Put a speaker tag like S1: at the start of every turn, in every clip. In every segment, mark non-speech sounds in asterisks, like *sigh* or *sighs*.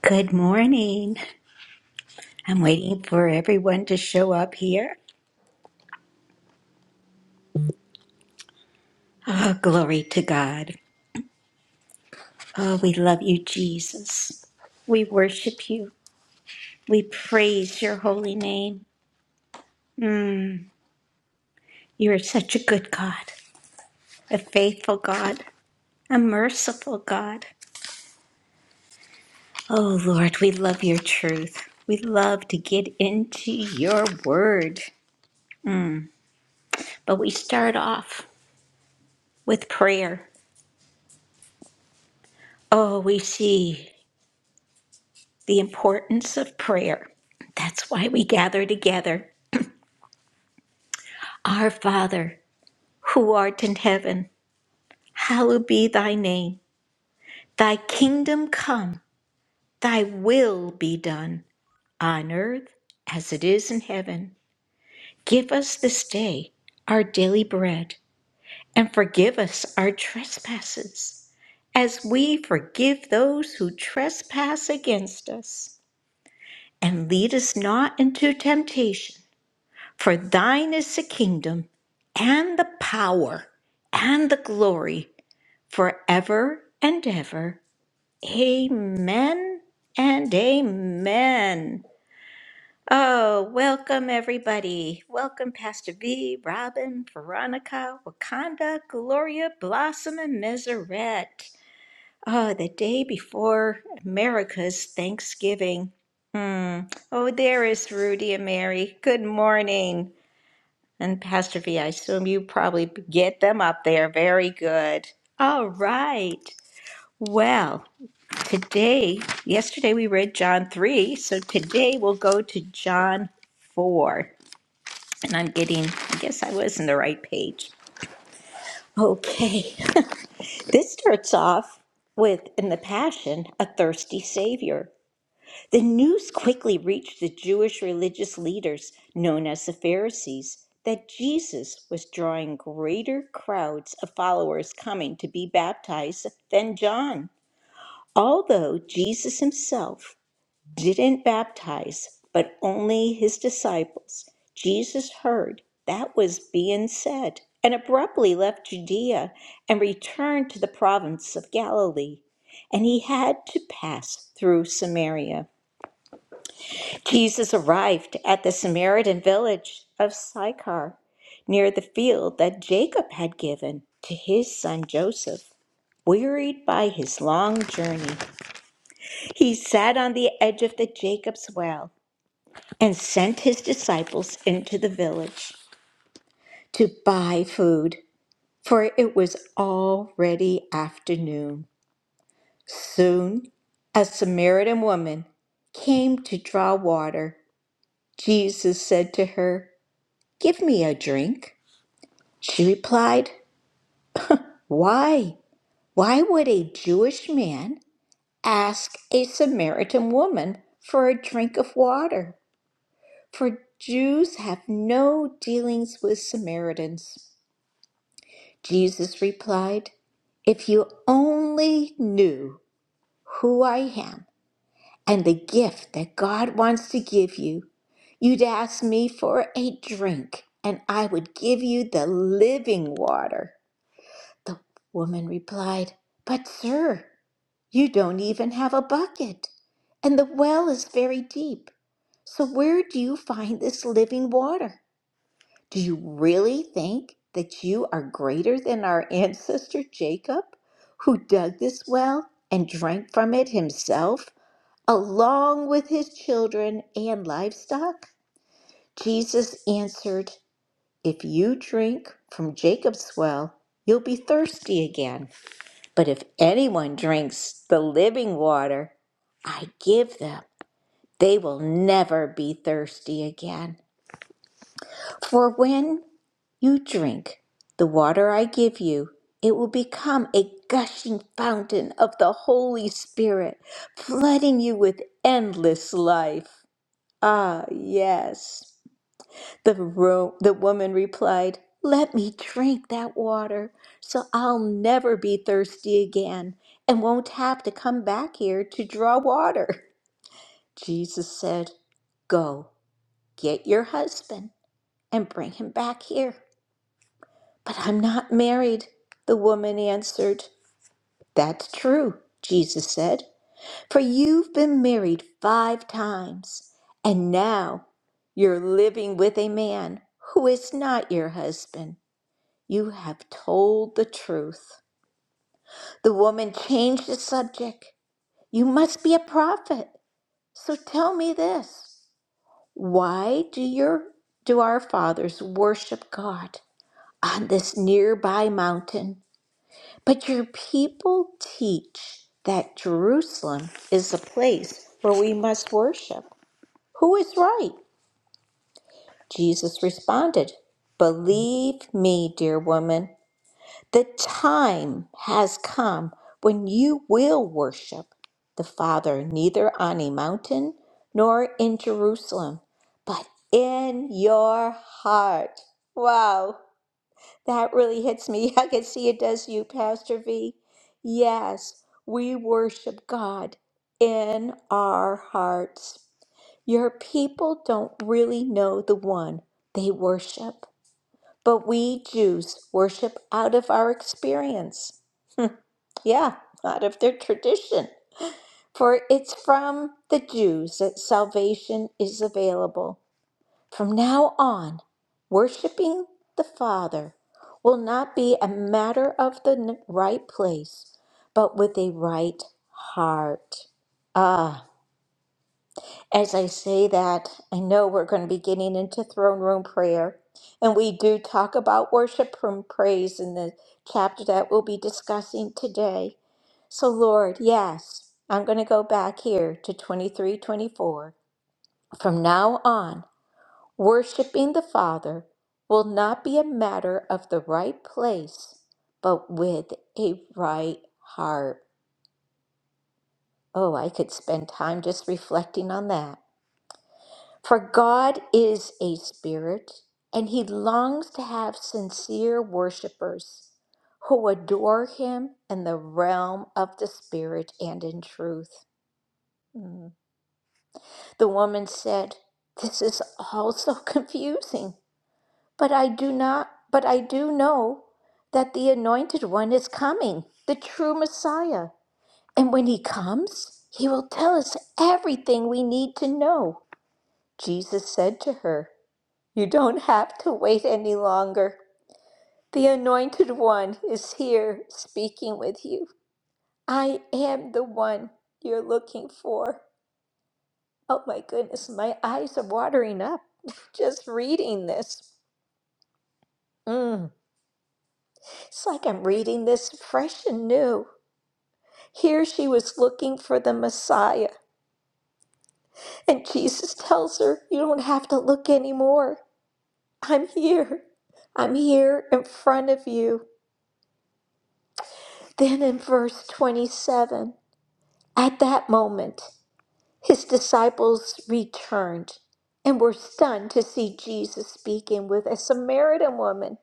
S1: Good morning. I'm waiting for everyone to show up here. Oh, glory to God. Oh, we love you, Jesus. We worship you. We praise your holy name. Mm, you are such a good God, a faithful God, a merciful God. Oh, Lord, we love your truth. We love to get into your word, but we start off with prayer. Oh, we see. the importance of prayer. That's why we gather together. Our Father, who art in heaven, hallowed be thy name. Thy kingdom come, thy will be done, on earth as it is in heaven. Give us this day our daily bread, and forgive us our trespasses, as we forgive those who trespass against us. And lead us not into temptation For thine is the kingdom and the power and the glory forever and ever. Amen and amen. Oh, welcome everybody. Welcome Pastor V, Robin, Veronica, Wakanda, Gloria, Blossom, and Meseret. Oh, the day before America's Thanksgiving. Hmm. Oh, there is Rudy and Mary. Good morning. And Pastor V, I assume you probably get them up there. Very good. All right. Well, today, yesterday we read John 3, so today we'll go to John 4. And I'm getting, I guess I was in the right page. Okay. *laughs* This starts off with, in the Passion, a thirsty Savior. The news quickly reached the Jewish religious leaders, known as the Pharisees, that Jesus was drawing greater crowds of followers coming to be baptized than John. Although Jesus himself didn't baptize, but only his disciples, Jesus heard that was being said and abruptly left Judea and returned to the province of Galilee. And he had to pass through Samaria. Jesus arrived at the Samaritan village of Sychar, near the field that Jacob had given to his son Joseph. Wearied by his long journey, he sat on the edge of the Jacob's well and sent his disciples into the village to buy food, for it was already afternoon. Soon a Samaritan woman came to draw water. Jesus said to her, Give me a drink. She replied, Why? Why would a Jewish man ask a Samaritan woman for a drink of water? For Jews have no dealings with Samaritans. Jesus replied, If you only knew who I am and the gift that God wants to give you, you'd ask me for a drink and I would give you the living water. The woman replied, But, sir, you don't even have a bucket, and the well is very deep. So, where do you find this living water? Do you really think that you are greater than our ancestor Jacob, who dug this well and drank from it himself, along with his children and livestock? Jesus answered, If you drink from Jacob's well, you'll be thirsty again. But if anyone drinks the living water I give them, they will never be thirsty again. For when you drink the water I give you, it will become a gushing fountain of the Holy Spirit, flooding you with endless life. Ah, yes. The, ro- the woman replied, Let me drink that water so I'll never be thirsty again and won't have to come back here to draw water. *laughs* Jesus said, Go, get your husband and bring him back here. But I'm not married, the woman answered. That's true, Jesus said, for you've been married five times, and now you're living with a man who is not your husband. You have told the truth. The woman changed the subject. You must be a prophet. So tell me this. Why do your do our fathers worship God on this nearby mountain? But your people teach that Jerusalem is the place where we must worship. Who is right? Jesus responded, Believe me, dear woman. The time has come when you will worship the Father neither on a mountain nor in Jerusalem, but in your heart. Wow, that really hits me. *laughs* I can see it does you, Pastor V. Yes, we worship God in our hearts. Your people don't really know the one they worship, but we Jews worship out of our experience. Yeah, out of their tradition. For it's from the Jews that salvation is available. From now on, worshiping the Father will not be a matter of the n- right place, but with a right heart. Ah, as I say that, I know we're going to be getting into throne room prayer. And we do talk about worship and praise in the chapter that we'll be discussing today. So, Lord, yes, I'm going to go back here to 23 24. From now on, worshiping the Father will not be a matter of the right place, but with a right heart. Oh, I could spend time just reflecting on that. For God is a spirit, and He longs to have sincere worshipers who adore Him in the realm of the Spirit and in truth. Mm. The woman said, This is all so *laughs* confusing, but I do not, but I do know that the anointed one is coming, the true Messiah. And when he comes, he will tell us everything we need to know. Jesus said to her, You don't have to wait any longer. The anointed one is here speaking with you. I am the one you're looking for. Oh my goodness, my eyes are watering up *laughs* just reading this. Mm, It's like I'm reading this fresh and new. Here she was looking for the Messiah, and Jesus tells her, You don't have to look anymore. I'm here. I'm here in front of you. Then in verse 27, at that moment, his disciples returned and were stunned to see Jesus speaking with a Samaritan woman.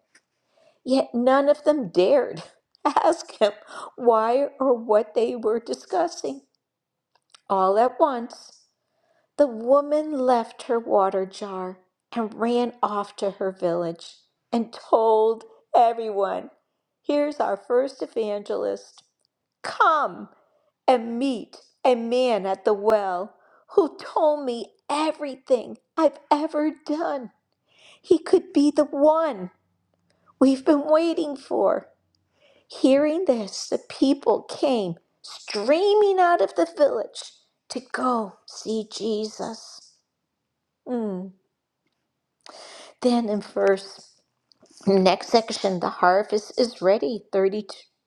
S1: Yet none of them dared *laughs* ask him why or what they were discussing. All at once, the woman left her water jar and ran off to her village and told everyone, Here's our first evangelist. Come and meet a man at the well who told me everything I've ever done. He could be the one we've been waiting for. Hearing this, the people came streaming out of the village to go see Jesus. Mm. Then in verse next section, the harvest is ready, 32.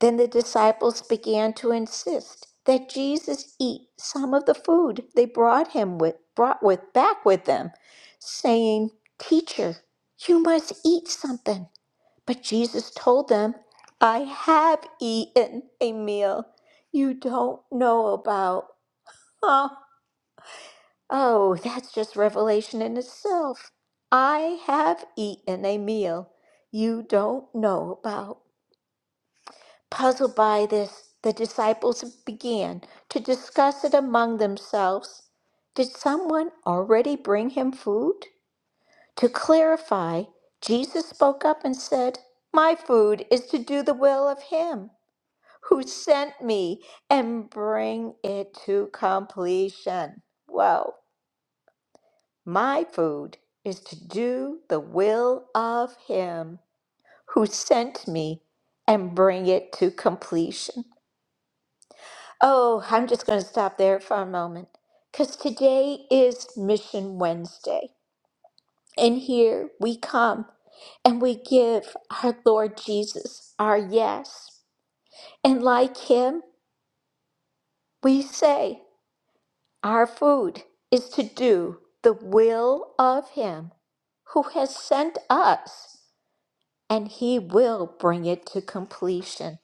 S1: Then the disciples began to insist that Jesus eat some of the food they brought him with brought with back with them, saying, Teacher, you must eat something. But Jesus told them, I have eaten a meal you don't know about. Oh, oh, that's just revelation in itself. I have eaten a meal you don't know about. Puzzled by this, the disciples began to discuss it among themselves. Did someone already bring him food? To clarify, Jesus spoke up and said, My food is to do the will of him who sent me and bring it to completion. Well, my food is to do the will of him who sent me and bring it to completion. Oh, I'm just going to stop there for a moment because today is Mission Wednesday. And here we come and we give our Lord Jesus our yes. And like him, we say, Our food is to do the will of Him who has sent us, and He will bring it to completion.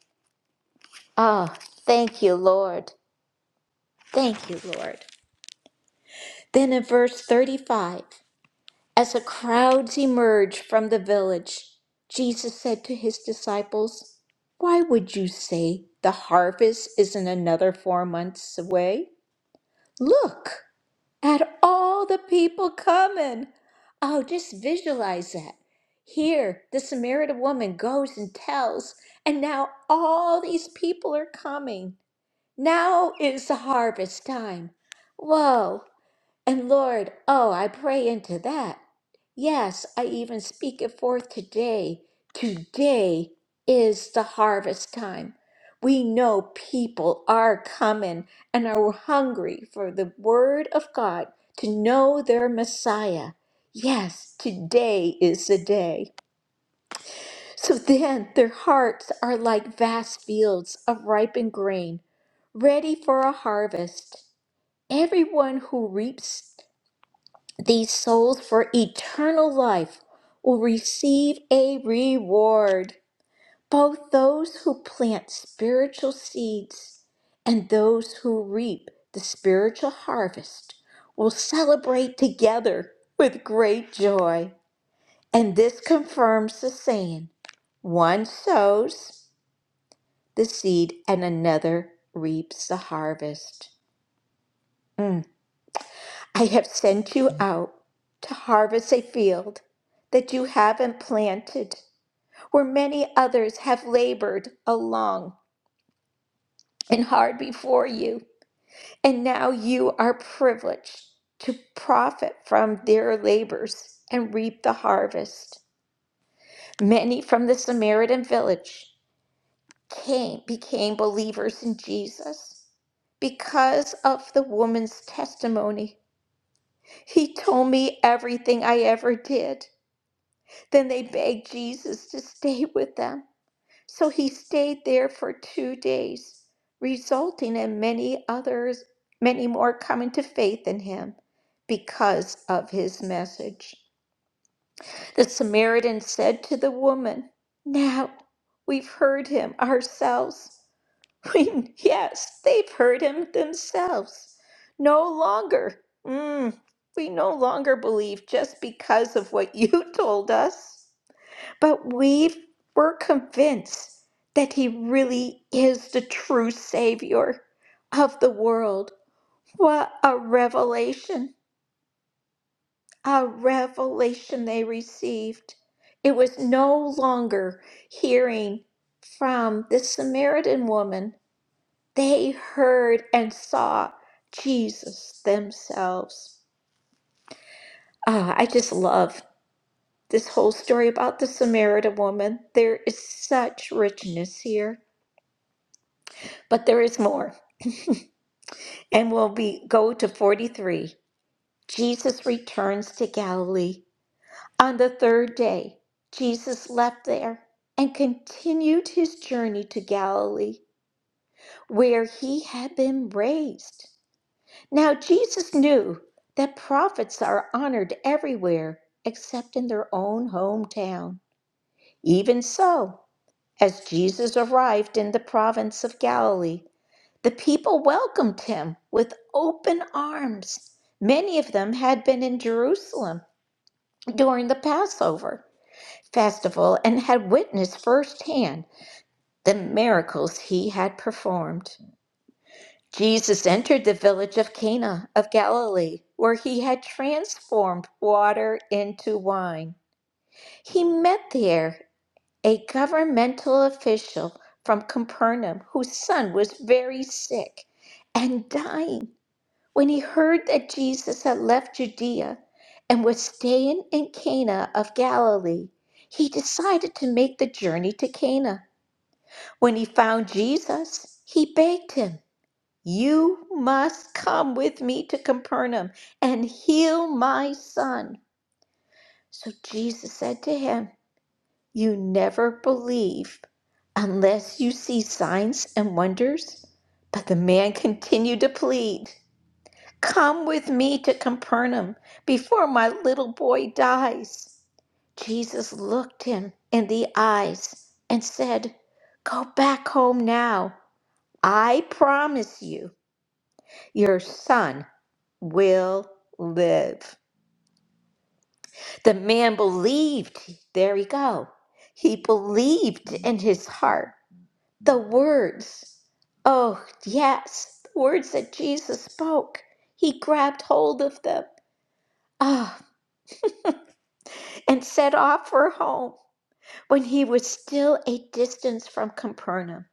S1: Ah, thank you, Lord. Thank you, Lord. Then in verse 35, as the crowds emerged from the village, Jesus said to his disciples, Why would you say the harvest isn't another four months away? Look! at all the people coming. Oh, just visualize that. Here, the Samaritan woman goes and tells, and now all these people are coming. Now is the harvest time. Whoa, and Lord, oh, I pray into that. Yes, I even speak it forth today. Today is the harvest time. We know people are coming and are hungry for the word of God to know their Messiah. Yes, today is the day. So then their hearts are like vast fields of ripened grain, ready for a harvest. Everyone who reaps these souls for eternal life will receive a reward. Both those who plant spiritual seeds and those who reap the spiritual harvest will celebrate together with great joy. And this confirms the saying one sows the seed and another reaps the harvest. Mm. I have sent you out to harvest a field that you haven't planted, where many others have labored along and hard before you, and now you are privileged to profit from their labors and reap the harvest. Many from the Samaritan village came became believers in Jesus because of the woman's testimony. He told me everything I ever did. Then they begged Jesus to stay *laughs* with them. So he stayed there for two days, resulting in many others, many more coming to faith in him because of his message. The Samaritan said to the woman, Now we've heard him ourselves. *laughs* yes, they've heard him themselves. No longer. Mm, we no longer believe just because of what you *laughs* told us. But we were convinced that he really is the true Savior of the world. What a revelation! A revelation they received. It was no longer hearing from the Samaritan woman, they heard and saw Jesus themselves. Ah, I just love this whole story about the Samaritan woman. There is such richness here. But there is more. And we'll be go to 43. Jesus returns to Galilee. On the third day, Jesus left there and continued his journey to Galilee, where he had been raised. Now Jesus knew that prophets are honored everywhere except in their own hometown. Even so, as Jesus arrived in the province of Galilee, The people welcomed him with open arms. Many of them had been in Jerusalem during the Passover festival and had witnessed firsthand the miracles he had performed. Jesus entered the village of Cana of Galilee, where he had transformed water into wine. He met there a governmental official from Capernaum whose son was very sick and dying. When he heard that Jesus had left Judea and was staying in Cana of Galilee, he decided to make the journey to Cana. When he found Jesus, he begged him, You must come with me to Capernaum and heal my son. So Jesus said to him, You never believe unless you see signs and wonders. But the man continued to plead. Come with me to Capernaum before my little boy dies. Jesus looked him in the eyes and said, Go back home now. I promise you, your son will live. The man believed, there we go. He believed in his heart the words. Oh, yes, the words that Jesus spoke. He grabbed hold of them. Ah. and set off for home. When he was still a distance from Capernaum,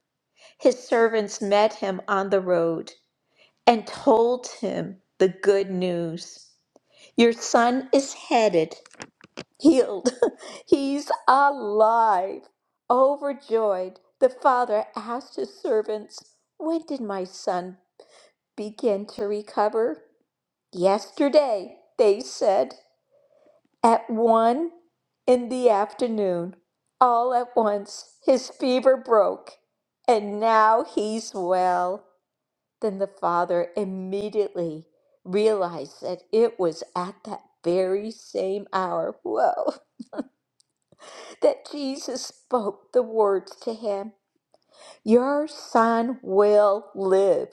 S1: his servants met him on the road and told him the good news. Your son is headed, healed. *laughs* He's alive. Overjoyed, the father asked his servants, When did my son begin to recover? Yesterday, they said. At one in the afternoon, all at once his fever broke, and now he's well. Then the father immediately realized that it was at that very same hour, *laughs* whoa, that Jesus spoke the words to him Your son will live.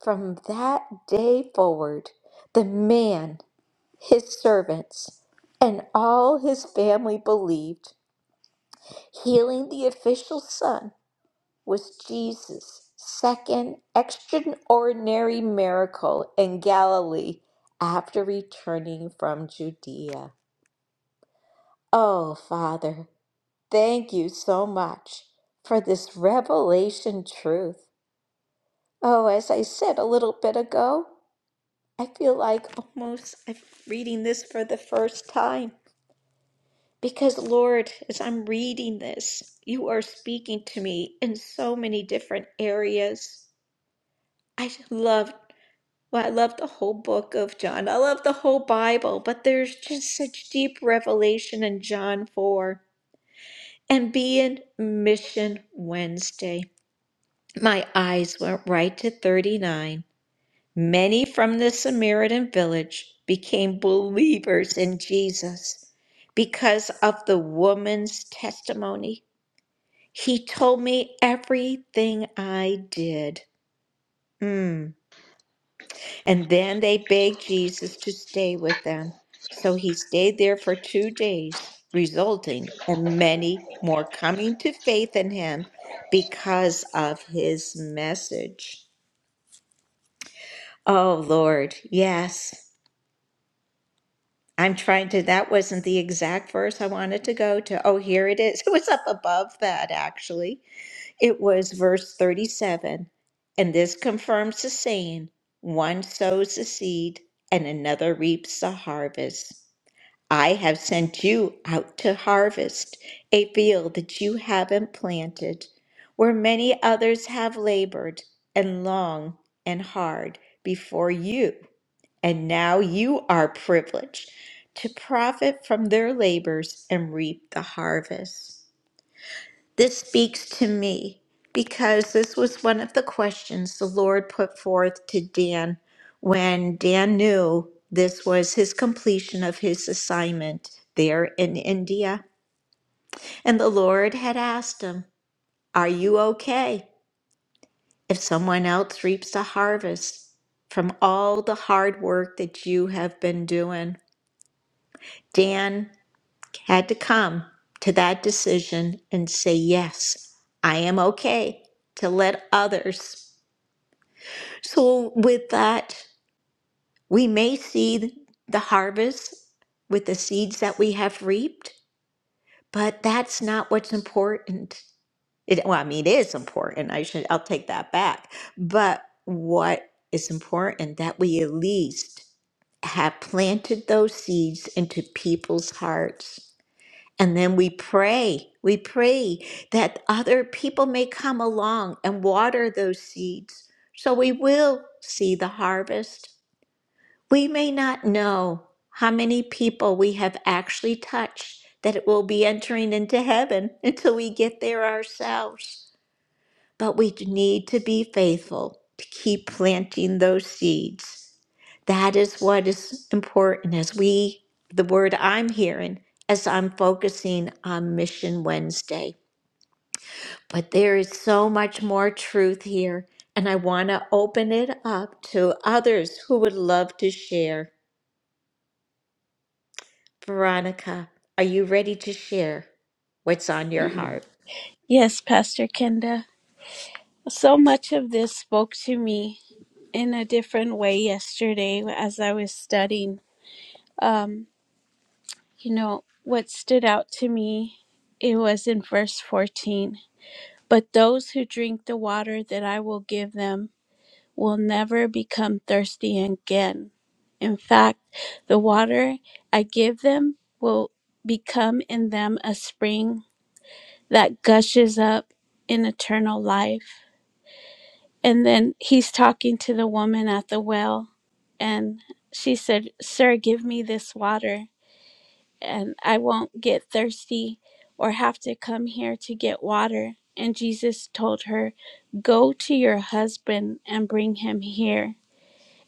S1: From that day forward, the man, his servants, and all his family believed Healing the official son was Jesus' second extraordinary miracle in Galilee after returning from Judea. Oh, Father, thank you so much for this revelation truth. Oh, as I said a little bit ago, I feel like almost I'm reading this for the first time. Because, Lord, as I'm reading this, you are speaking to me in so many different areas. I love, well, I love the whole book of John. I love the whole Bible, but there's just such deep revelation in John 4. And being Mission Wednesday, my eyes went right to 39. Many from the Samaritan village became believers in Jesus because of the woman's testimony. He told me everything I did. Mm. And then they begged Jesus to stay with them. So he stayed there for two days, resulting in many more coming to faith in him because of his message. Oh, Lord, yes. I'm trying to, that wasn't the exact verse I wanted to go to. Oh, here it is. *laughs* It was up above that, actually. It was verse 37, and this confirms the saying one sows the seed and another reaps the harvest. I have sent you out to harvest a field that you haven't planted, where many others have labored and long and hard before you, and now you are privileged to profit from their labors and reap the harvest. This speaks to me because this was one of the questions the Lord put forth to Dan when Dan knew this was his completion of his assignment there in India. And the Lord had asked him, Are you okay if someone else reaps the harvest from all the hard work that you have been doing? Dan had to come to that decision and say, yes, I am okay to let others. So, with that, we may see the harvest with the seeds that we have reaped, but that's not what's important. It, well, I mean, it is important. I should, I'll take that back. But what is important that we at least have planted those seeds into people's hearts And then we pray, we pray that other people may come along and water those seeds so we will see the harvest. We may not know how many people we have actually touched that it will be entering into heaven *laughs* until we get there ourselves. But we need to be faithful to keep planting those seeds. That is what is important as we, the word I'm hearing as I'm focusing on Mission Wednesday. But there is so much more truth here, and I want to open it up to others who would love to share. Veronica, are you ready to share what's on your heart? *laughs*
S2: Yes, Pastor Kenda. So much of this spoke to me in a different way yesterday as I was studying. Um, you know, what stood out to me, it was in verse 14. But those who drink the water that I will give them will never become thirsty again. In fact, the water I give them will become in them a spring that gushes up in eternal life. And then he's talking to the woman at the well, and she said, Sir, give me this water, and I won't get thirsty or have to come here to get water. And Jesus told her, Go to your husband and bring him here.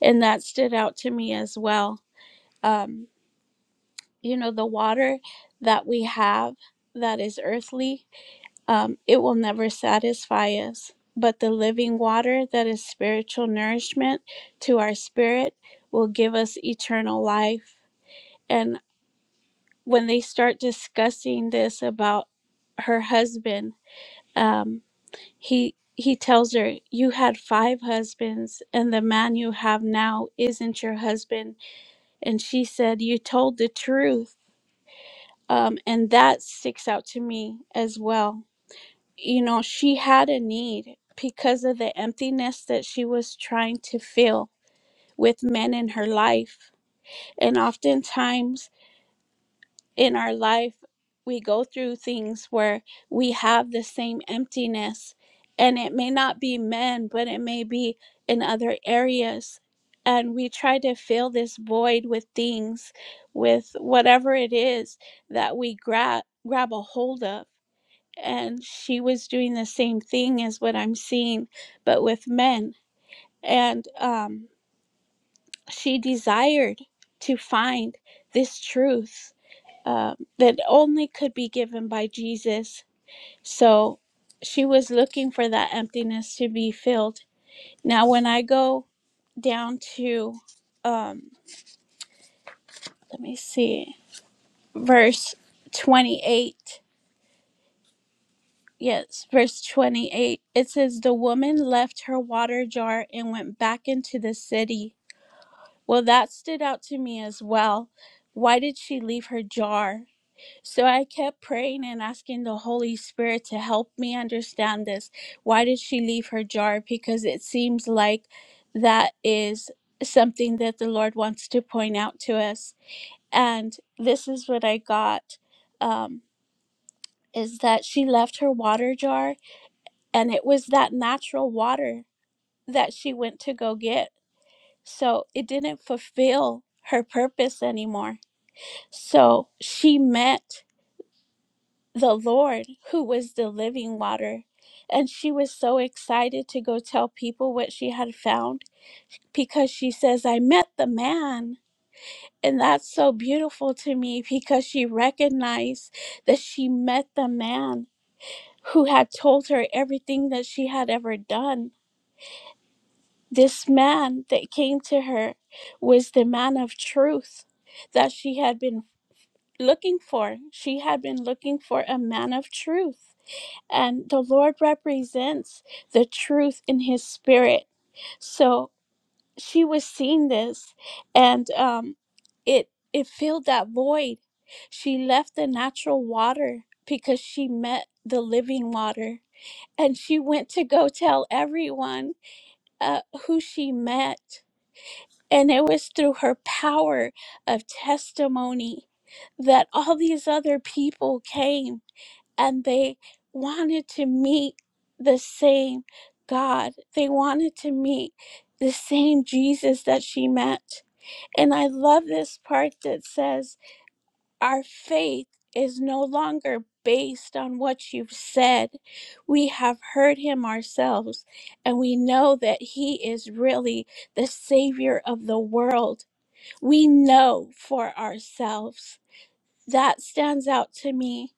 S2: And that stood out to me as well. Um, you know, the water that we have that is earthly um, it will never satisfy us. But the living water that is spiritual nourishment to our spirit will give us eternal life. And when they start discussing this about her husband, um, he he tells her, "You had five husbands, and the man you have now isn't your husband." And she said, "You told the truth." Um, and that sticks out to me as well you know, she had a need because of the emptiness that she was trying to fill with men in her life. And oftentimes in our life, we go through things where we have the same emptiness, and it may not be men, but it may be in other areas. And we try to fill this void with things, with whatever it is that we grab grab a hold of and she was doing the same thing as what I'm seeing, but with men. And um, she desired to find this truth um, that only could be given by Jesus. So she was looking for that emptiness to be filled. Now, when I go down to, um, let me see, verse 28. Yes, verse 28. It says, The woman left her water jar and went back into the city. Well, that stood out to me as well. Why did she leave her jar? So I kept praying and asking the Holy Spirit to help me understand this. Why did she leave her jar? Because it seems like that is something that the Lord wants to point out to us. And this is what I got um, is that she left her water jar and it was that natural water that she went to go get. So it didn't fulfill her purpose anymore. So she met the Lord who was the living water. And she was so excited to go tell people what she had found because she says, I met the man. And that's so beautiful to me because she recognized that she met the man who had told her everything that she had ever done This man that came to her was the man of truth that she had been looking for. She had been looking for a man of truth. And the Lord represents the truth in his spirit. So she was seeing this and um, it, it filled that void. She left the natural water because she met the living water. And she went to go tell everyone uh, who she met and it was through her power of testimony that all these other people came and they wanted to meet the same God. They wanted to meet the same Jesus that she met. And I love this part that says, Our faith is no longer based on what you've said. We have heard him ourselves, and we know that he is really the Savior of the world we know for ourselves. That stands out to me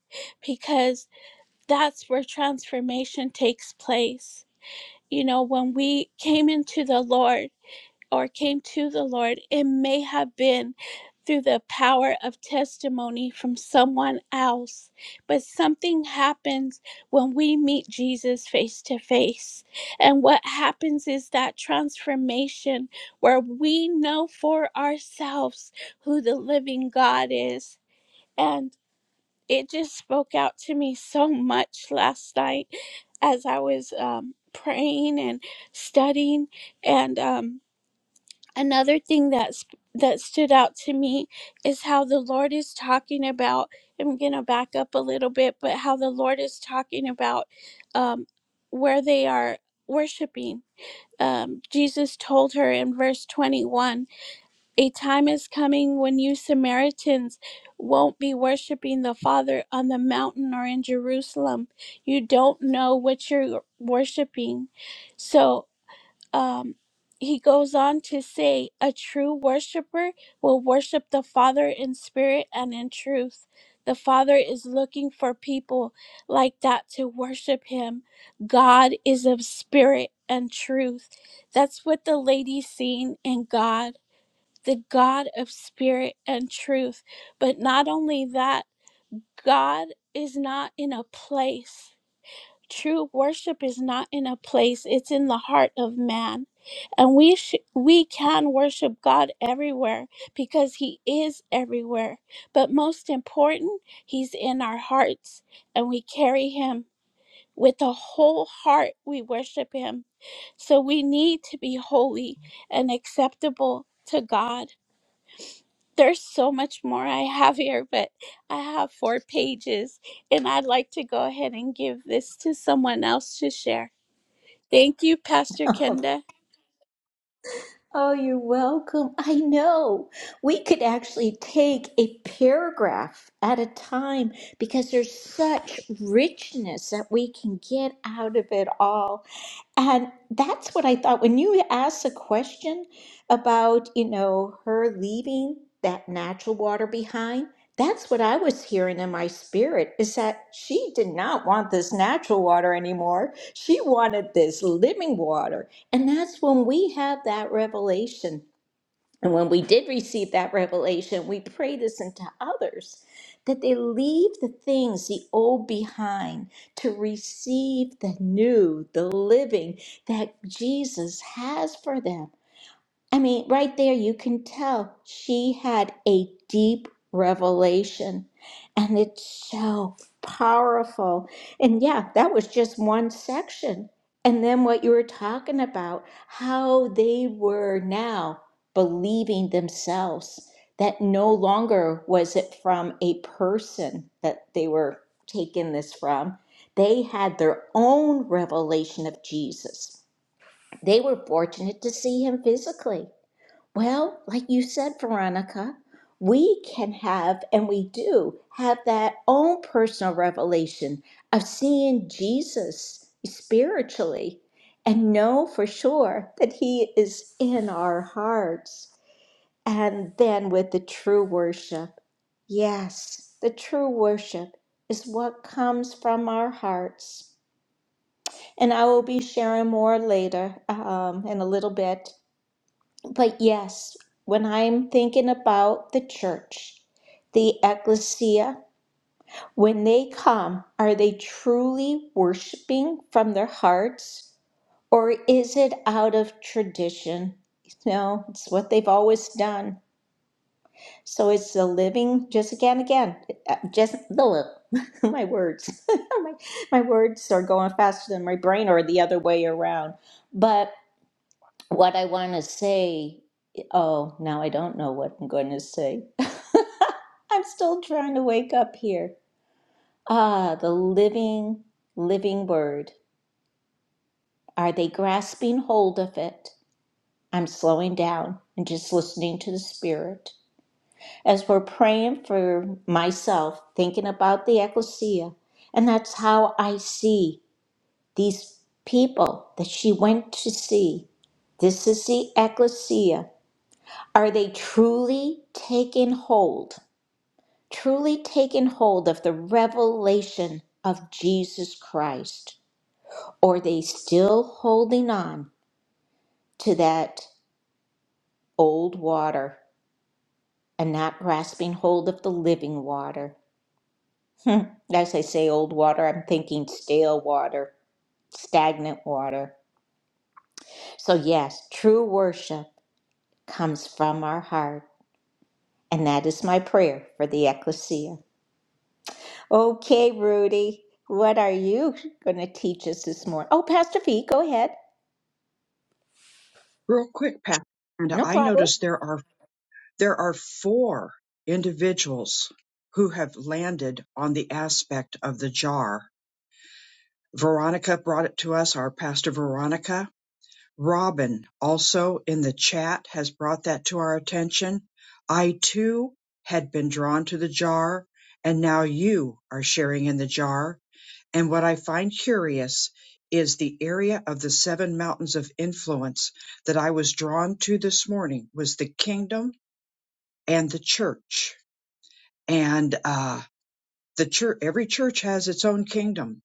S2: because that's where transformation takes place. You know, when we came into the Lord, or came to the Lord, it may have been through the power of testimony from someone else. But something happens when we meet Jesus face to face. And what happens is that transformation where we know for ourselves who the living God is. And it just spoke out to me so much last night as I was um, praying and studying. And, um, another thing that's that stood out to me is how the lord is talking about i'm gonna back up a little bit but how the lord is talking about um where they are worshiping um, jesus told her in verse 21 a time is coming when you samaritans won't be worshiping the father on the mountain or in jerusalem you don't know what you're worshiping so um, he goes on to say, A true worshiper will worship the Father in spirit and in truth. The Father is looking for people like that to worship him. God is of spirit and truth. That's what the lady seen in God, the God of spirit and truth. But not only that, God is not in a place true worship is not in a place it's in the heart of man and we sh- we can worship god everywhere because he is everywhere but most important he's in our hearts and we carry him with a whole heart we worship him so we need to be holy and acceptable to god there's so much more i have here but i have four pages and i'd like to go ahead and give this to someone else to share Thank you, Pastor
S1: Oh,
S2: Kenda.
S1: Oh, you're welcome. I know. We could actually take a paragraph at a time because there's such richness that we can get out of it all. And that's what I thought when you asked a question about, you know, her leaving that natural water behind. That's what I was hearing in my spirit is that she did not want this natural water anymore. She wanted this living water. And that's when we have that revelation and when we did receive that revelation, we pray this into others that they leave the things, the old behind, to receive the new, the living that Jesus has for them. I mean, right there, you can tell she had a deep revelation, and it's so powerful. And yeah, that was just one section. And then what you were talking about, how they were now believing themselves, that no longer was it from a person that they were taking this from. They had their own revelation of Jesus. They were fortunate to see him physically well, like you said, Veronica, we can have, and we do have that own personal revelation of seeing Jesus spiritually and know for sure that he is in our hearts. And then with the true worship, yes, the true worship is what comes from our hearts. And I will be sharing more later um, in a little bit but yes, when I'm thinking about the church, the ecclesia, when they come, are they truly worshiping from their hearts or is it out of tradition? No, it's what they've always done. So it's the living, just again, again, uh, just the *laughs* my words. *laughs* my, my words are going faster than my brain or the other way around. But what I want to say. Oh, now I don't know what I'm going to say. *laughs* I'm still trying to wake up here. Ah, the living, living word. Are they grasping hold of it? I'm slowing down and just listening to the Spirit. As we're praying for myself, thinking about the ecclesia, and that's how I see these people that she went to see. This is the ecclesia Are they truly taking hold, truly taking hold of the revelation of Jesus Christ? Or are they still holding on to that old water and not grasping hold of the living water? Hmm, As I say old water, I'm thinking stale water, stagnant water. So, yes, true worship comes from our heart. And that is my prayer for the ecclesia. Okay, Rudy, what are you going to teach us this morning? Oh, Pastor V, go ahead.
S3: Real quick, Pat, and
S1: No
S3: I
S1: problem.
S3: noticed there are there are four individuals who have landed on the aspect of the jar. Veronica brought it to us, our pastor Veronica. Robin also in the chat has brought that to our attention. I too had been drawn to the jar, and now you are sharing in the jar. And what I find curious is the area of the seven mountains of influence that I was drawn to this morning was the kingdom and the church. And uh, the church, every church has its own kingdom,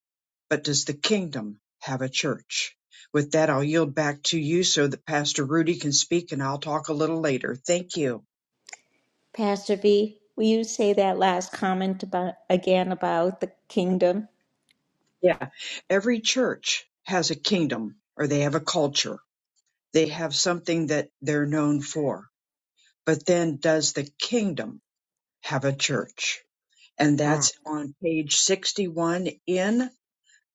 S3: but does the kingdom have a church? With that, I'll yield back to you so that Pastor Rudy can speak and I'll talk a little later. Thank you.
S1: Pastor V, will you say that last comment about again about the kingdom?
S3: Yeah. Every church has a kingdom or they have a culture. They have something that they're known for But then does the kingdom have a church? And
S1: Ah,
S3: that's on page 61 in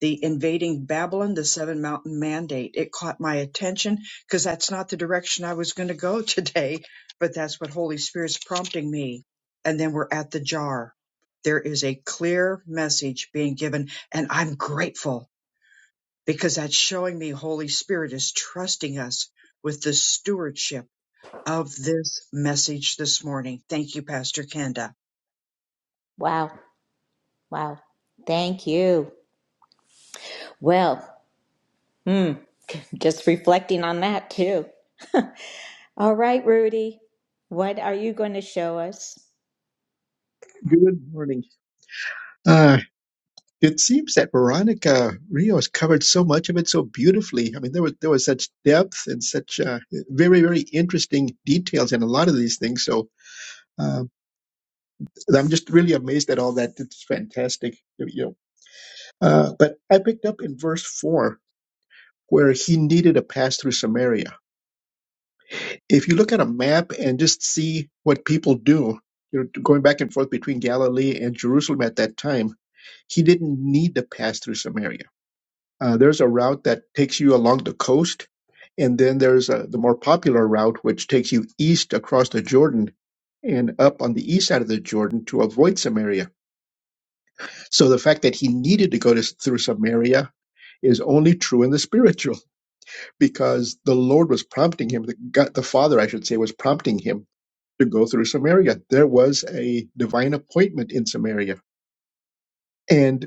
S3: the invading Babylon, the seven mountain mandate. It caught my attention because that's not the direction I was going to go *laughs* today, but that's what Holy Spirit's prompting me. And then we're at the jar. There is a clear message being given, and I'm grateful because that's showing me Holy Spirit is trusting us with the stewardship of this message this morning. Thank you, Pastor Kenda.
S1: wow, wow. Thank you. Well, hmm, just reflecting on that too. *laughs* All right, Rudy, what are you going to show us?
S4: Good morning. Uh, it seems that Veronica Rios covered so much of it so beautifully. I mean, there was there was such depth and such uh, very very interesting details in a lot of these things. So uh, I'm just really amazed at all that. It's fantastic, you know. Uh, but I picked up in verse four where he needed a pass through Samaria. If you look at a map and just see what people do, you know, going back and forth between Galilee and Jerusalem at that time, he didn't need to pass through Samaria Uh, there's a route that takes you along the coast, and then there's uh the more popular route which takes you east across the Jordan and up on the east side of the Jordan to avoid Samaria. So the fact that he needed to go to, through Samaria is only true in the *laughs* spiritual because the Lord was prompting him, the, God, the Father, I should say, was prompting him to go through Samaria. There was a divine appointment in Samaria. And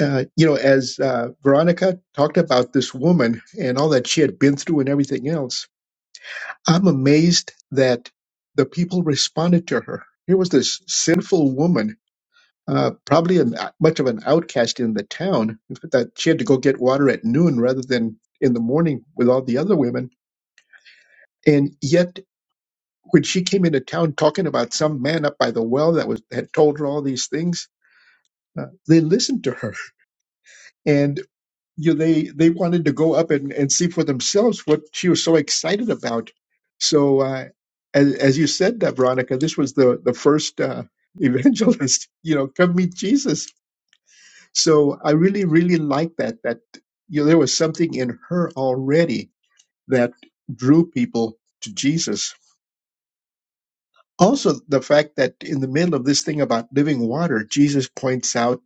S4: uh, you know, as uh, Veronica talked about this woman and all that she had been through and everything else, I'm amazed that the people responded to her. Here was this sinful woman, uh, probably an, uh, much of an outcast in the town, that she had to go get water at noon rather than in the morning with all the other women. And yet, when she came into town talking about some man up by the well that was had told her all these things, uh, they listened to her. and. you they they wanted to go up and, and see for themselves what she was so excited about. So uh, as as you said, that Veronica, this was the the first uh, *laughs* evangelist. You know, come meet Jesus. So I really really like that. That you know there was something in her already that drew people to Jesus. Also, the fact that in the middle of this thing about living water, Jesus points out,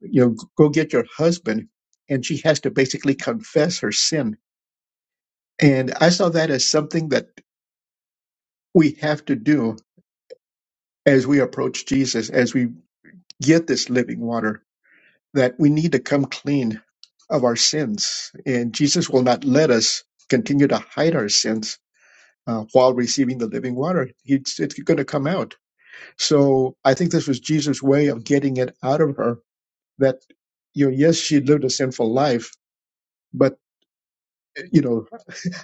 S4: you know, go get your husband, and she has to basically confess her sin And I saw that as something that we have to do as we approach Jesus, as we get this living water, that we need to come clean of our sins. And Jesus will not let us continue to hide our sins uh, while receiving the living water. It's, it's going to come out. So I think this was Jesus' way of getting it out of her that, you know, yes, she lived a sinful life. But you know,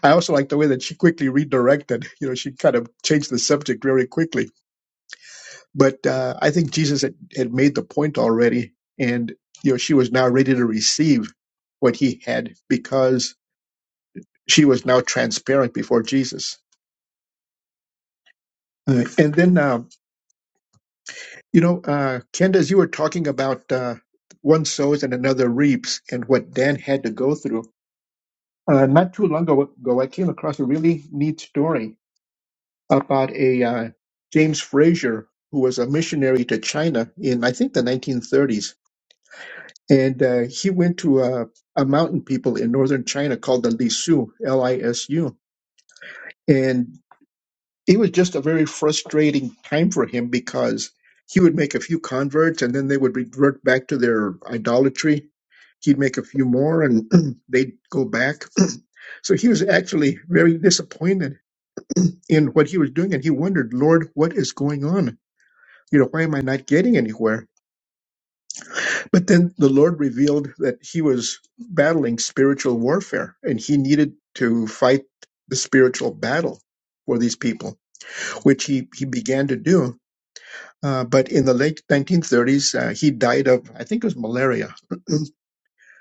S4: I also like the way that she quickly redirected. You know, she kind of changed the subject very quickly But uh, I think Jesus had, had made the point already, and you know she was now ready to receive what he had because she was now transparent before Jesus. Uh, and then uh, you know, uh, Kenda, as you were talking about uh, one sows and another reaps, and what Dan had to go through. Uh, not too long ago, I came across a really neat story about a uh, James Frazier who was a missionary to China in I think the 1930s And uh, he went to a, a mountain people in northern China called the Lisu, L I S U. And it was just a very frustrating time for him because he would make a few converts and then they would revert back to their idolatry. He'd make a few more and *clears throat* they'd go back. *clears throat* so he was actually very disappointed in what he was doing. And he wondered, Lord, what is going on? You know, why am I not getting anywhere? But then the Lord revealed that he was battling spiritual warfare and he needed to fight the spiritual battle for these people, which he, he began to do. Uh, but in the late 1930s, uh, he died of, I think it was malaria.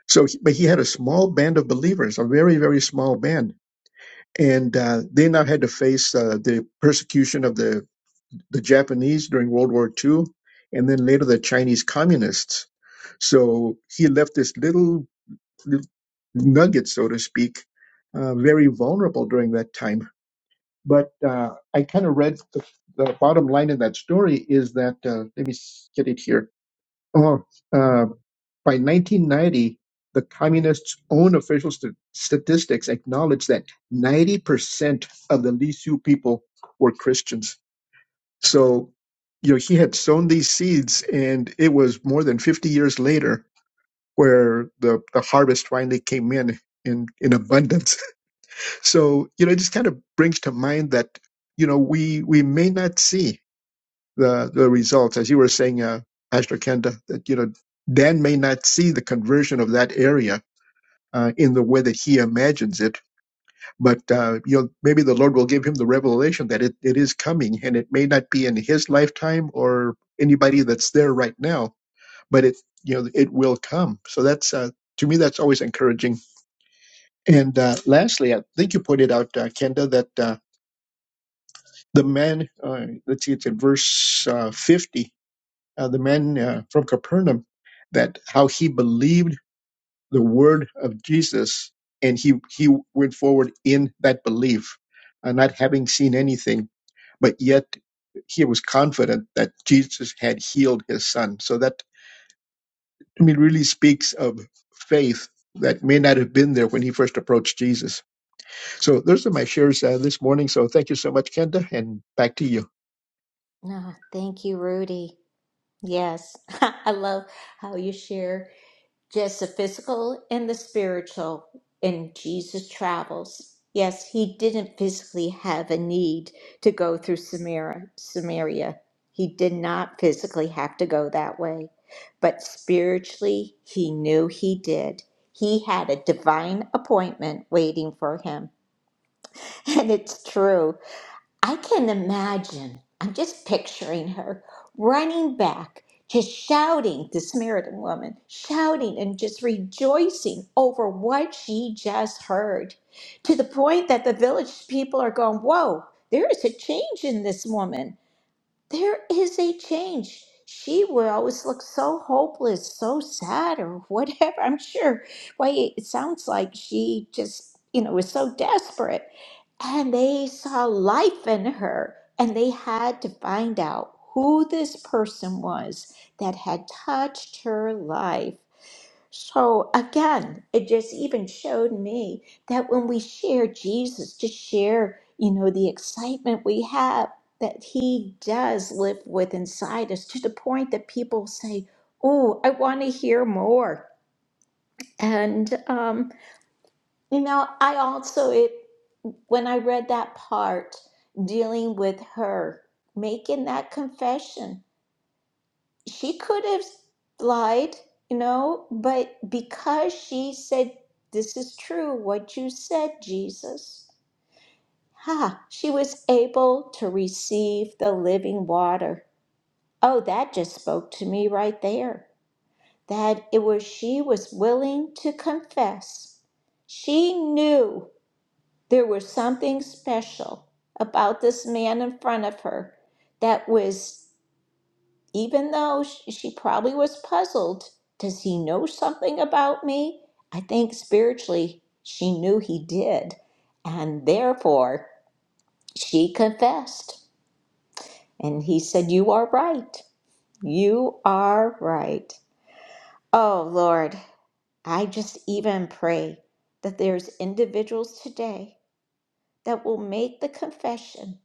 S4: So, he- but he had a small band of believers, a very, very small band. And uh, they now had to face uh, the persecution of the, the Japanese during World War II and then later the Chinese communists. So he left this little nuggets, so to speak, uh, very vulnerable during that time. But uh, I kind of read the, the bottom line in that story is that, uh, let me s- get it here. Oh, uh, by 1990, the communists' own official st- statistics acknowledged that 90% of the Li Sioux people were Christians. So, you know, he had sown these seeds, and it was more than 50 years later where the, the harvest finally came in in, in abundance. *laughs* So, you know, it just kind of brings to mind that, you know, we, we may not see the, the results, as you were saying, uh, Pastor Kenda, that, you know, Dan may not see the conversion of that area. Uh, in the way that he imagines it, but uh, you know, maybe the Lord will give him the revelation that it, it is coming, and it may not be in his lifetime or anybody that's there right now, but it you know it will come. So that's uh, to me that's always encouraging And uh, lastly, I think you pointed out, uh, Kenda, that uh, the man, uh, let's see, it's in verse uh, 50, uh, the man uh, from Capernaum, that how he believed the word of Jesus and he, he went forward in that belief, uh, not having seen anything, but yet he was confident that Jesus had healed his son. So that, I mean, really speaks of faith that may not have been there when he first approached Jesus. So those are my shares uh, this morning. So thank you so much, Kenda, and back to you.
S1: Ah, thank you, Rudy. Yes, *laughs* I love how you share. just the physical and the spiritual and jesus travels yes he didn't physically have a need to go through samaria samaria he did not physically have to go that way but spiritually he knew he did he had a divine appointment waiting for him *laughs* and it's true I can imagine, I'm just picturing her running back, just shouting, the Samaritan woman, shouting and just rejoicing over what she just heard, to the point that the village people are going, Whoa, there is a change in this woman. There is a change. She would always look so hopeless, so sad, or *laughs* whatever. I'm sure. Why, it sounds like she just, you know, was so desperate. And they saw life in her, and they had to find out who this person was that had touched her life. So again, it just even showed me that when we share Jesus, to share, you know, the excitement we have that he does live with inside us to the point that people say, Oh, I want to hear more. And, um, you know, I also, it, when I read that part dealing with her making that confession, she could have lied, you know, but because she said, This is true, what you said, Jesus, ha, she was able to receive the living water. Oh, that just spoke to me right there. That it was she was willing to confess. She knew there was something special about this man in front of her that was, even though sh- she probably was puzzled, does he know something about me? I think spiritually she knew he did. And therefore she confessed. And he said, You are right. You are right. Oh Lord, I just even pray that there's individuals today that will make the confession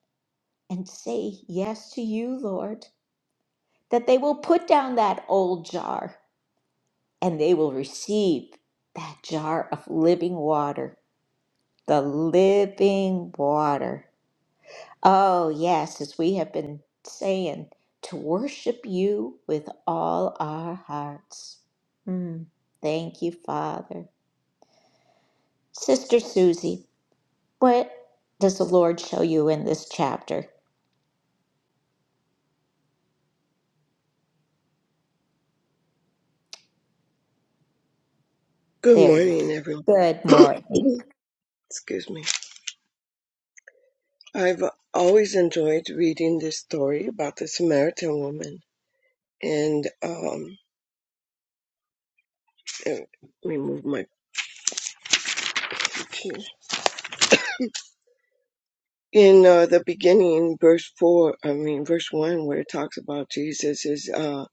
S1: and say yes to you, Lord, that they will put down that old jar and they will receive that jar of living water, the living water. Oh, yes, as we have been saying, to worship you with all our hearts. Mm, thank you, Father. Sister Susie. What does the Lord show you in this chapter?
S5: Good
S1: There. you
S5: morning, everyone.
S1: go. Good morning.
S5: *coughs* *clears throat* Excuse me. I've always enjoyed reading this story about the Samaritan woman, and um, eh, let me move my picture. In uh, the beginning, verse four, I mean verse one, where it talks about Jesus is uh,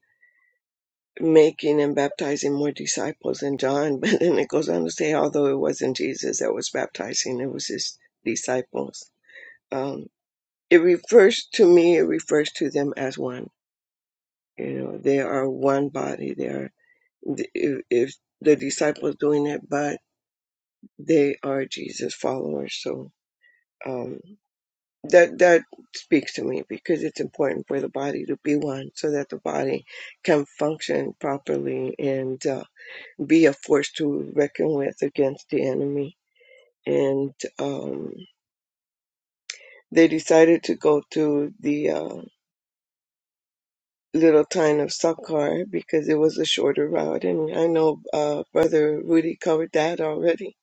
S5: making and baptizing more disciples than John, *laughs* but then it goes on to say, although it wasn't Jesus that was baptizing, it was his disciples. Um, it refers to me. It refers to them as one You know, they are one body. They are, if, if the disciples doing it, but they are Jesus followers. So um, that that speaks to me because it's important for the body to be one, so that the body can function properly and uh, be a force to reckon with against the enemy. And um, they decided to go to the uh, little town of Sakhar because it was a shorter route. And I know uh, Brother Rudy covered that already,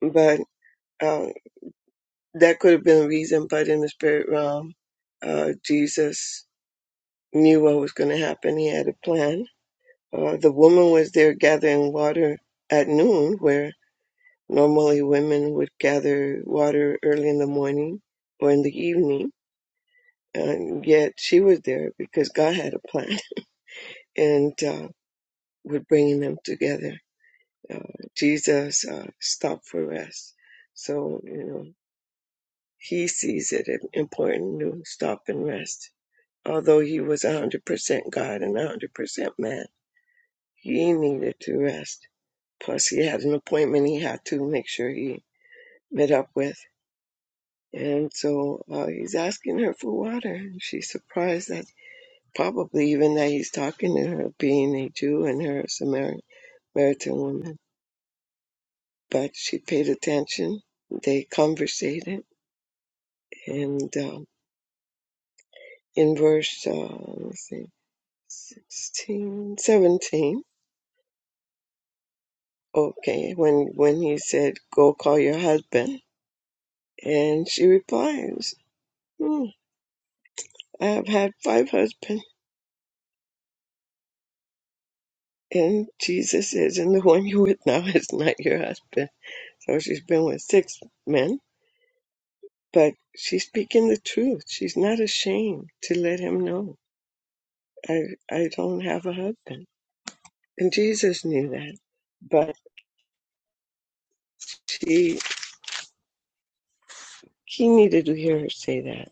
S5: but uh, that could have been a reason. But in the spirit realm, uh, Jesus knew what was going to happen. He had a plan. Uh, the woman was there gathering water at noon, where normally women would gather water early in the morning or in the evening. And yet she was there because God had a plan *laughs* and uh, with bringing them together. uh, Jesus uh, stopped for rest. So, you know, he sees it as important to stop and rest. Although he was 100% God and 100% man, he needed to rest. Plus, he had an appointment he had to make sure he met up with. And so uh, he's asking her for water. And she's surprised that probably even that he's talking to her, being a Jew and her a Samaritan woman. But she paid attention. They conversated And uh, in verse uh, let's see, 16, 17. okay, when, when he said, Go call your husband. And she replies, hmm, I have had five husbands. And Jesus says, And the one you're with now *laughs* is not your husband. So she's been with six men, but she's speaking the truth. She's not ashamed to let him know, I, I don't have a husband. And Jesus knew that. But she He needed to hear her say that.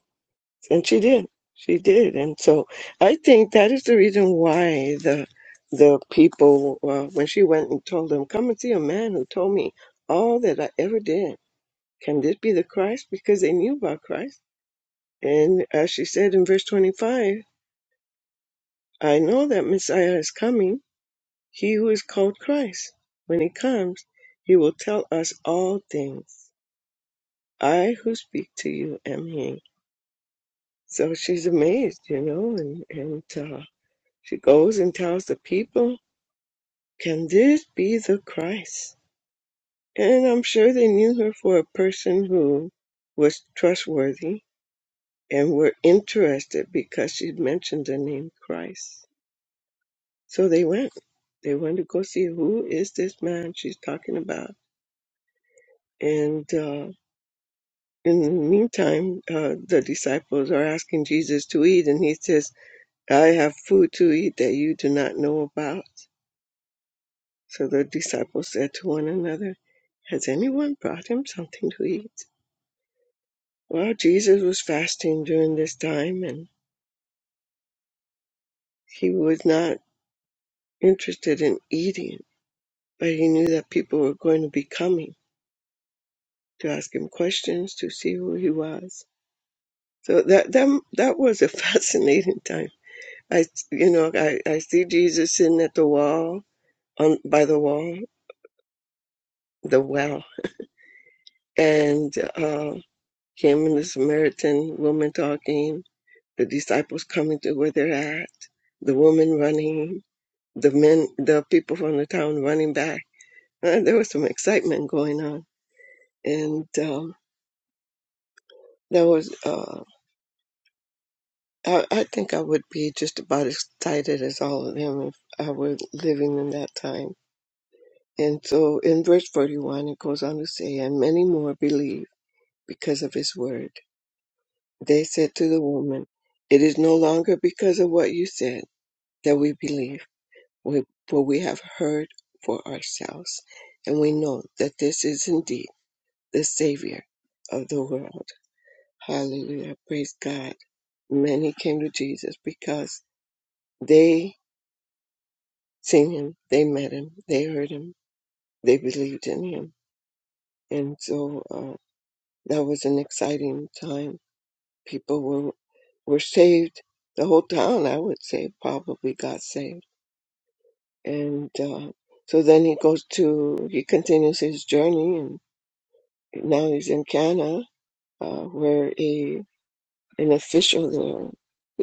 S5: And she did. She did. And so I think that is the reason why the the people, uh, when she went and told them, come and see a man who told me all that I ever did. Can this be the Christ? Because they knew about Christ. And as she said in verse 25, I know that Messiah is coming, he who is called Christ. When he comes, he will tell us all things. I who speak to you am he. So she's amazed, you know, and, and uh, she goes and tells the people, Can this be the Christ? And I'm sure they knew her for a person who was trustworthy and were interested because she mentioned the name Christ. So they went. They went to go see who is this man she's talking about. And uh, in the meantime, uh, the disciples are asking Jesus to eat, and he says, I have food to eat that you do not know about So the disciples said to one another, Has anyone brought him something to eat? Well, Jesus was fasting during this time and he was not interested in eating, but he knew that people were going to be coming to ask him questions to see who he was. So that that, that was a *laughs* fascinating time. I you know, I, I see Jesus sitting at the wall on by the wall, the well, and uh, him and the Samaritan woman talking the disciples coming to where they're at, the woman running, the men, the people from the town running back. *laughs* Uh, there was some excitement going on, and um, there was. Uh, I, I think I would be just about as excited as all of them if I were living in that time. And so, in verse forty-one, it goes on to say, "And many more believe because of his word." They said to the woman, "It is no longer because of what you said that we believe." we- for we have heard for ourselves, and we know that this is indeed the Savior of the world. Hallelujah. Praise God. Many came to Jesus because they seen him, they met him, they heard him, they believed in him. And so uh, that was an exciting time. People were, were saved. The whole town, I would say, probably got saved. And uh, so then he goes to, he continues his journey Now he's in Ghana, uh, where a an official there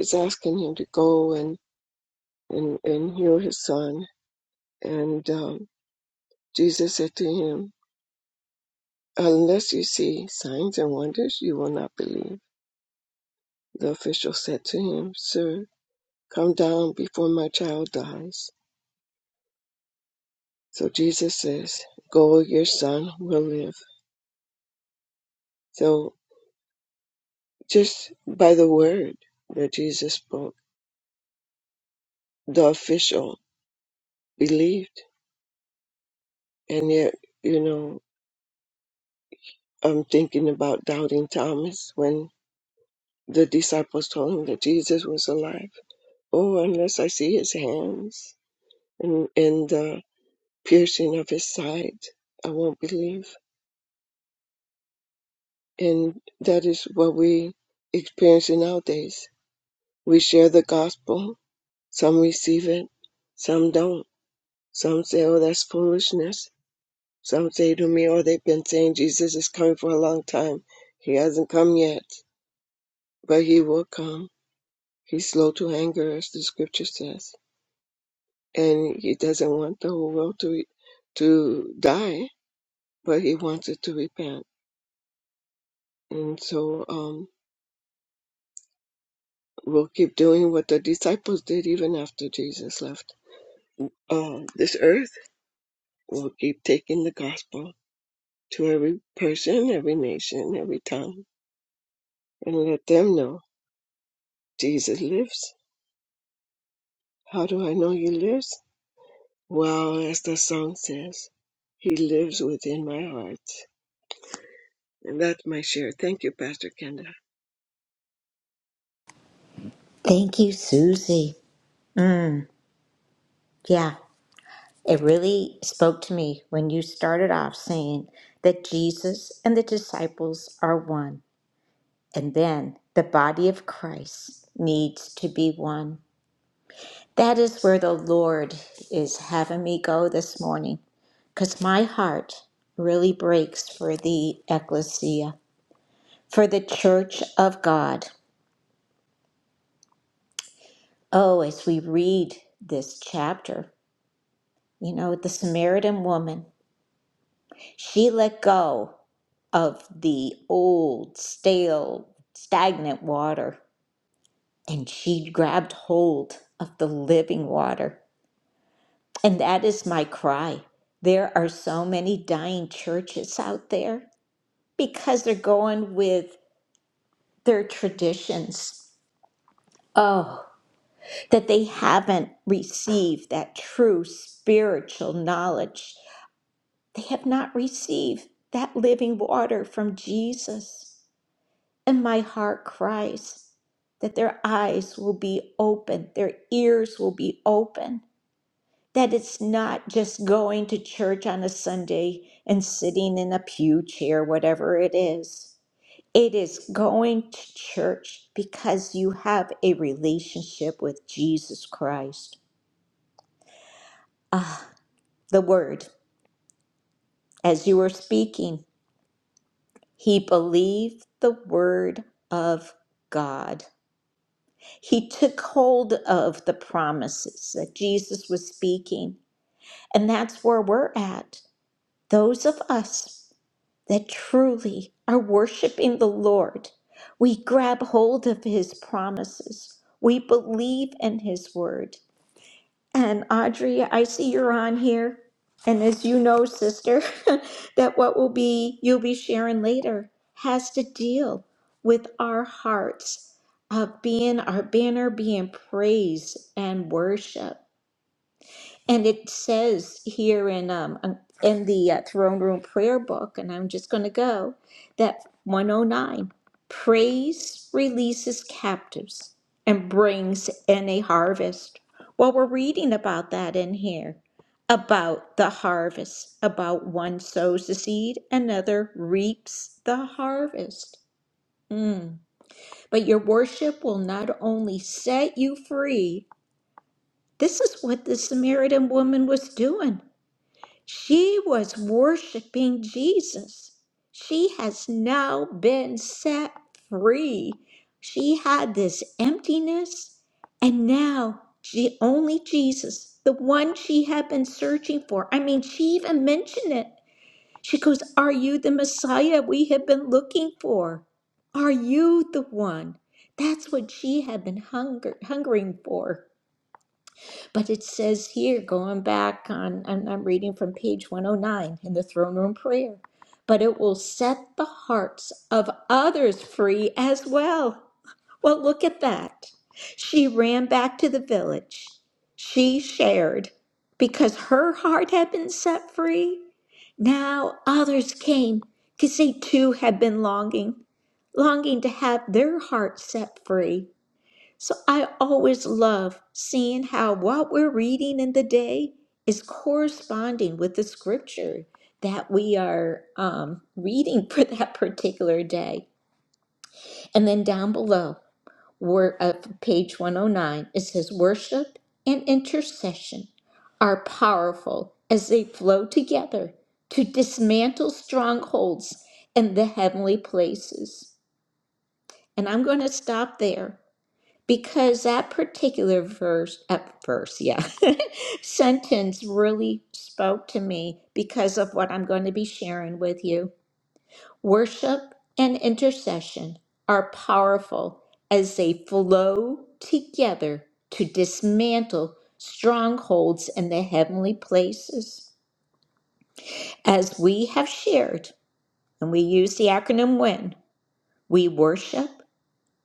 S5: is asking him to go and and, and heal his son. And um, Jesus said to him, "Unless you see signs and wonders, you will not believe." The official said to him, "Sir, come down before my child dies." So Jesus says, "Go, your son will live." So just by the word that Jesus spoke, the official believed, and yet you know I'm thinking about doubting Thomas when the disciples told him that Jesus was alive. Oh, unless I see his hands and, and the piercing of his side, I won't believe. And that is what we experience nowadays. We share the gospel, some receive it, some don't. Some say, oh, that's foolishness. Some say to me, oh, they've been saying Jesus is coming for a long time. He hasn't come yet, but he will come He's slow to anger, as the scripture says, and he doesn't want the whole world to to die, but he wants it to repent. And so um, we'll keep doing what the disciples did even after Jesus left uh, this earth. We'll keep taking the gospel to every person, every nation, every tongue, and let them know Jesus lives. How do I know he lives? Well, as the song says, he lives within my heart. And that's my share. Thank you, Pastor Kenda.
S1: Thank you, Susie. Mm, yeah, it really spoke to me when you started off saying that Jesus and the disciples are one, and then the body of Christ needs to be one. That is where the Lord is having me go this morning, because my heart really breaks for the ecclesia, for the church of God. Oh, as we read this chapter, you know, the Samaritan woman, she let go of the old, stale, stagnant water and she grabbed hold of the living water. And that is my cry. There are so many dying churches out there because they're going with their traditions. Oh, that they haven't received that true spiritual knowledge They have not received that living water from Jesus. And my heart cries that their eyes will be open, their ears will be open, that it's not just going to church on a Sunday and sitting in a pew chair, whatever it is. It is going to church because you have a relationship with Jesus Christ. Ah, the word, as you were speaking. He believed the word of God. He took hold of the promises that Jesus was speaking. And that's where we're at. Those of us that truly are worshiping the Lord, we grab hold of his promises. We believe in his word and Audrey, I see you're on here. And as you know, sister, *laughs* that what will be you'll be sharing later has to deal with our hearts of being our banner being praise and worship. And it says here in um um, in the uh, throne room prayer book, and I'm just going to go that 109 praise releases captives and brings in a harvest. Well, we're reading about that in here about the harvest, about one sows the seed, another reaps the harvest. Mm. But your worship will not only set you free, this is what the Samaritan woman was doing. She was worshiping Jesus. She has now been set free. She had this emptiness, and now she only Jesus, the one she had been searching for. I mean, she even mentioned it. She goes, Are you the Messiah we have been looking for? Are you the one? That's what she had been hunger, hungering for. But it says here, going back on, and I'm reading from page 109 in the throne room prayer, but it will set the hearts of others free as well. Well, look at that. She ran back to the village. She shared because her heart had been set free. Now others came because they too had been longing, longing to have their hearts set free. So I always love seeing how what we're reading in the day is corresponding with the scripture that we are um, reading *laughs* for that particular day. And then down below, word of page 109, it says worship and intercession are powerful as they flow together to dismantle strongholds in the heavenly places. And I'm going to stop there because that particular verse uh, verse yeah *laughs* sentence really spoke to me because of what i'm going to be sharing with you worship and intercession are powerful as they flow together to dismantle strongholds in the heavenly places as we have shared and we use the acronym win we worship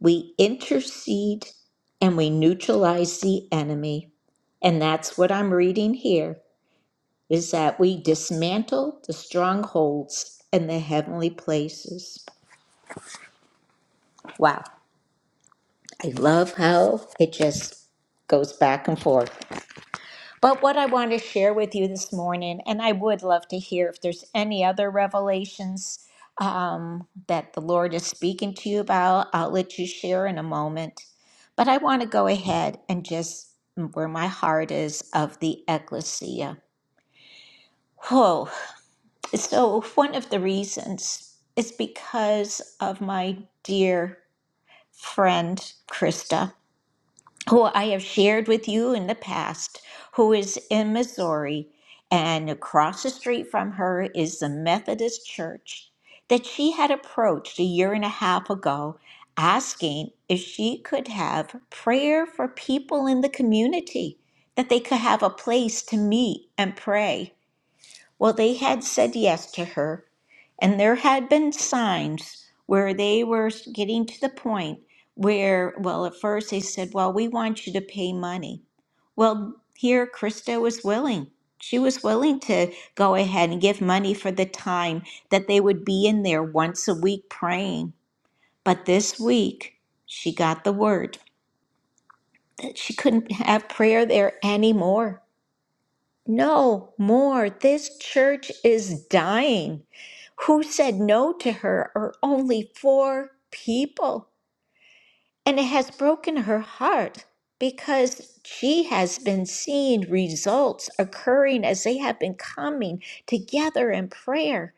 S1: We intercede and we neutralize the enemy. And that's what I'm reading here is that we dismantle the strongholds in the heavenly places. Wow. I love how it just goes back and forth. But what I want to share with you this morning, and I would love to hear if there's any other revelations um, that the Lord is speaking to you about, I'll let you share in a moment. But I want to go ahead and just mm, where my heart is of the ecclesia. Whoa. So, one of the reasons is because of my dear friend, Krista who I have shared with you in the past, who is in Missouri, and across the street from her is the Methodist Church that she had approached a year and a half ago asking if she could have prayer for people in the community, that they could have a place to meet and pray. Well, they had said yes to her, and there had been signs where they were getting to the point where, well, at first they said, well, we want you to pay money. Well, here Krista was willing. She was willing to go ahead and give money for the time that they would be in there once a week praying. But this week, she got the word that she couldn't have prayer there anymore. No more. This church is dying. Who said no to her are only four people. And it has broken her heart because she has been seeing results occurring as they have been coming together in prayer.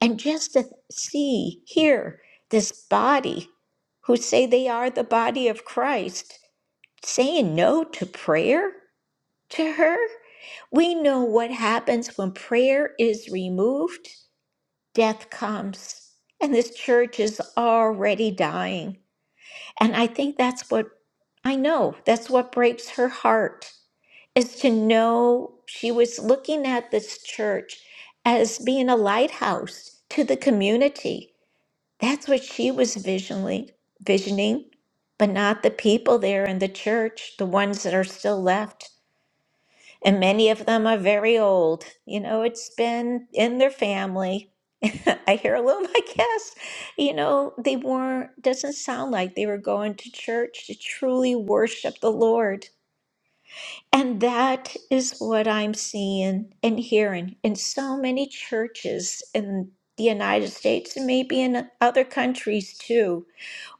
S1: And just to see here this body who say they are the body of Christ saying no to prayer to her. We know what happens when prayer is removed, death comes, and this church is already dying. And I think that's what I know, that's what breaks her heart is to know she was looking at this church as being a lighthouse to the community. That's what she was visionally visioning, but not the people there in the church, the ones that are still left and many of them are very old. You know, it's been in their family. *laughs* I hear a little, I guess. You know, they weren't, doesn't sound like they were going to church to truly worship the Lord. And that is what I'm seeing and hearing in so many churches in the United States and maybe in other countries too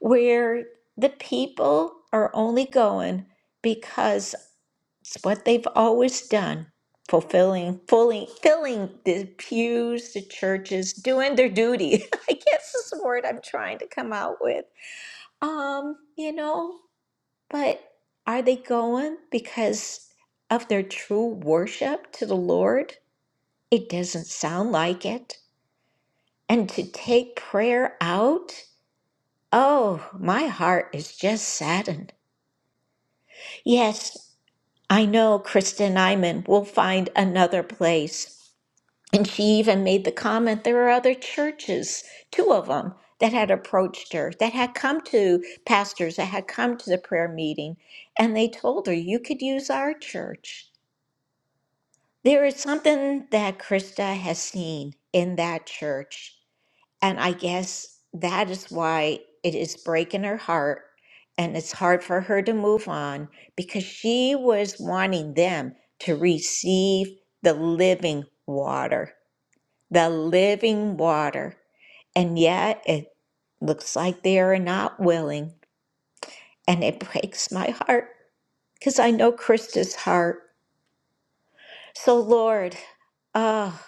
S1: where the people are only going because it's what they've always done fulfilling fully filling the pews the churches doing their duty *laughs* i guess is the word i'm trying to come out with um you know but are they going because of their true worship to the lord it doesn't sound like it and to take prayer out oh my heart is just saddened Yes, I know Kristen Iman will find another place. And she even made the comment there are other churches, two of them, that had approached her, that had come to pastors, that had come to the prayer meeting, and they told her, You could use our church. There is something that Krista has seen in that church. And I guess that is why it is breaking her heart and it's hard for her to move on because she was wanting them to receive the living water, the living water. And yet it looks like they are not willing. And it *laughs* breaks my heart because I know Krista's heart. So, Lord, ah,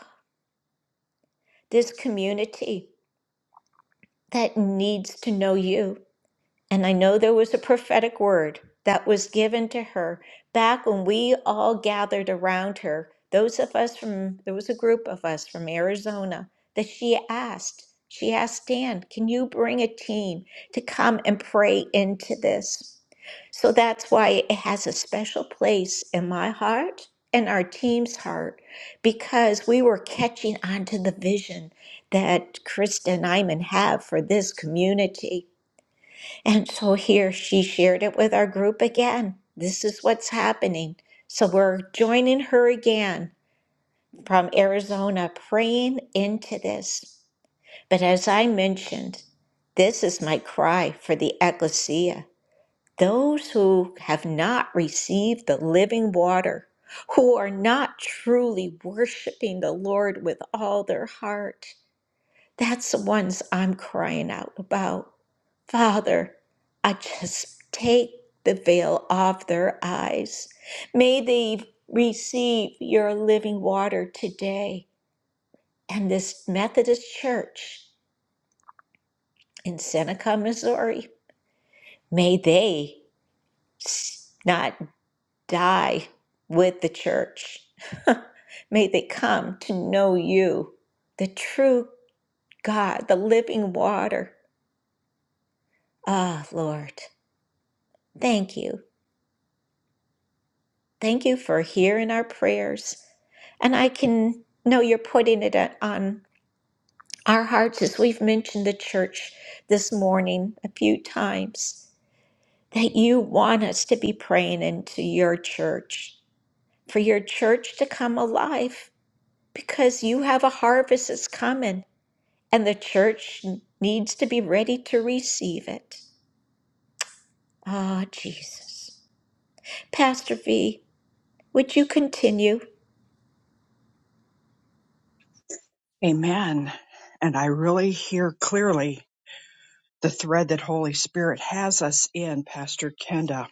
S1: this community that needs to know you. And I know there was a prophetic word that was given to her back when we all gathered around her. Those of us from, there was a group of us from Arizona that she asked, she asked Dan, can you bring a team to come and pray into this? So that's why it has a special place in my heart and our team's heart because we were catching on to the vision that Krista and Iman have for this community. And so here she shared it with our group again. This is what's happening. So we're joining her again from Arizona, praying into this. But as I mentioned, this is my cry for the ecclesia those who have not received the living water, who are not truly worshiping the Lord with all their heart. That's the ones I'm crying out about. Father, I just take the veil off their eyes. May they receive your living water today. And this Methodist church in Seneca, Missouri, may they s- not die with the church. *laughs* may they come to know you, the true God, the living water. Ah, Lord. Thank you. Thank you for hearing our prayers. And I can know you're putting it on our hearts as we've mentioned the church this morning a few times that you want us to be praying into your church, for your church to come alive because you have a harvest that's coming and the church needs to be ready to receive it. Ah, Jesus. Pastor V, would you continue?
S3: Amen. And I really hear clearly the thread that Holy Spirit has us in, Pastor Kenda.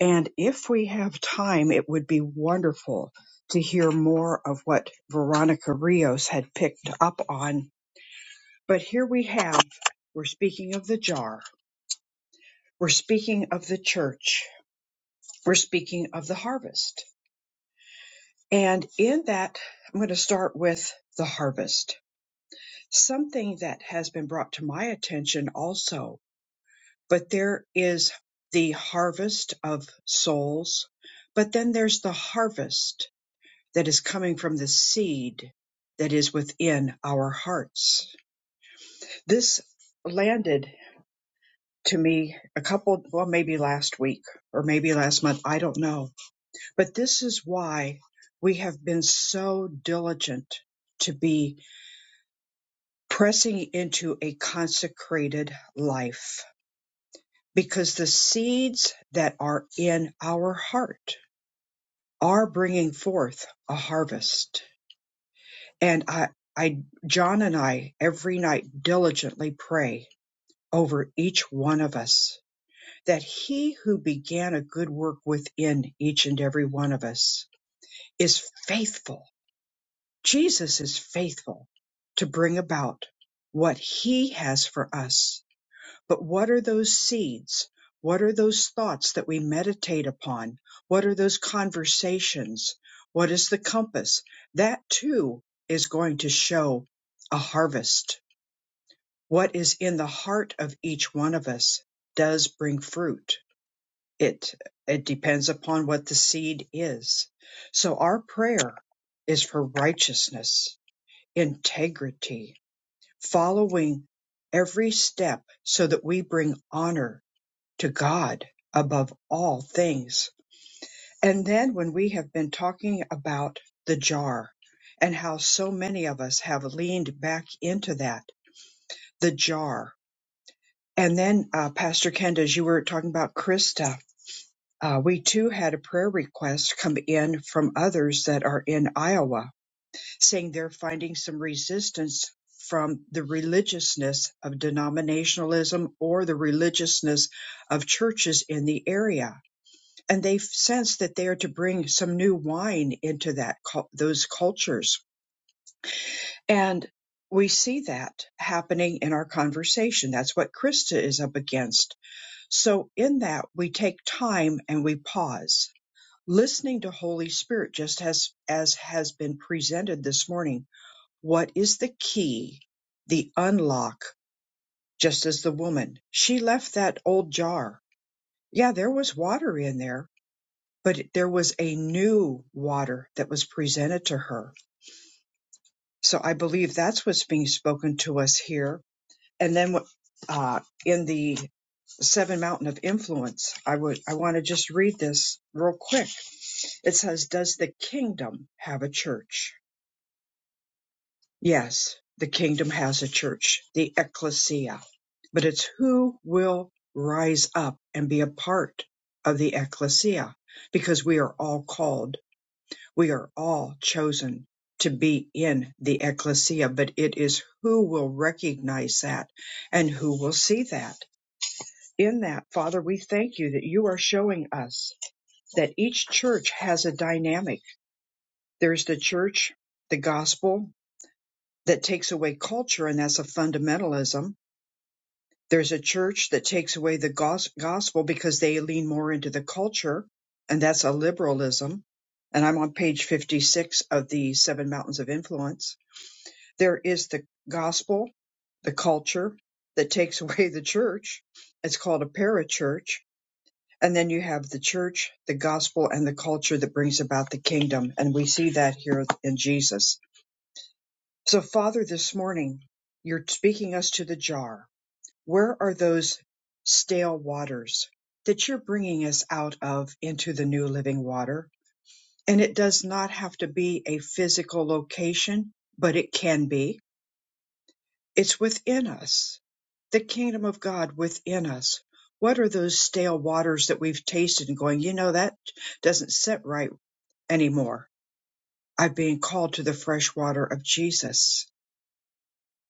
S3: And if we have time, it would be wonderful to hear more of what Veronica Rios had picked up on. But here we have, we're speaking of the jar, we're speaking of the church, we're speaking of the harvest. And in that, I'm going to start with the harvest. Something that has been brought to my attention also, but there is the harvest of souls, but then there's the harvest that is coming from the seed that is within our hearts. This landed to me a couple, well, maybe last week or maybe last month, I don't know. But this is why we have been so diligent to be pressing into a consecrated life because the seeds that are in our heart are bringing forth a harvest. And I, I, John and I every night diligently pray over each one of us that he who began a good work within each and every one of us is faithful. Jesus is faithful to bring about what he has for us But what are those seeds? What are those thoughts that we meditate upon? What are those conversations? What is the compass? That too is going to show a harvest. What is in the heart of each one of us does bring fruit. It, it depends upon what the seed is. So our prayer is for righteousness, integrity, following every step so that we bring honor to God above all things. And then when we have been talking about the jar and how so many of us have leaned back into that, the jar. And then, uh, Pastor Kenda, as you were talking about Krista, uh, we too had a prayer request come in from others that are in Iowa saying they're finding some resistance from the religiousness of denominationalism or the religiousness of churches in the area and they sense that they are to bring some new wine into that those cultures and we see that happening in our conversation that's what krista is up against so in that we take time and we pause listening to holy spirit just as as has been presented this morning what is the key the unlock just as the woman she left that old jar yeah there was water in there but there was a new water that was presented to her. So I believe that's what's being spoken to us here. And then uh, in the Seven Mountain of Influence, I would I want to just read this real quick. It says, "Does the kingdom have a church?" Yes, the kingdom has a church, the ecclesia, but it's who will rise up and be a part of the ecclesia, because we are all called We are all chosen to be in the ecclesia, but it is who will recognize that and who will see that. In that, Father, we thank you that you are showing us that each church has a dynamic. There's the church, the gospel that takes away culture, and that's a fundamentalism. There's a church that takes away the gos- gospel because they lean more into the culture, and that's a liberalism. And I'm on page 56 of the Seven Mountains of Influence There is the gospel, the culture that takes *laughs* away the church. It's called a parachurch. And then you have the church, the gospel, and the culture that brings about the kingdom. And we see that here in Jesus. So, Father, this morning, you're speaking us to the jar. Where are those stale waters that you're bringing us out of into the new living water? And it does not have to be a physical location, but it can be. It's within us, the kingdom of God within us. What are those stale waters that we've tasted and going, you know, that doesn't sit right anymore? I've been called to the fresh water of Jesus.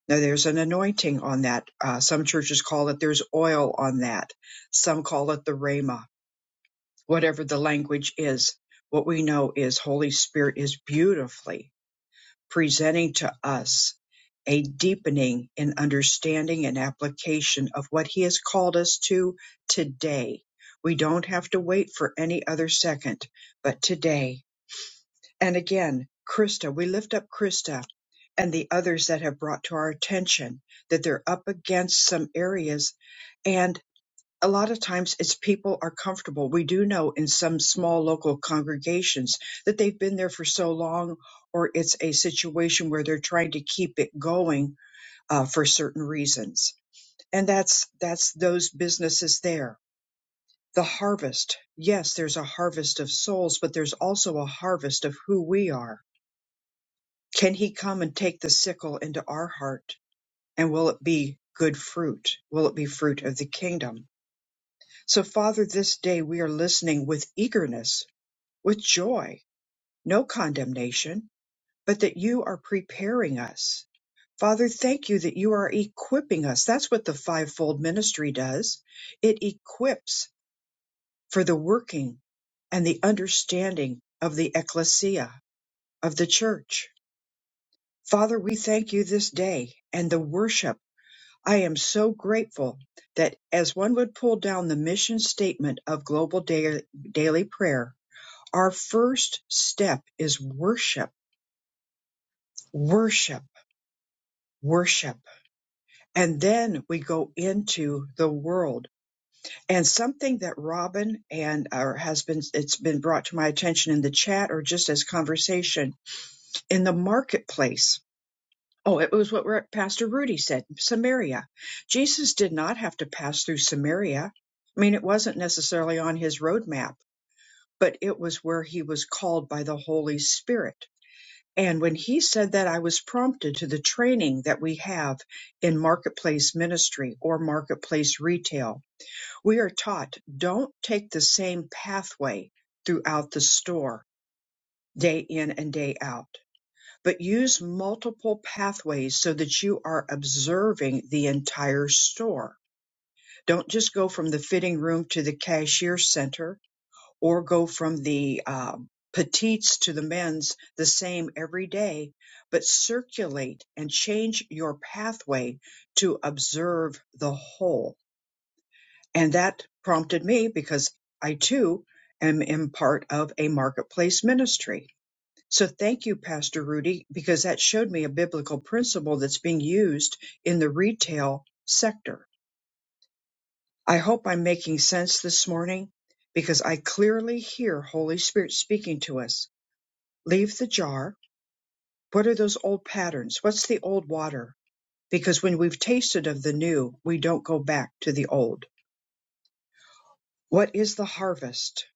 S3: Now, there's an anointing on that. Uh, some churches call it, there's oil on that. Some call it the Rhema, whatever the language is. What we know is Holy Spirit is beautifully presenting to us a deepening in understanding and application of what He has called us to today. We don't have to wait for any other second, but today. And again, Krista, we lift up Krista and the others that have brought to our attention that they're up against some areas. and a lot of times it's people are comfortable. We do know in some small local congregations that they've been there for so long, or it's a situation where they're trying to keep it going uh, for certain reasons. And that's that's those businesses there. The harvest, yes, there's a harvest of souls, but there's also a harvest of who we are. Can He come and take the sickle into our heart? And will it be good fruit? Will it be fruit of the kingdom? So, Father, this day we are listening with eagerness, with joy, no condemnation, but that you are preparing us. Father, thank you that you are equipping us. That's what the fivefold ministry does. It equips for the working and the understanding of the ecclesia, of the church. Father, we thank you this day and the worship. I am so grateful that as one would pull down the mission statement of Global Da- Daily Prayer, Our first step is worship, worship, worship. And then we go into the world. And something that Robin and or has been it's been brought to my attention in the chat or just as conversation in the marketplace. Oh, it was what Pastor Rudy said, Samaria. Jesus did not have to pass through Samaria. I mean, it wasn't necessarily on his roadmap, but it was where he was called by the Holy Spirit And when he said that, I was prompted to the training that we have in marketplace ministry or marketplace retail. We are taught don't take the same pathway throughout the store day in and day out, but use multiple pathways so that you are observing the entire store. Don't just go from the fitting room to the cashier center or go from the um, petites to the men's the same every day, but circulate and change your pathway to observe the whole. And that prompted me because I too am in part of a marketplace ministry. So thank you, Pastor Rudy, because that showed me a biblical principle that's being used in the retail sector. I hope I'm making sense this morning because I clearly hear Holy Spirit speaking to us leave the jar. What are those old patterns? What's the old water? Because when we've tasted of the new, we don't go back to the old. What is the harvest?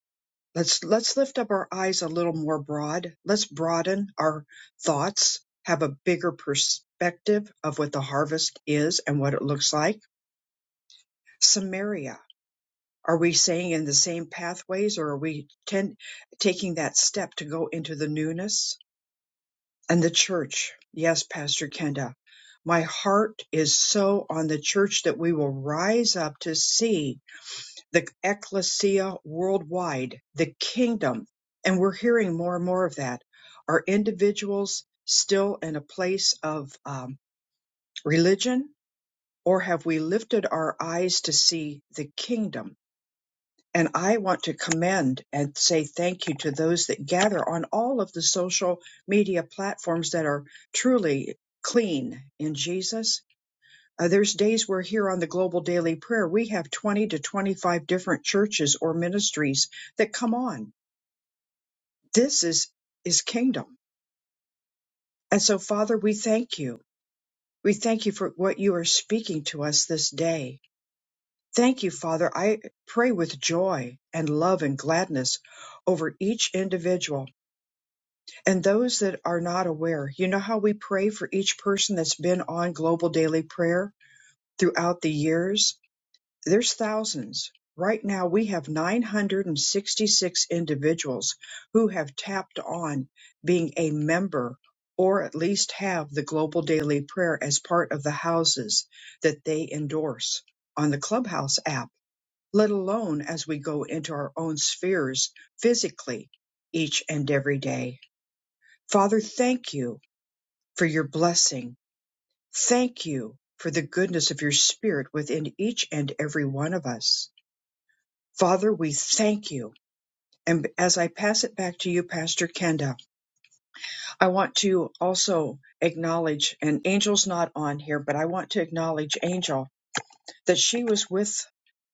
S3: Let's let's lift up our eyes a little more broad. Let's broaden our thoughts, have a bigger perspective of what the harvest is and what it looks like. Samaria. Are we saying in the same pathways or are we tend, taking that step to go into the newness? and the church. Yes, Pastor Kenda, my heart is so on the church that we will rise up to see the ecclesia worldwide, the kingdom. And we're hearing more and more of that. Are individuals still in a place of um, religion, or have we lifted our eyes to see the kingdom? And I want to commend and say thank you to those that gather on all of the social media platforms that are truly clean in Jesus. Uh, there's days we're here on the Global Daily Prayer. We have 20 to 25 different churches or ministries that come on. This is, is kingdom. And so, Father, we thank you. We thank you for what you are speaking to us this day. Thank you, Father. I pray with joy and love and gladness over each individual And those that are not aware, you know how we pray for each person that's been on global daily prayer throughout the years? There's thousands. Right now, we have 966 individuals who have tapped on being a member or at least have the global daily prayer as part of the houses that they endorse on the Clubhouse app, let alone as we go into our own spheres physically each and every day. Father, thank you for your blessing. Thank you for the goodness of your spirit within each and every one of us. Father, we thank you. And as I pass it back to you, Pastor Kenda, I want to also acknowledge, and Angel's not on here, but I want to acknowledge Angel that she was with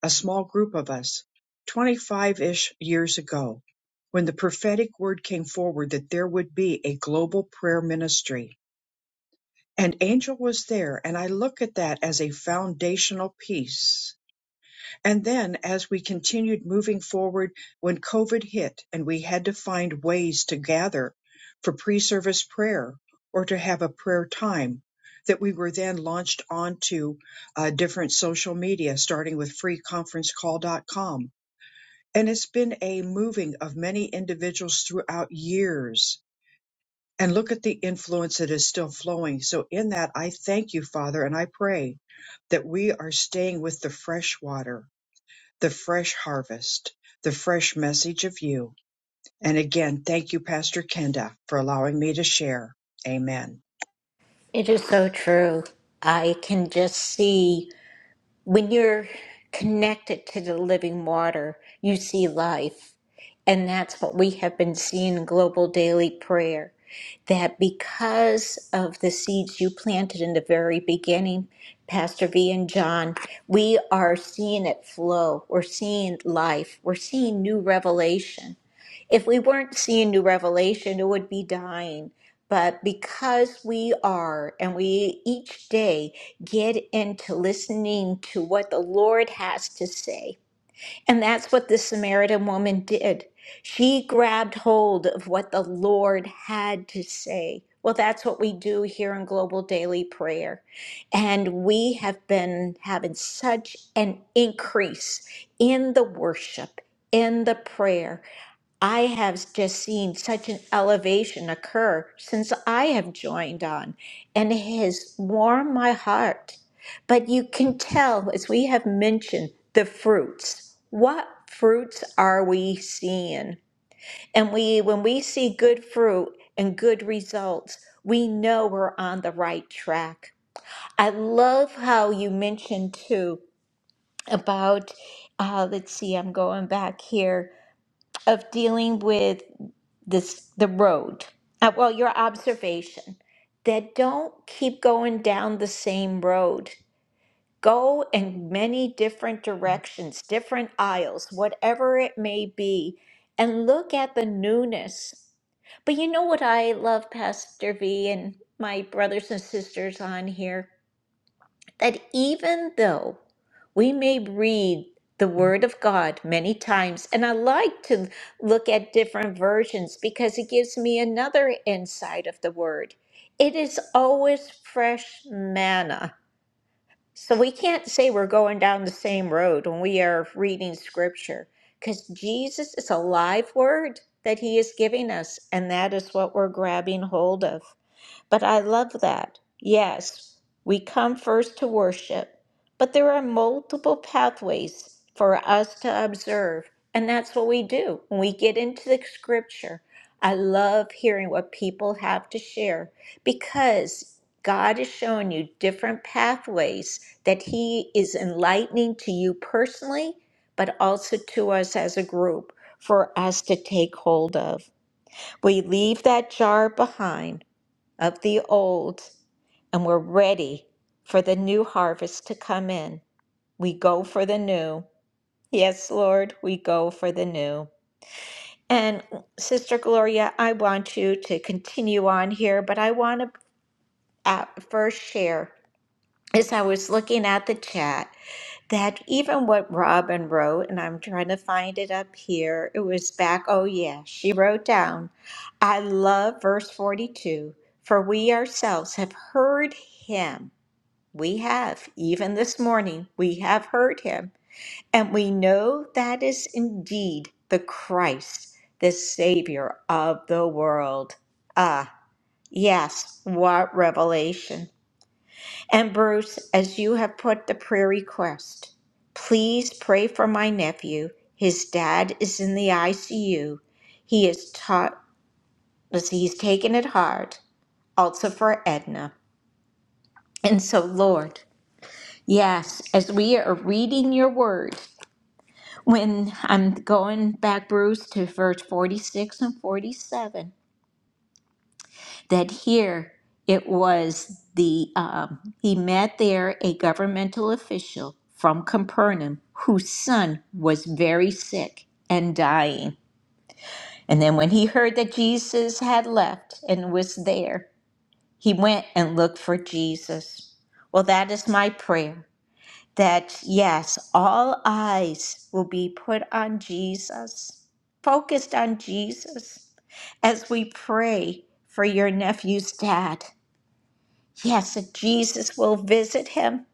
S3: a small group of us 25 ish years ago when the prophetic word came forward that there would be a global prayer ministry and Angel was there. And I look at that as a foundational piece. And then as we continued moving forward, when COVID hit and we had to find ways to gather for pre service prayer or to have a prayer time, that we were then launched onto uh, different social media, starting with freeconferencecall.com. And it's been a moving of many individuals throughout years and look at the influence that is still flowing. So, in that, I thank you, Father, and I pray that we are staying with the fresh water, the fresh harvest, the fresh message of you. And again, thank you, Pastor Kenda, for allowing me to share. Amen.
S1: It is so true. I can just see when you're connected to the living water, you see life. And that's what we have been seeing in Global Daily Prayer. That because of the seeds you planted in the very beginning, Pastor V and John, we are seeing it flow. We're seeing life. We're seeing new revelation. If we weren't seeing new revelation, it would be dying. But because we are, and we each day get into listening to what the Lord has to say. And that's what the Samaritan woman did. She grabbed hold of what the Lord had to say. Well, that's what we do here in Global Daily Prayer. And we have been having such an increase in the worship, in the prayer I have just seen such an elevation occur since I have joined on, and it has warmed my heart. But you can tell, as we have mentioned, the fruits. What fruits are we seeing? And we, when we see good fruit and good results, we know we're on the right track. I love how you mentioned too about, uh, let's see, I'm going back here of dealing with this the road uh, well your observation that don't keep going down the same road go in many different directions different aisles whatever it may be and look at the newness but you know what i love pastor v and my brothers and sisters on here that even though we may read the Word of God many times, and I like to look at different versions because it gives me another insight of the Word, it is always fresh manna. So we can't say we're going down the same road when we are reading Scripture because Jesus is a live Word that He is giving us, and that is what we're grabbing hold of. But I love that. Yes, we come first to worship, but there are multiple pathways for us to observe. And that's what we do when we get into the scripture. I love hearing what people have to share because God is showing you different pathways that He is enlightening to you personally, but also to us as a group for us to take hold of. We leave that jar behind of the old and we're ready for the new harvest to come in. We go for the new. Yes, Lord, we go for the new. And Sister Gloria, I want you to continue on here, but I want to at first share as I was looking at the chat that even what Robin wrote, and I'm trying to find it up here, it was back, oh yeah, she wrote down, I love verse 42, for we ourselves have heard him We have, even this morning, we have heard him, and we know that is indeed the Christ, the Savior of the world. Ah, yes, what revelation. And Bruce, as you have put the prayer request, please pray for my nephew. His dad is in the ICU. He is taught, he's taken it hard, also for Edna. And so, Lord, Yes, as we are reading your word, when I'm going back, Bruce, to verse 46 and 47, that here it was the, um, he met there a governmental official from Capernaum whose son was very sick and dying. And then when he heard that Jesus had left and was there, he went and looked for Jesus. Well, that is my prayer that yes, all eyes will be put on Jesus, focused on Jesus as we pray for your nephew's dad. Yes, that Jesus will visit him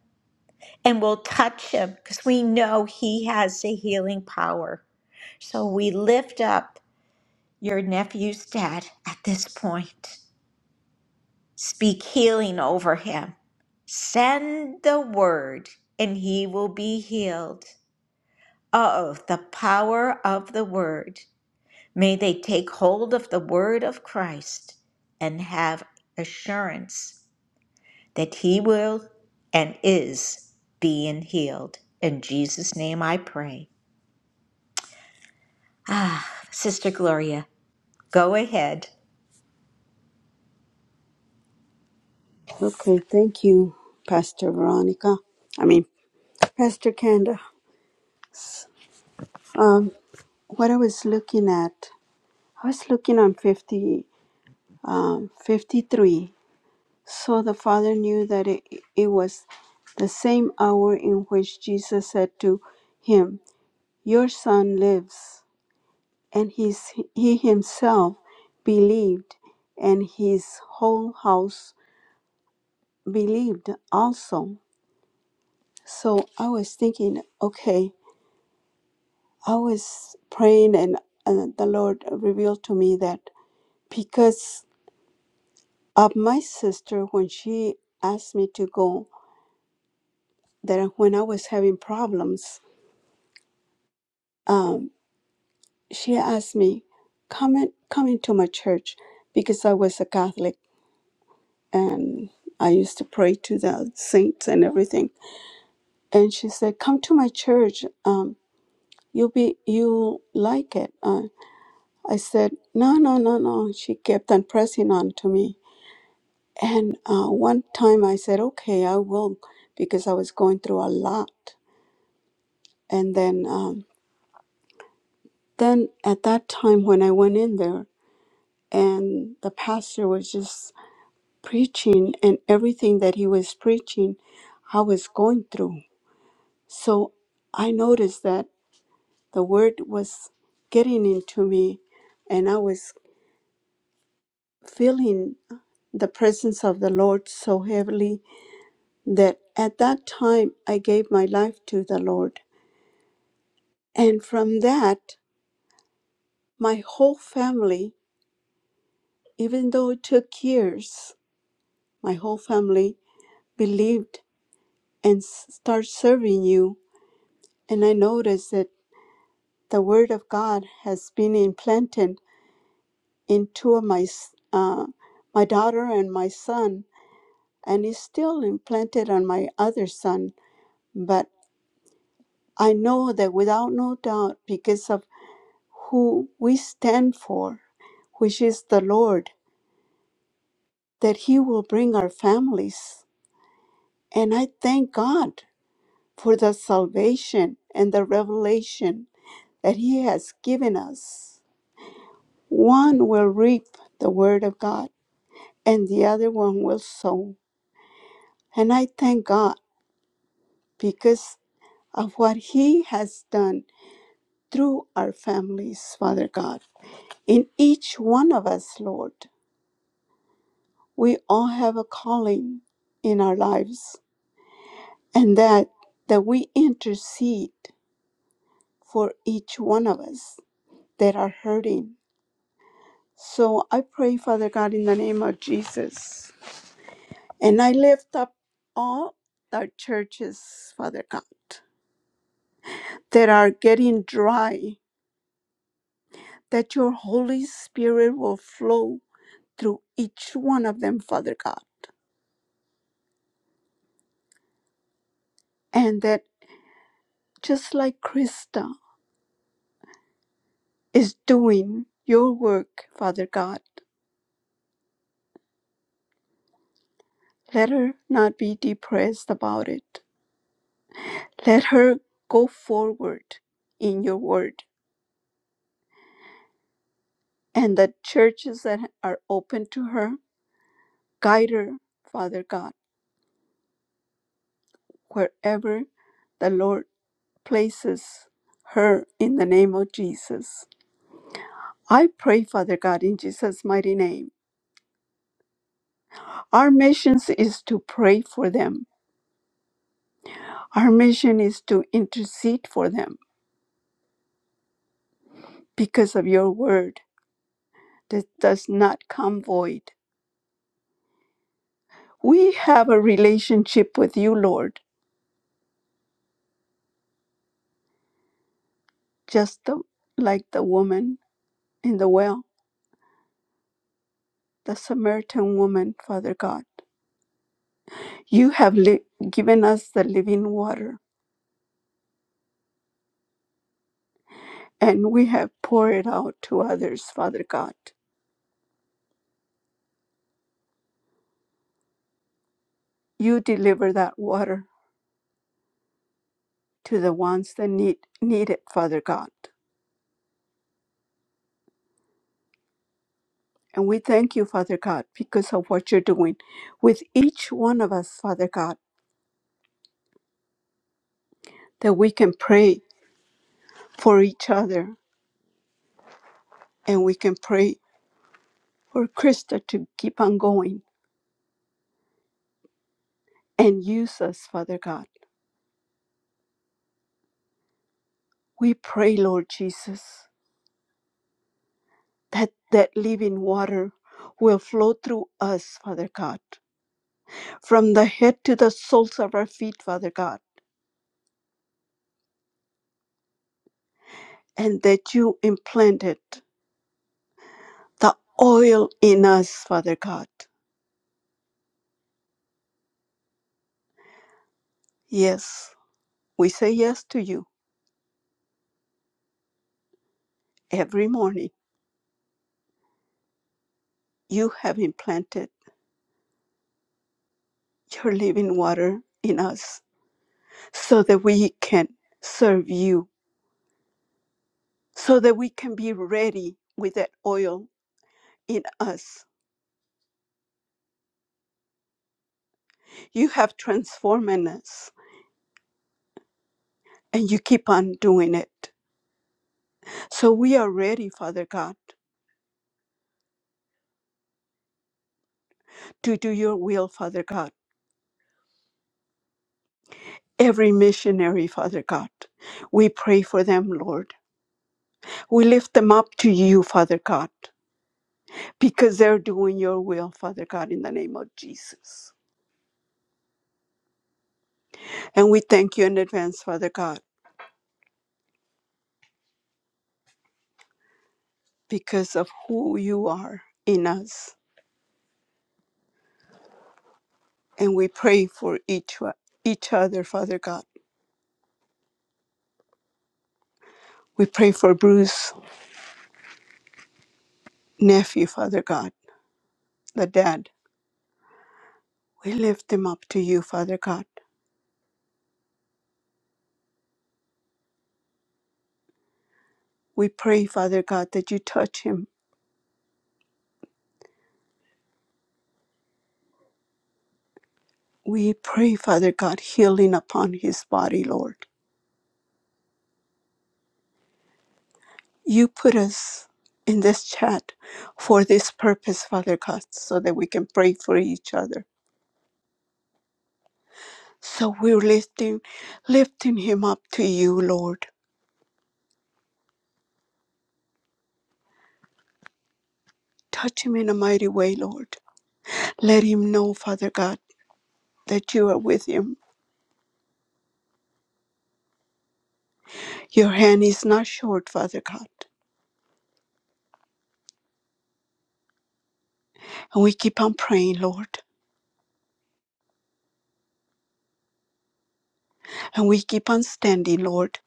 S1: and will touch him because we know he has the healing power. So we lift up your nephew's dad at this point. Speak healing over him. Send the word and he will be healed. Oh, the power of the word. May they take hold of the word of Christ and have assurance that he will and is being healed. In Jesus' name I pray. Ah, Sister Gloria, go ahead.
S2: Okay, thank you, Pastor Veronica. I mean, Pastor Kenda. Um, what I was looking at, I was looking on 50, um, 53. So the Father knew that it, it was the same hour in which Jesus said to him, Your son lives. And he's, he himself believed, and his whole house believed also. So I was thinking, okay, I was praying, and uh, the Lord revealed to me that because of my sister, when she asked me to go, that when I was having problems, um, she asked me, come in, come into my church, because I was a Catholic and I used to pray to the saints and everything. And she said, come to my church. Um, you'll be you'll like it. Uh, I said, no, no, no, no. She kept on pressing on to me. And uh, one time I said, okay, I will, because I was going through a lot. And then, um, then at that time when I went in there, and the pastor was just preaching, and everything that he was preaching, I was going through. So I noticed that the word was getting into me, and I was feeling the presence of the Lord so heavily that at that time I gave my life to the Lord. And from that, my whole family, even though it took years, my whole family believed and s- started serving you. And I noticed that the Word of God has been implanted in two of my, uh, my daughter and my son, and is still implanted on my other son. But I know that without no doubt, because of who we stand for, which is the Lord, that He will bring our families. And I thank God for the salvation and the revelation that He has given us. One will reap the Word of God, and the other one will sow. And I thank God because of what He has done through our families, Father God, in each one of us, Lord. we all have a calling in our lives and that that we intercede for each one of us that are hurting so i pray father god in the name of jesus and i lift up all our churches father god that are getting dry that your holy spirit will flow through each one of them father god and that just like krista is doing your work father god Let her not be depressed about it. Let her go forward in your word and the churches that are open to her. Guide her, Father God, wherever the Lord places her in the name of Jesus. I pray, Father God, in Jesus' mighty name. Our mission is to pray for them. Our mission is to intercede for them because of your word that does not come void We have a relationship with you, Lord, just the, like the woman in the well, the Samaritan woman, Father God. You have li- given us the living water, and we have poured it out to others, Father God. You deliver that water to the ones that need, need it, Father God. And we thank you, Father God, because of what you're doing with each one of us, Father God, that we can pray for each other and we can pray for Krista to keep on going and use us, Father God. We pray, Lord Jesus, that that living water will flow through us, Father God, from the head to the soles of our feet, Father God, and that you implanted the oil in us, Father God. Yes, we say yes to you every morning. You have implanted your living water in us so that we can serve you so that we can be ready with that oil in us. You have transformed us and you keep on doing it. So we are ready, Father God, to do your will, Father God. Every missionary, Father God, we pray for them, Lord. We lift them up to you, Father God, because they're doing your will, Father God, in the name of Jesus. And we thank you in advance, Father God, because of who you are in us and we pray for each each other, Father God. We pray for Bruce, nephew, Father God, the dad. We lift him up to you, Father God. We pray, Father God, that you touch him. We pray, Father God, healing upon his body, Lord. You put us in this chat for this purpose, Father God, so that we can pray for each other. So we're lifting, lifting him up to you, Lord. Touch him in a mighty way, Lord. Let him know, Father God. that you are with him. Your hand is not short, Father God. And we keep on praying, Lord. And we keep on standing, Lord.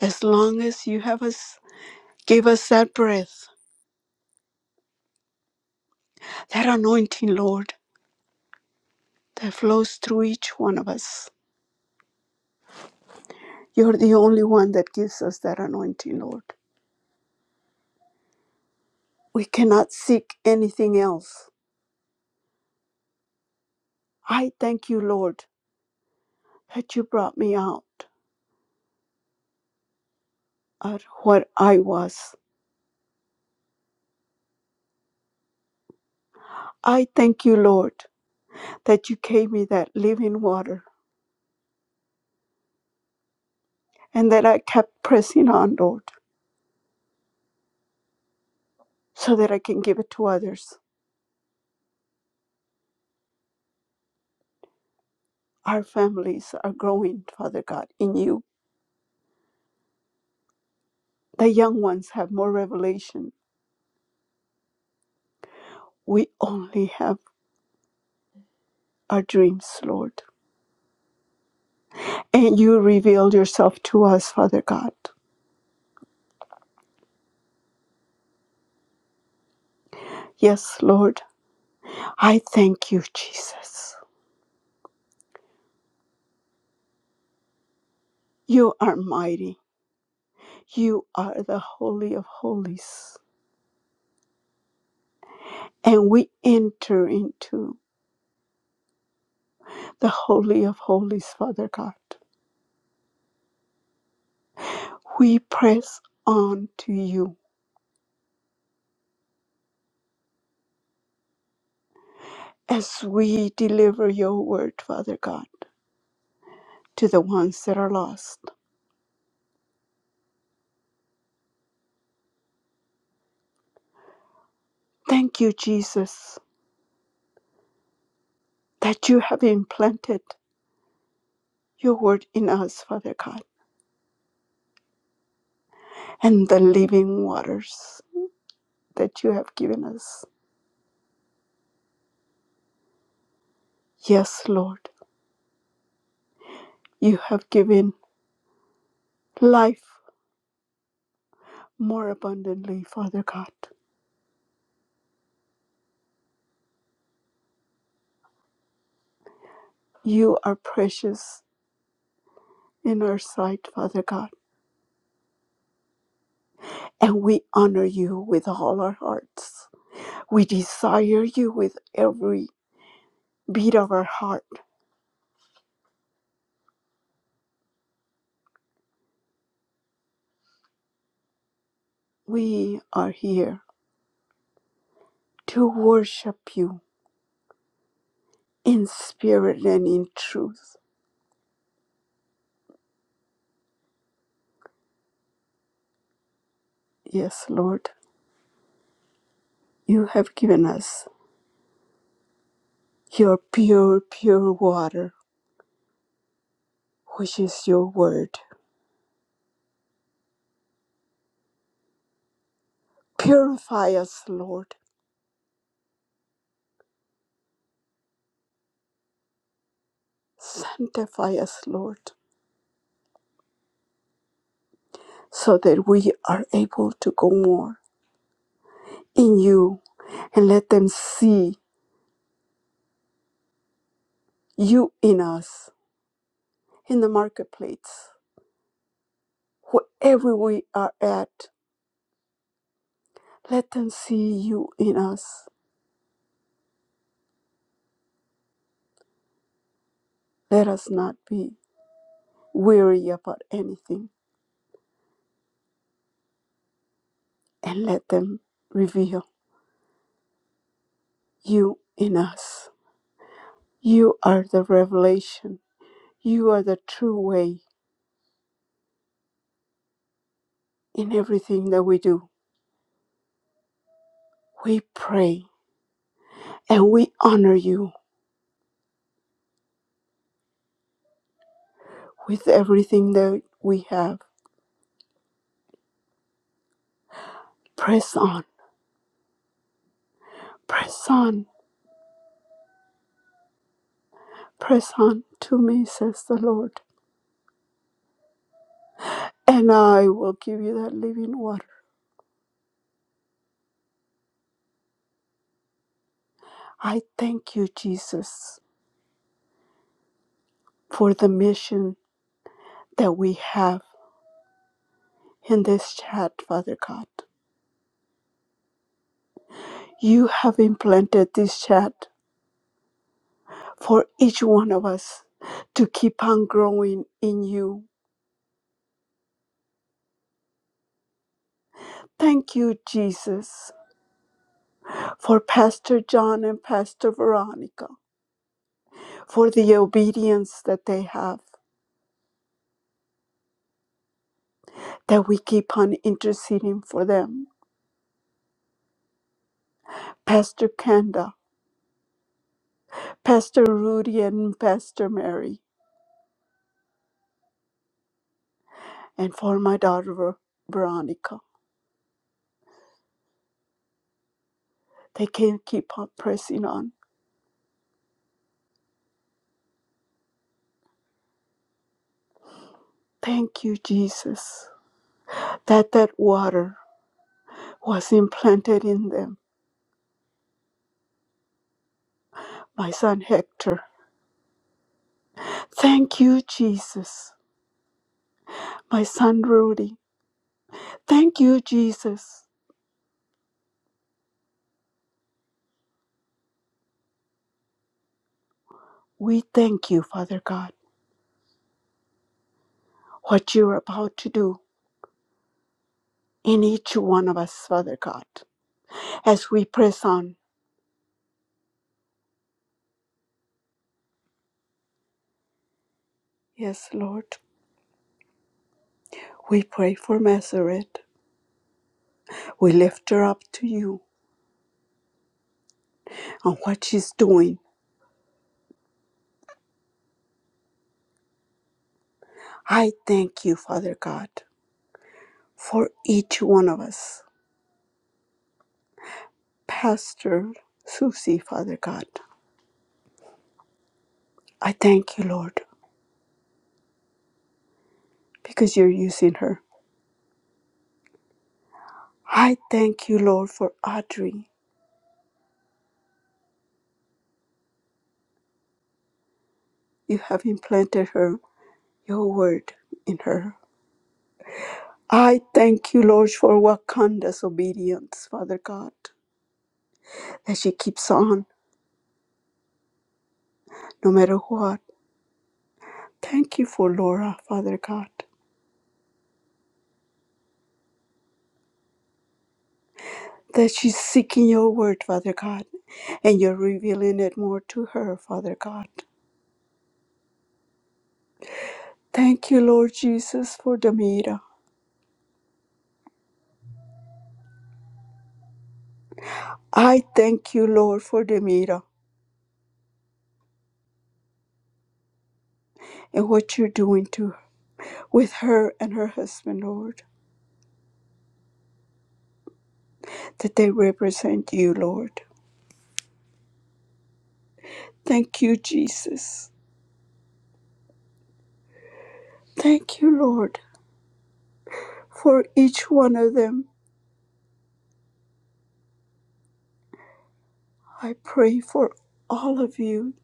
S2: As long as you have us, give us that breath, that anointing, Lord, that flows through each one of us. You're the only one that gives us that anointing, Lord. We cannot seek anything else. I thank you, Lord, that you brought me out of what I was. I thank you, Lord, that you gave me that living water and that I kept pressing on, Lord, so that I can give it to others. Our families are growing, Father God, in you. The young ones have more revelation. We only have our dreams, Lord. And you revealed yourself to us, Father God. Yes, Lord, I thank you, Jesus. You are mighty. You are the Holy of Holies. And we enter into the Holy of Holies, Father God. We press on to you as we deliver your word, Father God, to the ones that are lost. Thank you, Jesus, that you have implanted your word in us, Father God, and the living waters that you have given us. Yes, Lord, you have given life more abundantly, Father God. You are precious in our sight, Father God, and we honor you with all our hearts. We desire you with every beat of our heart. We are here to worship you in spirit and in truth. Yes, Lord, you have given us your pure, pure water, which is your word. Purify us, Lord. Sanctify us, Lord, so that we are able to go more in you and let them see you in us in the marketplace. Wherever we are at, let them see you in us Let us not be weary about anything and let them reveal you in us. You are the revelation. You are the true way in everything that we do. We pray and we honor you with everything that we have. Press on, press on, press on to me, says the Lord, and I will give you that living water. I thank you, Jesus, for the mission that we have in this chat, Father God. You have implanted this chat for each one of us to keep on growing in you. Thank you, Jesus, for Pastor John and Pastor Veronica, for the obedience that they have, that we keep on interceding for them. Pastor Kenda, Pastor Rudy, and Pastor Mary, and for my daughter Ver- Veronica. They can keep on pressing on. Thank you, Jesus. that that water was implanted in them. My son Hector, thank you, Jesus. My son Rudy, thank you, Jesus. We thank you, Father God, what you're about to do in each one of us, Father God, as we press on. Yes, Lord, we pray for Masoret. We lift her up to you and what she's doing. I thank you, Father God, for each one of us. Pastor Susie, Father God. I thank you, Lord, because you're using her. I thank you, Lord, for Audrey. You have implanted her, your word in her. I thank you, Lord, for Wakanda's obedience, Father God, that she keeps on no matter what. Thank you for Laura, Father God, that she's seeking your word, Father God, and you're revealing it more to her, Father God. Thank you, Lord Jesus, for Demira. I thank you, Lord, for Demira. and what you're doing to with her and her husband, Lord, that they represent you, Lord. Thank you, Jesus. Thank you, Lord, for each one of them. I pray for all of you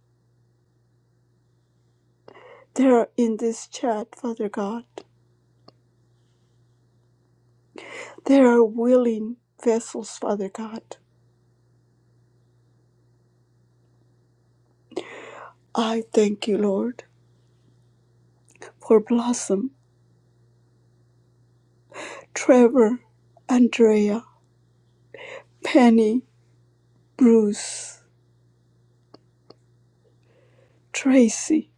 S2: that are in this chat, Father God. They are willing vessels, Father God. I thank you, Lord, for Blossom, Trevor, Andrea, Penny, Bruce, Tracy,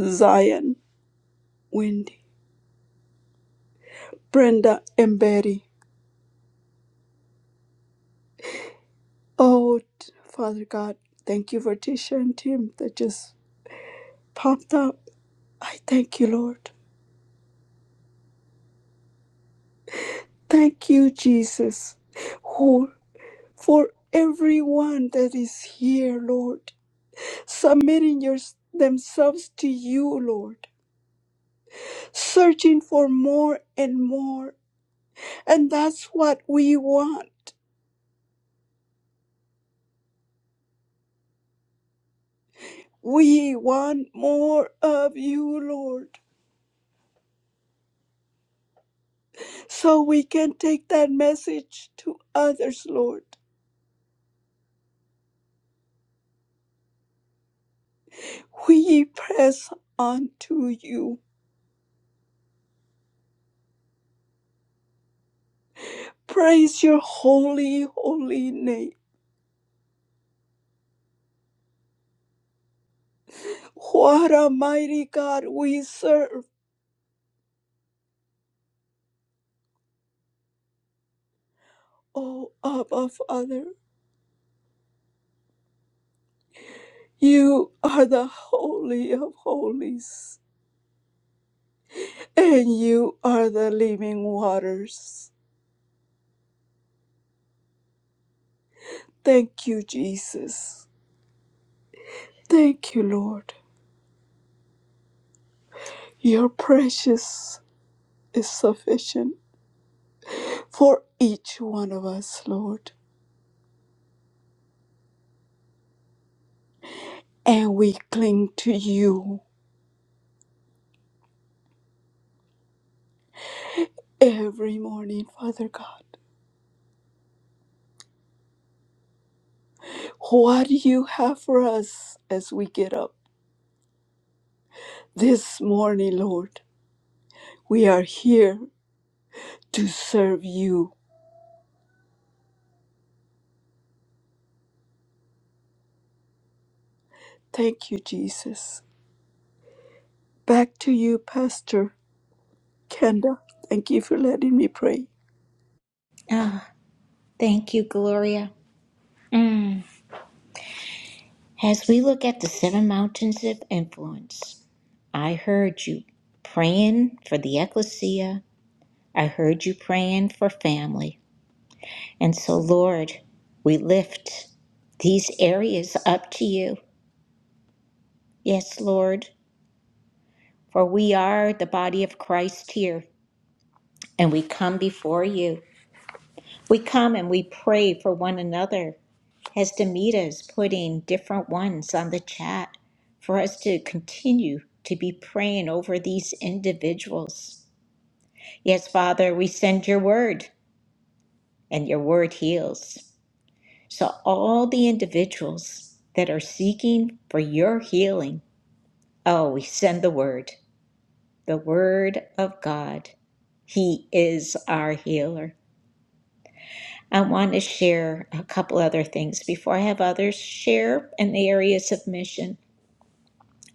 S2: Zion, Wendy. Brenda and Betty. Oh, Father God, thank you for Tisha and Tim that just popped up. I thank you, Lord. Thank you, Jesus, who, for everyone that is here, Lord, submitting your, themselves to you, Lord, searching for more and more. And that's what we want. We want more of you, Lord. so we can take that message to others, Lord. We press on to you. Praise your holy, holy name. What a mighty God we serve, O Abba Father. You are the Holy of Holies, and you are the living waters. Thank you, Jesus. Thank you, Lord. Your precious is sufficient for each one of us, Lord. and we cling to you every morning, Father God. What do you have for us as we get up this morning, Lord? We are here to serve you. Thank you, Jesus. Back to you, Pastor Kenda. Thank you for letting me pray.
S1: Ah, thank you, Gloria. Mm. As we look at the seven mountains of influence, I heard you praying for the ecclesia. I heard you praying for family. And so, Lord, we lift these areas up to you. Yes, Lord, for we are the body of Christ here, and we come before you. We come and we pray for one another, as Demita is putting different ones on the chat, for us to continue to be praying over these individuals. Yes, Father, we send your word, and your word heals. So, all the individuals that are seeking for your healing, oh, we send the word, the word of God. He is our healer. I want to share a couple other things before I have others share in the areas of mission.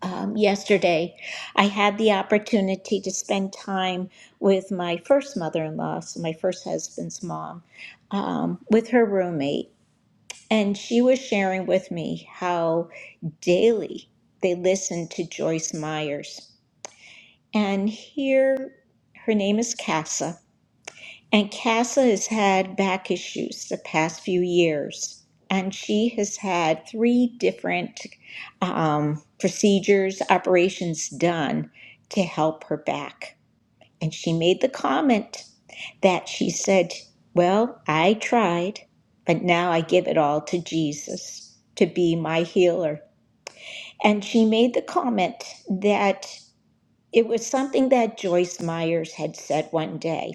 S1: Um, yesterday, I had the opportunity to spend time with my first mother in law, so my first husband's mom, um, with her roommate. And she was sharing with me how daily they listen to Joyce Myers. And here, her name is Casa. And Casa has had back issues the past few years. And she has had three different um, procedures, operations done to help her back. And she made the comment that she said, Well, I tried, but now I give it all to Jesus to be my healer. And she made the comment that it was something that Joyce Myers had said one day,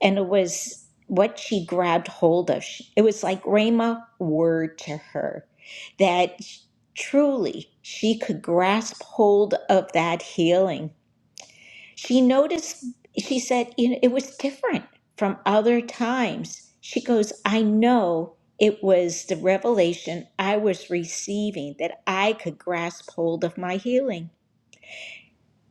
S1: and it was what she grabbed hold of. It was like Rhema word to her that truly she could grasp hold of that healing she noticed she said you know it was different from other times she goes i know it was the revelation i was receiving that i could grasp hold of my healing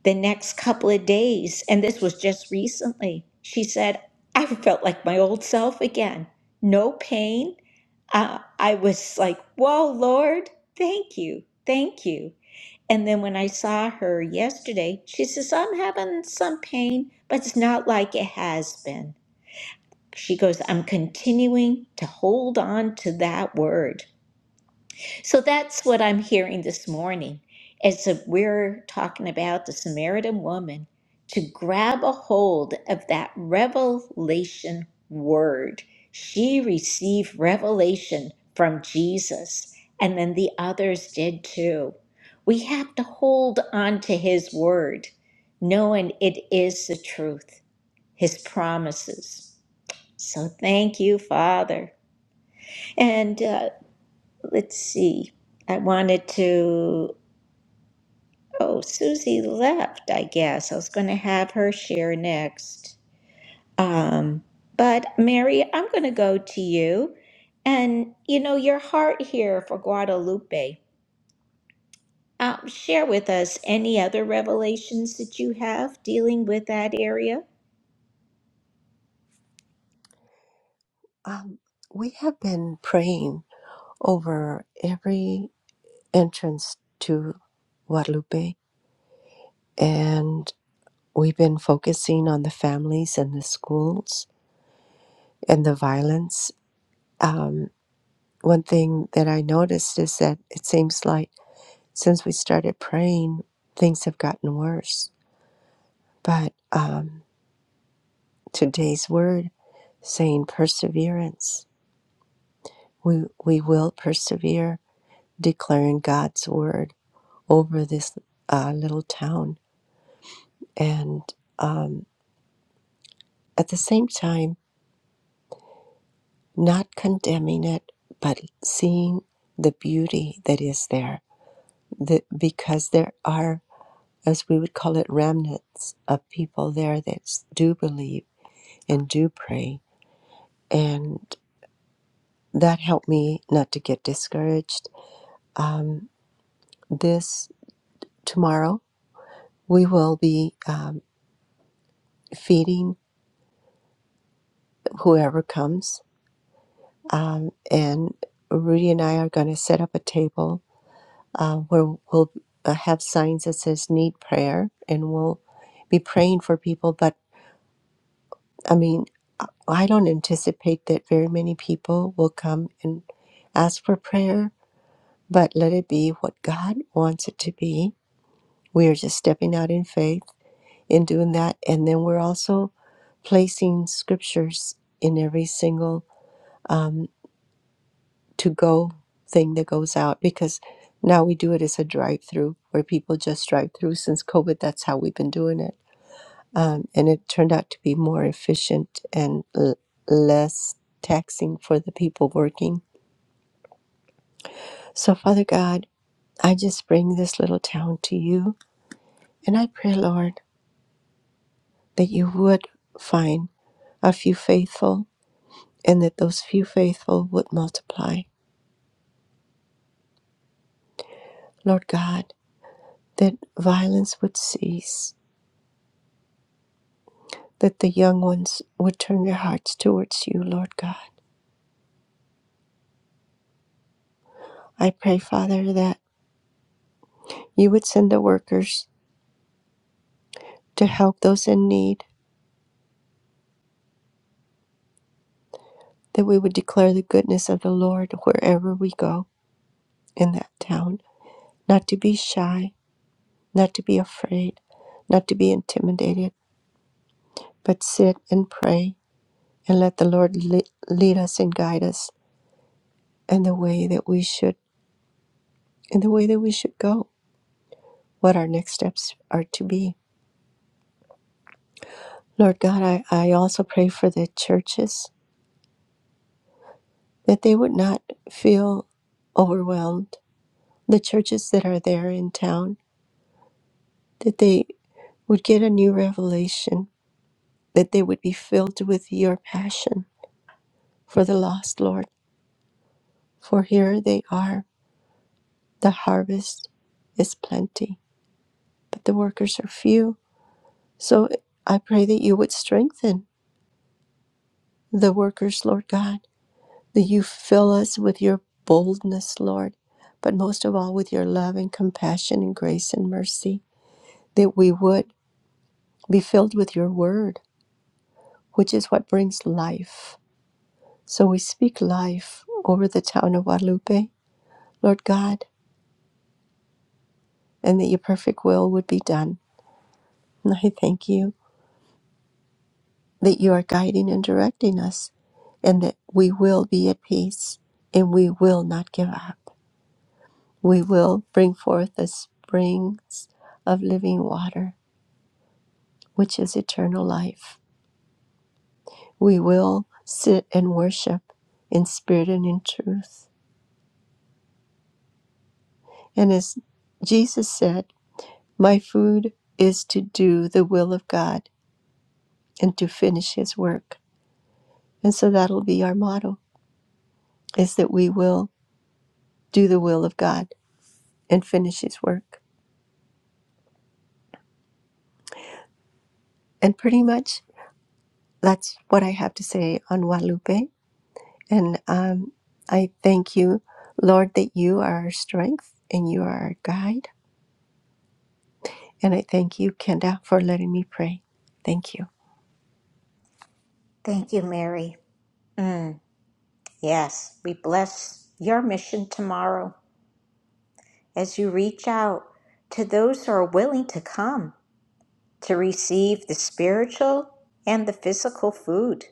S1: the next couple of days and this was just recently she said i felt like my old self again no pain uh, i was like whoa lord thank you thank you and then when I saw her yesterday, she says, I'm having some pain, but it's not like it has been. She goes, I'm continuing to hold on to that word. So that's what I'm hearing this morning as if we're talking about the Samaritan woman to grab a hold of that revelation word. She received revelation from Jesus, and then the others did too. We have to hold on to his word, knowing it is the truth, his promises. So thank you, Father. And uh, let's see. I wanted to. Oh, Susie left, I guess. I was going to have her share next. Um, but Mary, I'm going to go to you. And, you know, your heart here for Guadalupe. Um, share with us any other revelations that you have dealing with that area.
S6: Um, we have been praying over every entrance to Guadalupe, and we've been focusing on the families and the schools and the violence. Um, one thing that I noticed is that it seems like since we started praying, things have gotten worse. But um, today's word saying perseverance, we, we will persevere, declaring God's word over this uh, little town. And um, at the same time, not condemning it, but seeing the beauty that is there. The, because there are, as we would call it, remnants of people there that do believe and do pray. And that helped me not to get discouraged. Um, this tomorrow, we will be um, feeding whoever comes Um, and Rudy and I are going to set up a table uh, where we'll uh, have signs that says need prayer and we'll be praying for people. But I mean, I I don't anticipate that very many people will come and ask for prayer, but let it be what God wants it to be. We are just stepping out in faith in doing that. And then we're also placing scriptures in every single um, to go thing that goes out because now we do it as a drive through where people just drive through since COVID. That's how we've been doing it. Um, and it turned out to be more efficient and l- less taxing for the people working. So, Father God, I just bring this little town to you. And I pray, Lord, that you would find a few faithful and that those few faithful would multiply. Lord God, that violence would cease that the young ones would turn their hearts towards you, Lord God. I pray, Father, that you would send the workers to help those in need, that we would declare the goodness of the Lord wherever we go in that town, not to be shy, not to be afraid, not to be intimidated, but sit and pray and let the Lord lead us and guide us in the way that we should in the way that we should go, what our next steps are to be. Lord God, I, I also pray for the churches that they would not feel overwhelmed. The churches that are there in town, that they would get a new revelation, that they would be filled with your passion for the lost, Lord. For here they are. The harvest is plenty, but the workers are few. So I pray that you would strengthen the workers, Lord God, that you fill us with your boldness, Lord, but most of all with your love and compassion and grace and mercy that we would be filled with your word, which is what brings life. So we speak life over the town of Guadalupe, Lord God, and that your perfect will would be done. And I thank you that you are guiding and directing us, and that we will be at peace and we will not give up. We will bring forth the springs of living water, which is eternal life. We will sit and worship in spirit and in truth And as Jesus said, My food is to do the will of God and to finish his work. And so that'll be our motto is that we will do the will of God and finish his work. And pretty much that's what I have to say on Guadalupe. And um, I thank you, Lord, that you are our strength and you are our guide. And I thank you, Kenda, for letting me pray. Thank you.
S1: Thank you, Mary. Mm, yes, we bless your mission tomorrow as you reach out to those who are willing to come to receive the spiritual and the physical food.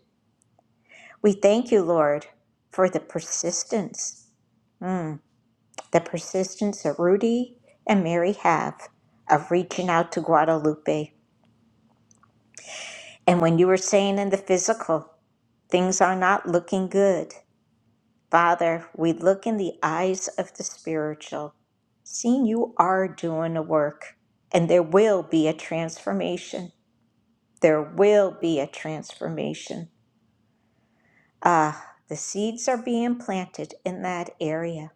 S1: We thank you, Lord, for the persistence, mm, the persistence that Rudy and Mary have of reaching out to Guadalupe. And when you were saying in the physical, things are not looking good, Father, we look in the eyes of the spiritual, seeing you are doing a work, and there will be a transformation. There will be a transformation. Ah, the seeds are being planted in that area.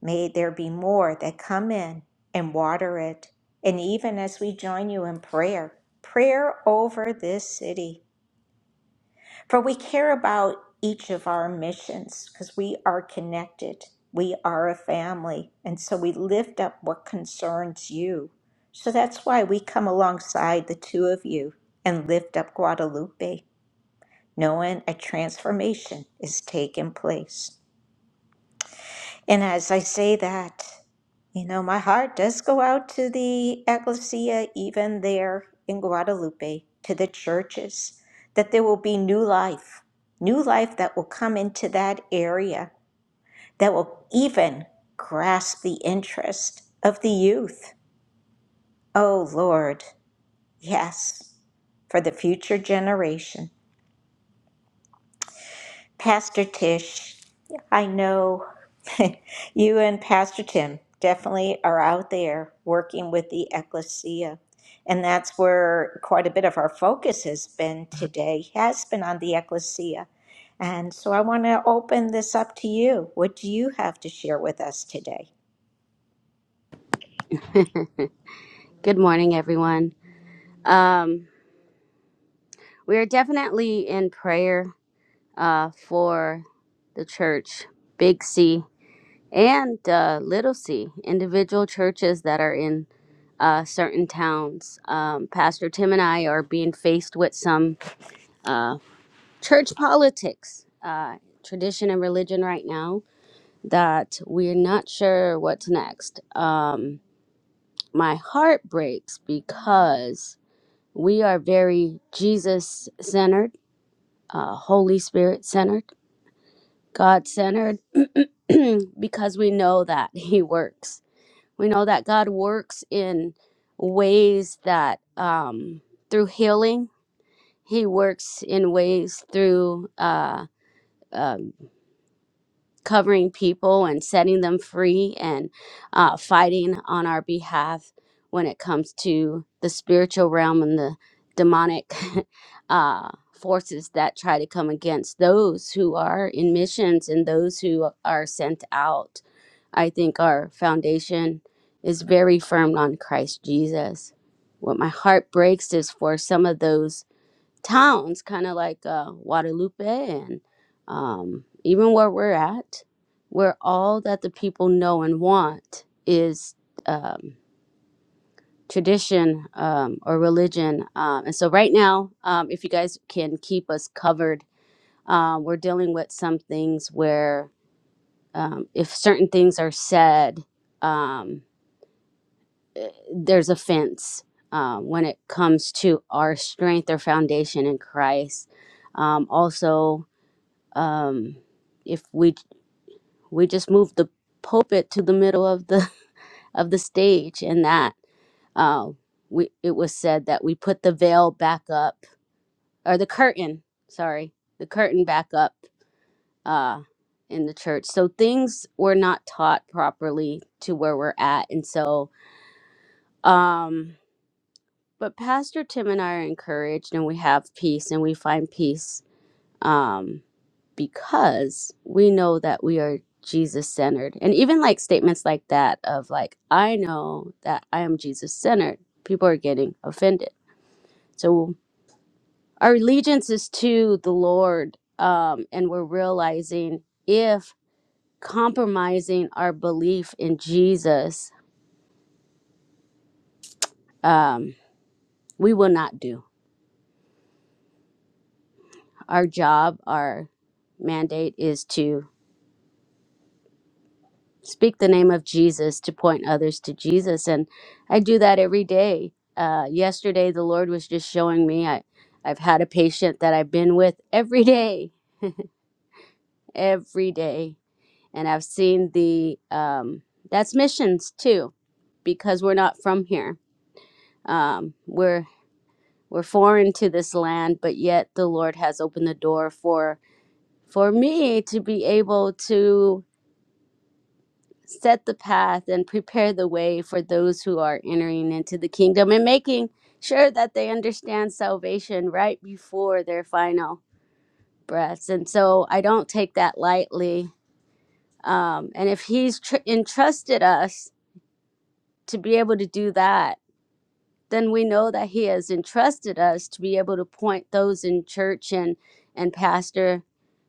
S1: May there be more that come in and water it. And even as we join you in prayer, prayer over this city. For we care about each of our missions because we are connected. We are a family. And so we lift up what concerns you. So that's why we come alongside the two of you and lift up Guadalupe, knowing a transformation is taking place. And as I say that, you know, my heart does go out to the ecclesia, even there in Guadalupe, to the churches, that there will be new life, new life that will come into that area, that will even grasp the interest of the youth. Oh, Lord, yes, for the future generation. Pastor Tish, I know *laughs* you and Pastor Tim definitely are out there working with the ecclesia. And that's where quite a bit of our focus has been today, has been on the ecclesia. And so I want to open this up to you. What do you have to share with us today?
S7: *laughs* Good morning, everyone. Um, we are definitely in prayer uh, for the church, Big C and uh, Little C, individual churches that are in uh, certain towns. Um, Pastor Tim and I are being faced with some uh, church politics, uh, tradition, and religion right now that we're not sure what's next. Um, my heart breaks because We are very Jesus centered, uh, Holy Spirit centered, God centered, *clears throat* because we know that He works. We know that God works in ways that um, through healing, He works in ways through. Uh, um covering people and setting them free and uh, fighting on our behalf when it comes to the spiritual realm and the demonic *laughs* uh, forces that try to come against those who are in missions and those who are sent out. I think our foundation is very firm on Christ Jesus. What my heart breaks is for some of those towns, kind of like uh, Guadalupe and um, even where we're at, where all that the people know and want is um, tradition um, or religion. Um, and so, right now, um, if you guys can keep us covered, um, we're dealing with some things where um, if certain things are said, um, eh, there's offense. Um, when it comes to our strength or foundation in Christ, um, also um, if we we just moved the pulpit to the middle of the *laughs* of the stage and that uh, we it was said that we put the veil back up or the curtain sorry the curtain back up uh, in the church so things were not taught properly to where we're at and so um but pastor tim and i are encouraged and we have peace and we find peace um, because we know that we are Jesus centered. And even like statements like that of like, I know that I am Jesus centered, people are getting offended. So our allegiance is to the Lord. Um, and we're realizing if compromising our belief in Jesus, um, we will not do. Our job, our mandate is to speak the name of Jesus to point others to Jesus. And I do that every day. Uh, yesterday, the Lord was just showing me I, I've had a patient that I've been with every day, every day. And I've seen the, um, that's missions too, because we're not from here. Um, we're, we're foreign to this land, but yet the Lord has opened the door for, for me to be able to set the path and prepare the way for those who are entering into the kingdom and making sure that they understand salvation right before their final breaths. And so I don't take that lightly. Um, and if He's tr- entrusted us to be able to do that, then we know that He has entrusted us to be able to point those in church and, and pastor.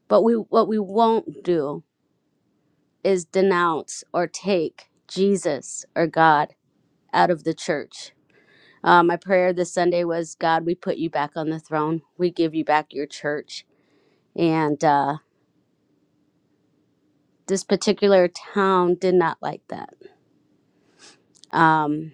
S7: But we what we won't do is denounce or take Jesus or God out of the church Uh, my prayer this Sunday was God, we put you back on the throne. We give you back your church. And uh, this particular town did not like that. Um,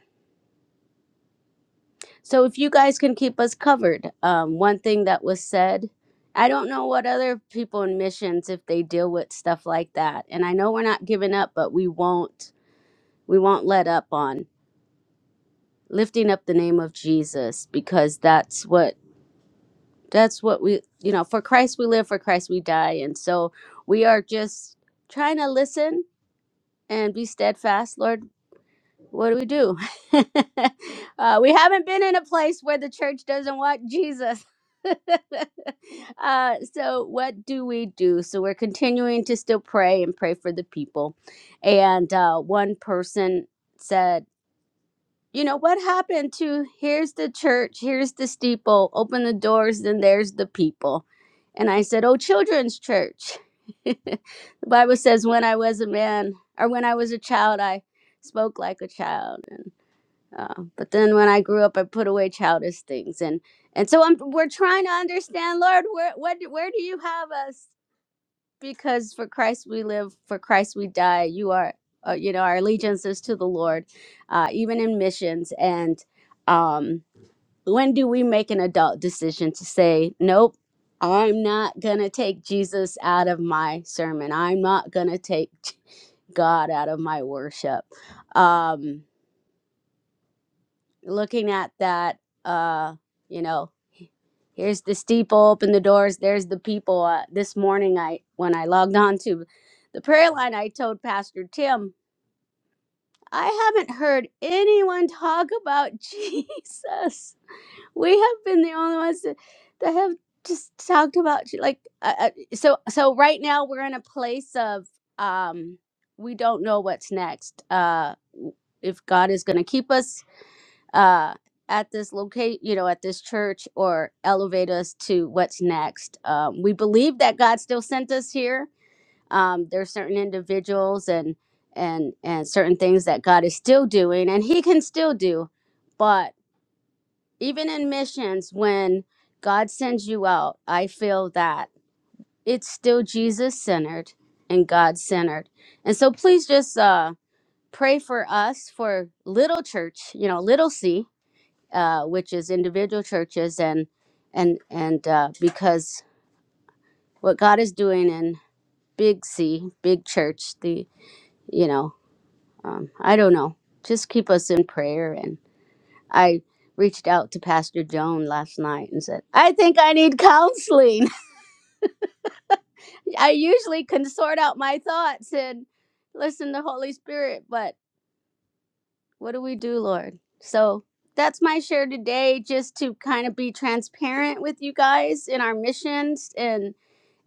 S7: so if you guys can keep us covered, um, one thing that was said, I don't know what other people in missions if they deal with stuff like that. And I know we're not giving up, but we won't we won't let up on lifting up the name of Jesus because that's what that's what we you know for christ we live for christ we die and so we are just trying to listen and be steadfast lord what do we do *laughs* uh, we haven't been in a place where the church doesn't want jesus *laughs* uh, so what do we do so we're continuing to still pray and pray for the people and uh, one person said you know what happened to here's the church here's the steeple open the doors then there's the people and i said oh children's church *laughs* the bible says when i was a man or when i was a child i spoke like a child and uh, but then when i grew up i put away childish things and and so I'm, we're trying to understand lord where what, where do you have us because for Christ we live, for Christ we die. You are, uh, you know, our allegiance is to the Lord, uh, even in missions. And um, when do we make an adult decision to say, nope, I'm not going to take Jesus out of my sermon? I'm not going to take *laughs* God out of my worship? Um, looking at that, uh, you know, here's the steeple open the doors there's the people uh, this morning i when i logged on to the prayer line i told pastor tim i haven't heard anyone talk about *laughs* jesus we have been the only ones that, that have just talked about Je- like uh, uh, so so right now we're in a place of um we don't know what's next uh if god is going to keep us uh, at this locate, you know, at this church or elevate us to what's next. Um, we believe that God still sent us here. Um, there are certain individuals and and and certain things that God is still doing, and He can still do. But even in missions, when God sends you out, I feel that it's still Jesus centered and God centered. And so, please just uh, pray for us for Little Church, you know, Little C uh, which is individual churches and and and uh, because what God is doing in Big C, Big Church, the you know, um, I don't know. Just keep us in prayer. And I reached out to Pastor Joan last night and said, I think I need counseling. *laughs* I usually can sort out my thoughts and listen to Holy Spirit, but What do we do, Lord? So that's my share today, just to kind of be transparent with you guys in our missions and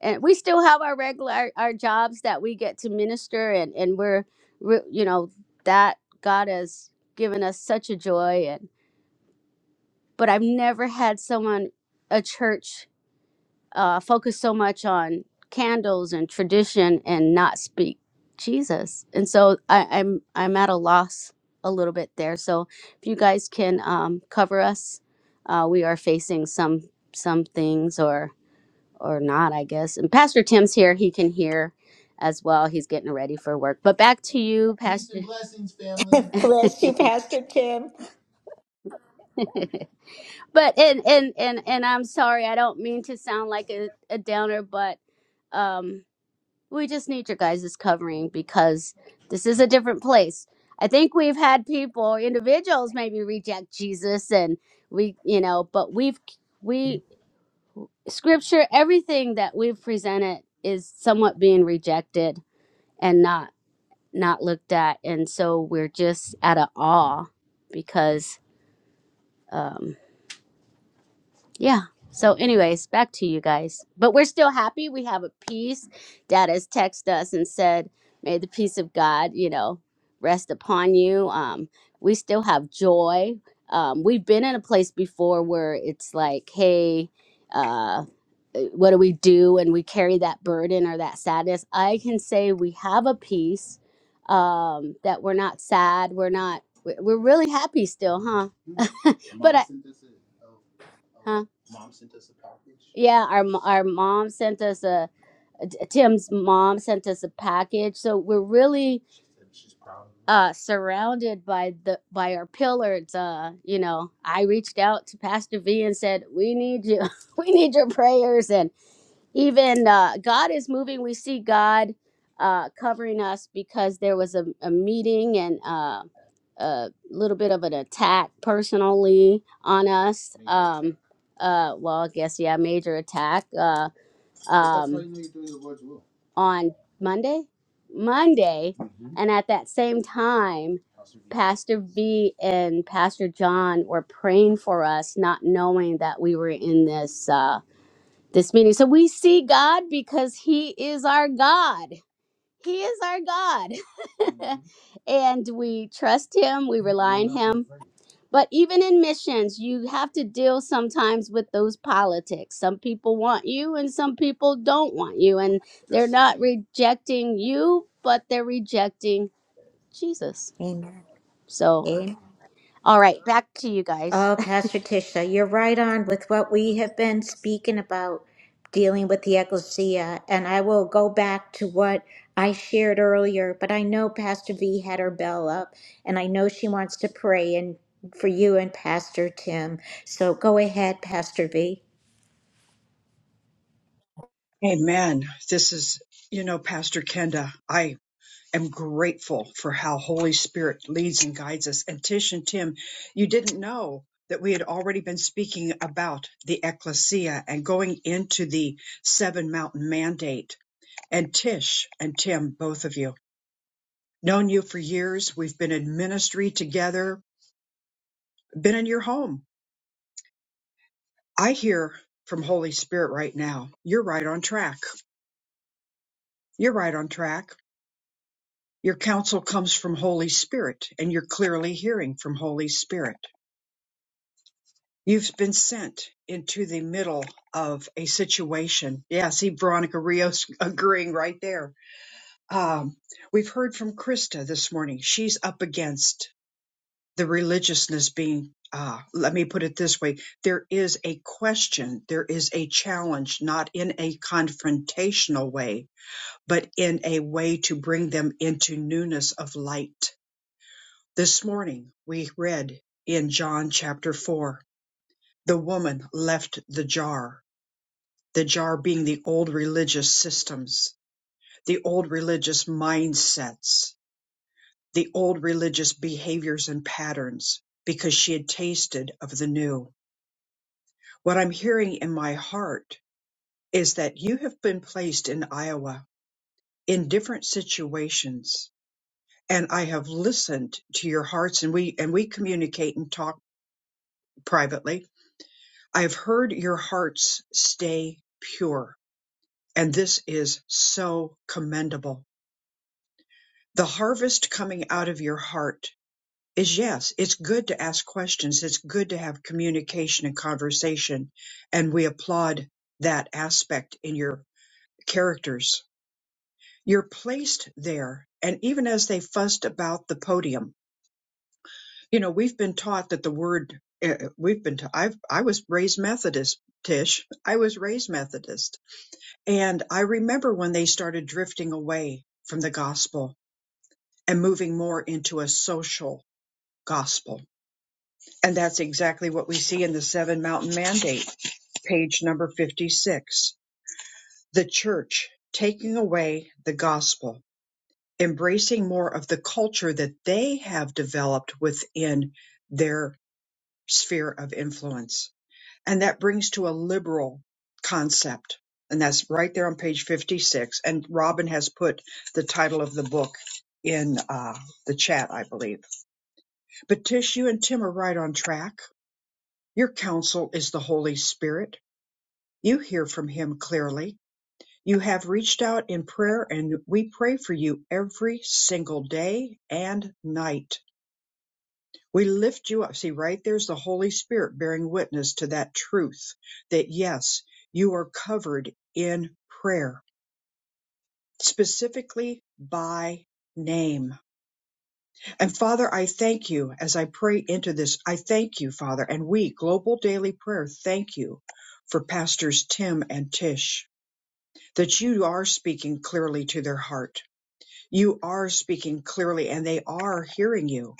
S7: and we still have our regular our, our jobs that we get to minister and and we're re- you know that god has given us such a joy and but i've never had someone a church uh, focus so much on candles and tradition and not speak Jesus. And so I, I'm I'm at a loss a little bit there. So if you guys can um, cover us, uh, we are facing some some things or or not, I guess. And Pastor Tim's here; he can hear as well. He's getting ready for work. But back to you, Peace Pastor. and blessings, family.
S1: *laughs* Bless you, Pastor Tim.
S7: *laughs* but and and and and I'm sorry. I don't mean to sound like a, a downer, but. um we just need your guys' covering because this is a different place. I think we've had people, individuals maybe reject Jesus and we, you know, but we've, we, scripture, everything that we've presented is somewhat being rejected and not, not looked at. And so we're just at a awe because, um, Yeah. So, anyways, back to you guys. But we're still happy. We have a peace. Dad has texted us and said, May the peace of God, you know, rest upon you. Um, we still have joy. Um, we've been in a place before where it's like, hey, uh, what do we do? And we carry that burden or that sadness. I can say we have a peace um, that we're not sad. We're not, we we're really happy still, huh? but I, huh? Yeah, our mo- our mom sent us a Tim's mom sent us a package, so we're really uh surrounded by the by our pillars uh you know i reached out to pastor v and said we need you *laughs* we need your prayers and even uh, God is moving. We see God uh, covering us because there was a, a meeting and uh, a little bit of an attack personally on us. Major Um, attack. uh, well, I guess yeah, major attack. Uh, um, On Monday, Monday, and at that same time. Pastor V Pastor V and Pastor John were praying for us, not knowing that we were in this. Uh, this meeting. So we see God because He is our God. He is our God. *laughs* and we trust Him, we rely on Him. But even in missions, you have to deal sometimes with those politics. Some people want you and some people don't want you. And they're not rejecting you, but they're rejecting Jesus.
S1: Amen.
S7: So, all right, back to you guys.
S1: Oh, Pastor Tisha, you're right on with what we have been speaking about dealing with the ecclesia. And I will go back to what I shared earlier, but I know Pastor V had her bell up, and I know she wants to pray and for you and Pastor Tim. So go ahead, Pastor V.
S3: Amen. This is, you know, Pastor Kenda, I. am grateful for how Holy Spirit leads and guides us. And Tish and Tim, you didn't know that we had already been speaking about the ecclesia and going into the seven mountain mandate. And Tish and Tim, both of you, known you for years. We've been in ministry together, been in your home. I hear from Holy Spirit right now. You're right on track. You're right on track. Your counsel comes from Holy Spirit and you're clearly hearing from Holy Spirit You've been sent into the middle of a situation. Yeah, see Veronica Rios *laughs* agreeing right there. Um, we've heard from Krista this morning. She's up against the religiousness being, uh, let me put it this way there is a question, there is a challenge, not in a confrontational way, but in a way to bring them into newness of light. This morning we read in John chapter 4 the woman left the jar the jar being the old religious systems, the old religious mindsets, the old religious behaviors and patterns, because she had tasted of the new. What I'm hearing in my heart is that you have been placed in Iowa in different situations, and I have listened to your hearts, and we and we communicate and talk privately. I have heard your hearts stay pure, and this is so commendable the harvest coming out of your heart is yes, it's good to ask questions. It's good to have communication and conversation. And we applaud that aspect in your characters. You're placed there. And even as they fussed about the podium, you know, we've been taught that the word, eh, eh, we've been, ta- I've, I was raised Methodist, Tish. I was raised Methodist. And I remember when they started drifting away from the gospel and moving more into a social gospel And that's exactly what we see in the Seven Mountain Mandate, page number 56. The church taking away the gospel, embracing more of the culture that they have developed within their sphere of influence. And that brings to a liberal concept. And that's right there on page 56. And Robin has put the title of the book in uh, the chat, I believe. But Tish, you and Tim are right on track. Your counsel is the Holy Spirit You hear from Him clearly. You have reached out in prayer, and we pray for you every single day and night. We lift you up. See, right there's the Holy Spirit bearing witness to that truth that yes, you are covered in prayer, specifically by name. And Father, I thank you as I pray into this. I thank you, Father, and we, Global Daily Prayer, thank you for Pastors Tim and Tish. that you are speaking clearly to their heart. You are speaking clearly and they are hearing you.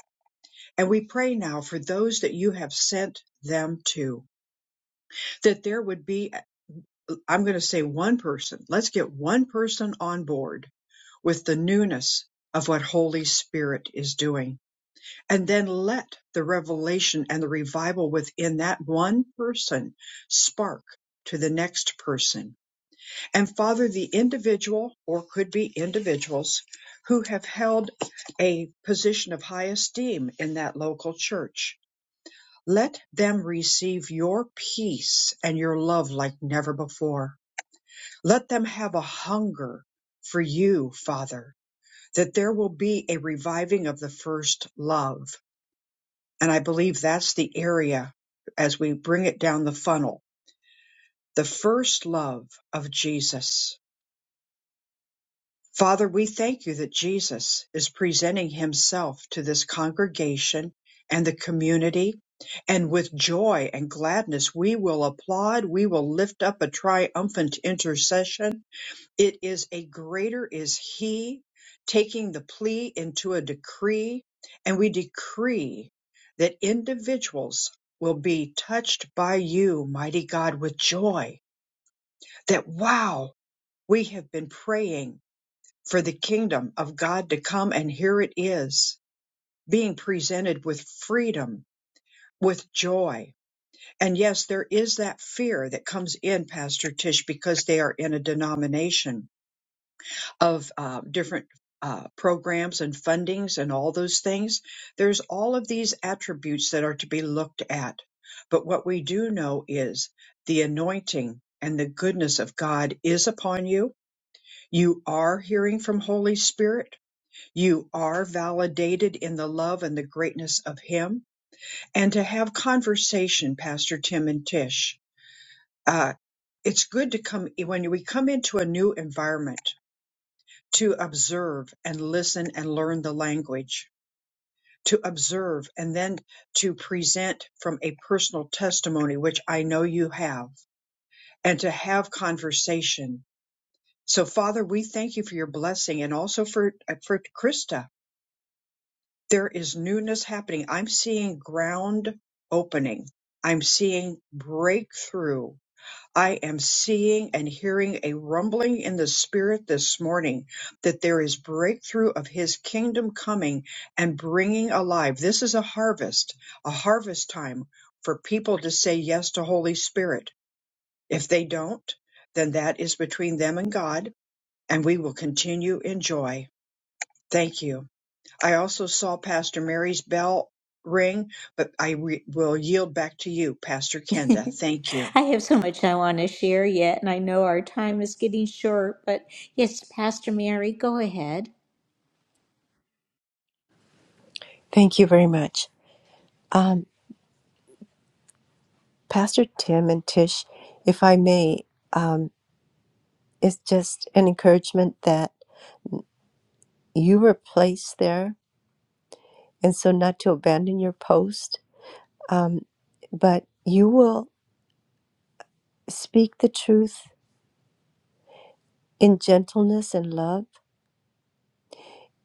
S3: And we pray now for those that you have sent them to, that there would be, I'm going to say one person, let's get one person on board with the newness of what Holy Spirit is doing. And then let the revelation and the revival within that one person spark to the next person and father the individual or could be individuals who have held a position of high esteem in that local church. Let them receive your peace and your love like never before. Let them have a hunger for you, Father, that there will be a reviving of the first love. And I believe that's the area as we bring it down the funnel, the first love of Jesus Father, we thank you that Jesus is presenting himself to this congregation and the community. And with joy and gladness, we will applaud. We will lift up a triumphant intercession. It is a greater is he taking the plea into a decree. And we decree that individuals will be touched by you, mighty God, with joy that, wow, we have been praying for the kingdom of God to come, and here it is being presented with freedom, with joy. And yes, there is that fear that comes in, Pastor Tish, because they are in a denomination of uh, different uh, programs and fundings and all those things. There's all of these attributes that are to be looked at. But what we do know is the anointing and the goodness of God is upon you. You are hearing from Holy Spirit You are validated in the love and the greatness of Him. And to have conversation, Pastor Tim and Tish, uh, it's good to come when we come into a new environment to observe and listen and learn the language, to observe and then to present from a personal testimony, which I know you have, and to have conversation. So, Father, we thank you for your blessing and also for, uh, for Krista there is newness happening. I'm seeing ground opening. I'm seeing breakthrough. I am seeing and hearing a rumbling in the spirit this morning that there is breakthrough of his kingdom coming and bringing alive. This is a harvest, a harvest time for people to say yes to Holy Spirit. If they don't, then that is between them and God, and we will continue in joy. Thank you. I also saw Pastor Mary's bell ring, but I re- will yield back to you, Pastor
S1: *laughs*
S3: Kenda. Thank you.
S1: I have so much I want to share yet, and I know our time is getting short, but yes, Pastor Mary, go ahead.
S6: Thank you very much. Um, Pastor Tim and Tish, if I may, It's just an encouragement that you were placed there, and so not to abandon your post, um, but you will speak the truth in gentleness and love.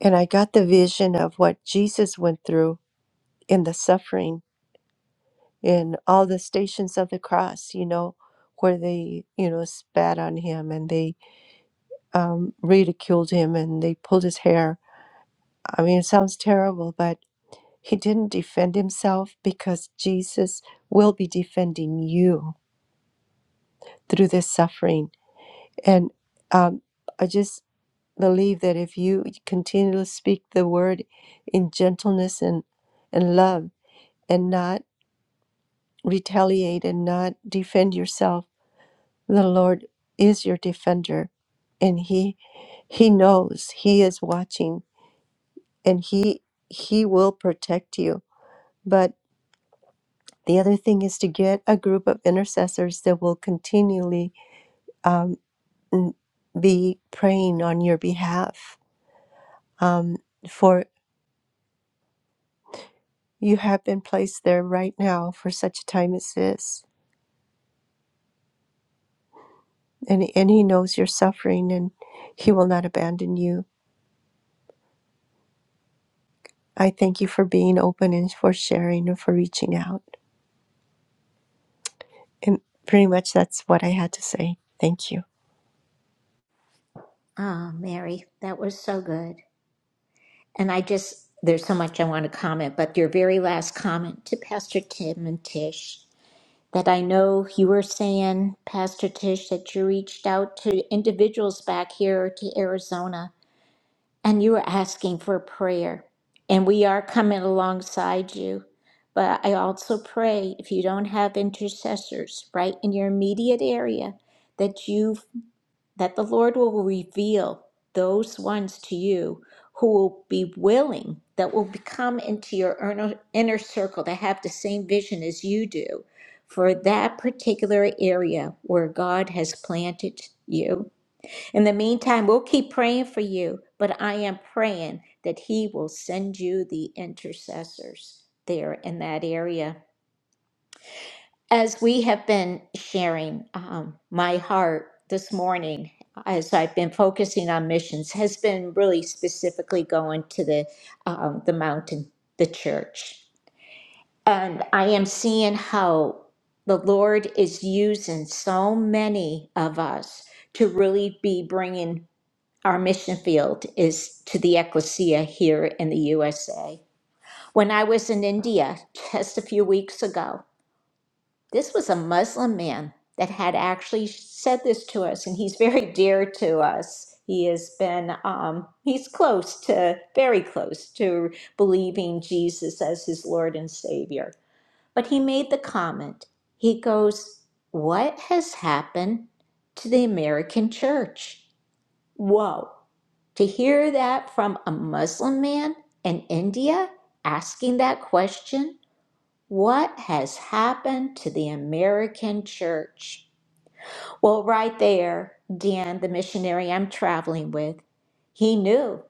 S6: And I got the vision of what Jesus went through in the suffering in all the stations of the cross, you know, where they, you know, spat on him and they um, ridiculed him and they pulled his hair. I mean, it sounds terrible, but He didn't defend himself because Jesus will be defending you through this suffering. And um, I just believe that if you continue to speak the word in gentleness and, and love and not retaliate and not defend yourself, the Lord is your defender. And he he knows he is watching and he he will protect you. But The other thing is to get a group of intercessors that will continually um, be praying on your behalf. Um, for you have been placed there right now for such a time as this. And, and He knows your suffering and He will not abandon you. I thank you for being open and for sharing and for reaching out. And pretty much that's what I had to say. Thank you.
S1: Ah, Mary, that was so good. And I just, there's so much I want to comment, but your very last comment to Pastor Tim and Tish that I know you were saying, Pastor Tish, that you reached out to individuals back here to Arizona and you were asking for prayer. And we are coming alongside you. But I also pray if you don't have intercessors right in your immediate area, that you that the Lord will reveal those ones to you who will be willing, that will come into your inner, inner circle, that have the same vision as you do for that particular area where God has planted you. In the meantime, we'll keep praying for you, but I am praying that He will send you the intercessors there in that area. As we have been sharing, um, my heart this morning, as I've been focusing on missions, has been really specifically going to the um, the mountain, the church, and I am seeing how the Lord is using so many of us to really be bringing our mission field is to the ecclesia here in the USA. When I was in India just a few weeks ago, this was a Muslim man that had actually said this to us, and he's very dear to us. He has been, um, he's close to, very close to believing Jesus as his Lord and Savior. But he made the comment, he goes, What has happened to the American church? Whoa. To hear that from a Muslim man in India asking that question, what has happened to the American church? Well, right there, Dan, the missionary I'm traveling with, he knew.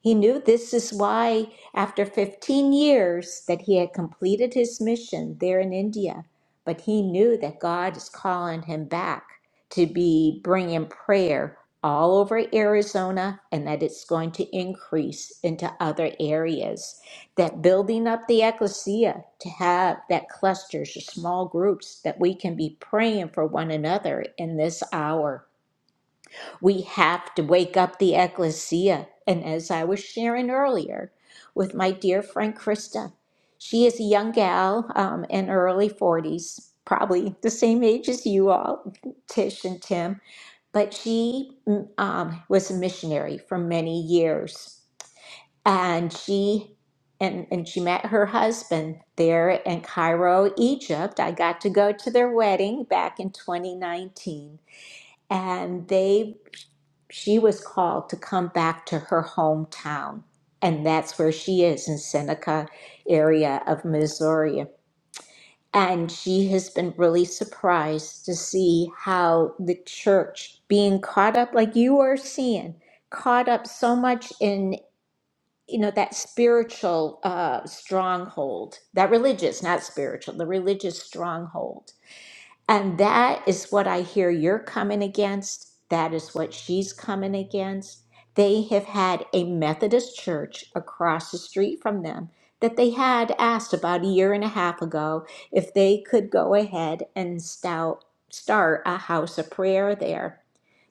S1: He knew this is why, after 15 years, that he had completed his mission there in India. But he knew that God is calling him back to be bringing prayer all over Arizona and that it's going to increase into other areas that building up the ecclesia to have that clusters or small groups that we can be praying for one another in this hour. We have to wake up the ecclesia. And as I was sharing earlier with my dear friend Krista, she is a young gal um, in her early 40s, probably the same age as you all, Tish and Tim, but she mm, um, was a missionary for many years and she and and she met her husband there in Cairo, Egypt. I got to go to their wedding back in 2019, and they she was called to come back to her hometown, and that's where she is in Seneca area of Missouri. And she has been really surprised to see how the church being caught up like you are seeing, caught up so much in you know that spiritual uh, stronghold that religious not spiritual the religious stronghold and that is what i hear you're coming against that is what she's coming against they have had a methodist church across the street from them that they had asked about a year and a half ago if they could go ahead and stout, start a house of prayer there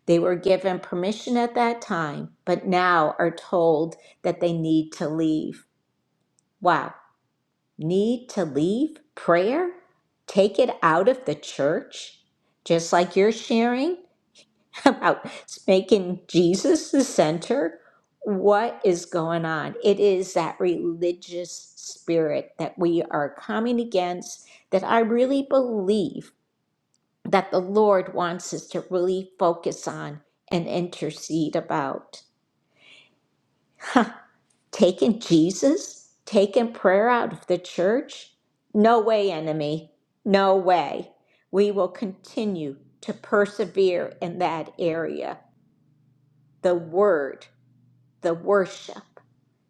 S1: they were given permission at that time, but now are told that they need to leave. Wow, need to leave prayer? Take it out of the church? Just like you're sharing *laughs* about making Jesus the center? What is going on? It is that religious spirit that we are coming against that I really believe that the Lord wants us to really focus on and intercede about. Taking Jesus? Taking prayer out of the church? No way, enemy. No way. We will continue to persevere in that area. The word, the worship,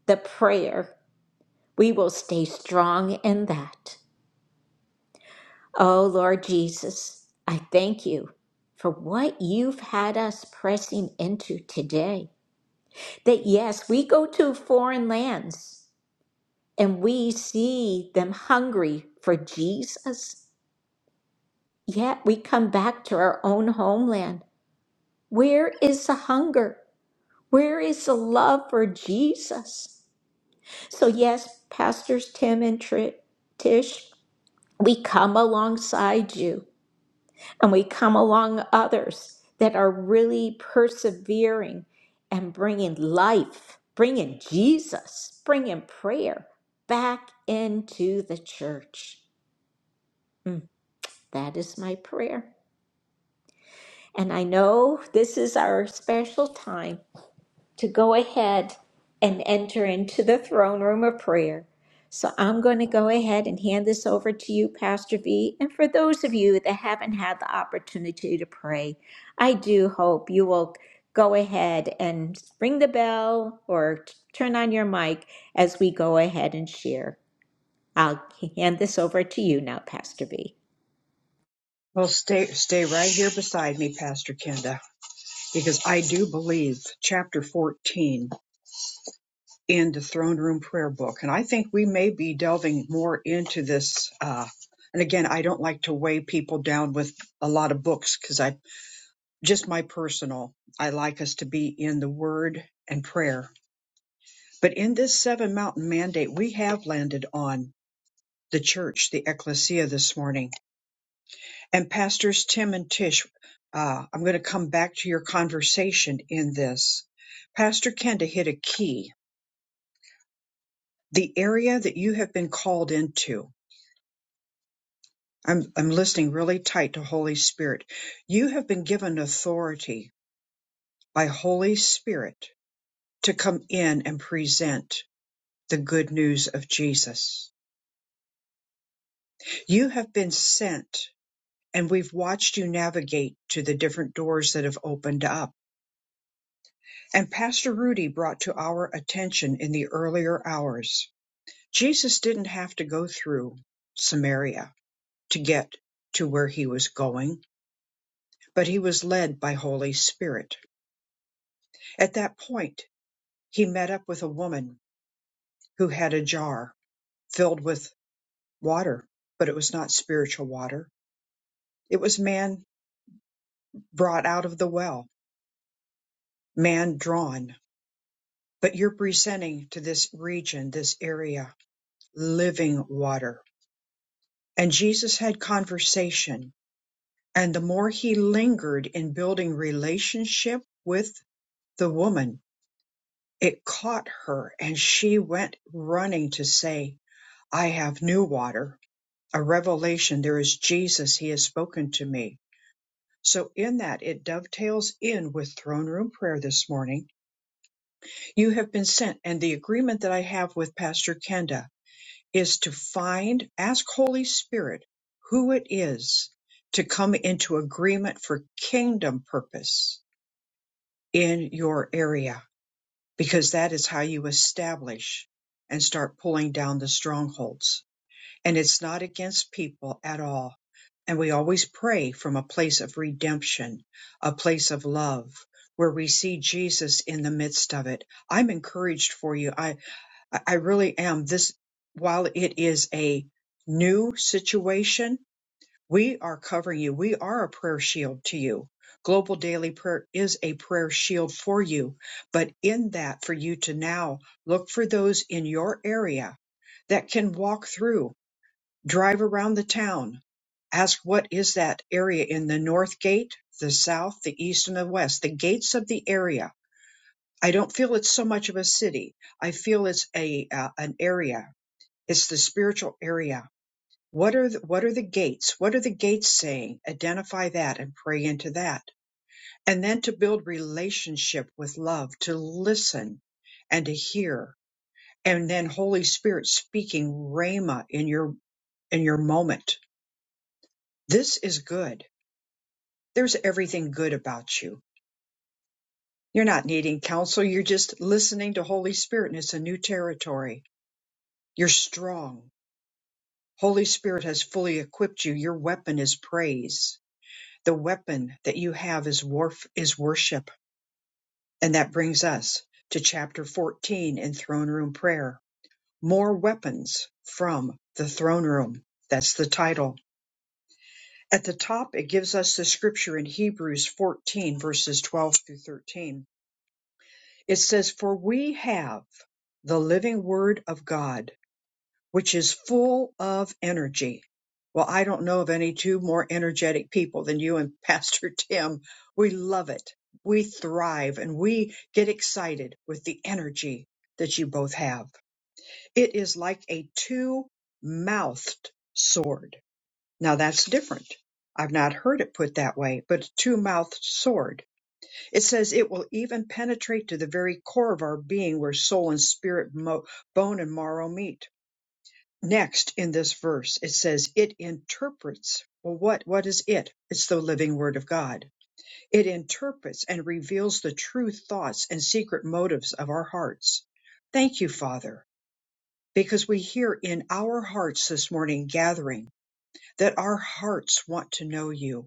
S1: the prayer. We will stay strong in that. Oh, Lord Jesus, I thank you for what you've had us pressing into today. That yes, we go to foreign lands. and we see them hungry for Jesus, yet we come back to our own homeland. Where is the hunger? Where is the love for Jesus? So, yes, Pastors Tim and Tri- Tish, we come alongside you and we come along others that are really persevering and bringing life, bringing Jesus, bringing prayer back into the church. Mm. That is my prayer. And I know this is our special time to go ahead and enter into the throne room of prayer. So I'm going to go ahead and hand this over to you, Pastor V. And for those of you that haven't had the opportunity to pray, I do hope you will go ahead and ring the bell or t- turn on your mic as we go ahead and share. I'll hand this over to you now, Pastor V.
S3: Well, stay stay right here beside me, Pastor Kenda, because I do believe chapter 14 in the throne room prayer book, and I think we may be delving more into this. Uh, and again, I don't like to weigh people down with a lot of books because I just my personal. I like us to be in the Word and prayer. But in this seven mountain mandate, we have landed on the church, the ecclesia this morning. And Pastors Tim and Tish, uh, I'm going to come back to your conversation in this. Pastor Kenda hit a key, the area that you have been called into. I'm, I'm listening really tight to Holy Spirit. You have been given authority by Holy Spirit to come in and present the good news of Jesus. You have been sent, and we've watched you navigate to the different doors that have opened up And Pastor Rudy brought to our attention in the earlier hours, Jesus didn't have to go through Samaria to get to where he was going, but he was led by Holy Spirit. At that point, he met up with a woman who had a jar filled with water, but it was not spiritual water. It was man brought out of the well, man drawn. But you're presenting to this region, this area, living water and Jesus had conversation. And the more he lingered in building relationship with the woman, it caught her and she went running to say, I have new water, a revelation. There is Jesus. He has spoken to me. So in that, it dovetails in with throne room prayer this morning. You have been sent and the agreement that I have with Pastor Kenda is to find, ask Holy Spirit who it is to come into agreement for kingdom purpose in your area, because that is how you establish and start pulling down the strongholds. And it's not against people at all. And we always pray from a place of redemption, a place of love, where we see Jesus in the midst of it. I'm encouraged for you. I. I, I really am. This, while it is a new situation, we are covering you. We are a prayer shield to you. Global Daily Prayer is a prayer shield for you. But in that, for you to now look for those in your area that can walk through, drive around the town. Ask what is that area in the north gate, the south, the east, and the west, the gates of the area. I don't feel it's so much of a city. I feel it's a uh, an area it's the spiritual area. What are the, what are the gates? What are the gates saying? Identify that and pray into that. And then to build relationship with love, to listen and to hear. And then Holy Spirit speaking rhema in your in your moment. This is good. There's everything good about you. You're not needing counsel. You're just listening to Holy Spirit and it's a new territory. You're strong. Holy Spirit has fully equipped you. Your weapon is praise The weapon that you have is warf is worship. And that brings us to chapter 14 in throne room prayer. More weapons from the throne room. That's the title. At the top, it gives us the scripture in Hebrews 14 verses 12 through 13. It says, for we have the living word of God which is full of energy. Well, I don't know of any two more energetic people than you and *laughs* Pastor Tim. We love it. We thrive and we get excited with the energy that you both have. It is like a two mouthed sword. Now that's different. I've not heard it put that way, but a two mouthed sword. It says it will even penetrate to the very core of our being where soul and spirit, mo- bone and marrow meet next in this verse it says it interprets well what what is it it's the living word of god it interprets and reveals the true thoughts and secret motives of our hearts thank you father because we hear in our hearts this morning gathering that our hearts want to know you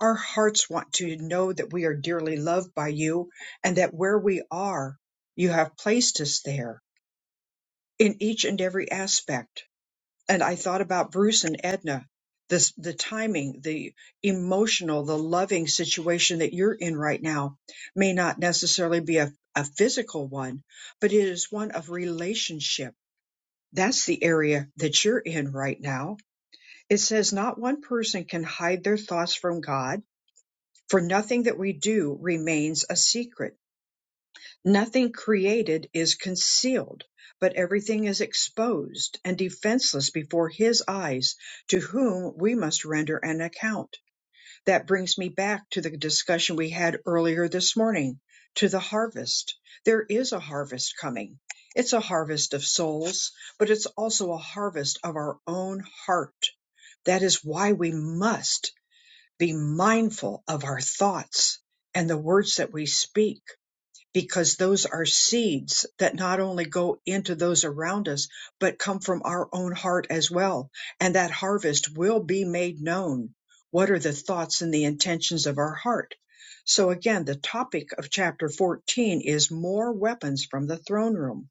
S3: our hearts want to know that we are dearly loved by you and that where we are you have placed us there in each and every aspect and I thought about Bruce and Edna, this the timing, the emotional, the loving situation that you're in right now may not necessarily be a, a physical one, but it is one of relationship. That's the area that you're in right now. It says not one person can hide their thoughts from God, for nothing that we do remains a secret. Nothing created is concealed, but everything is exposed and defenseless before his eyes, to whom we must render an account. That brings me back to the discussion we had earlier this morning to the harvest. There is a harvest coming. It's a harvest of souls, but it's also a harvest of our own heart. That is why we must be mindful of our thoughts and the words that we speak because those are seeds that not only go into those around us, but come from our own heart as well. And that harvest will be made known. What are the thoughts and the intentions of our heart? So again, the topic of chapter 14 is more weapons from the throne room.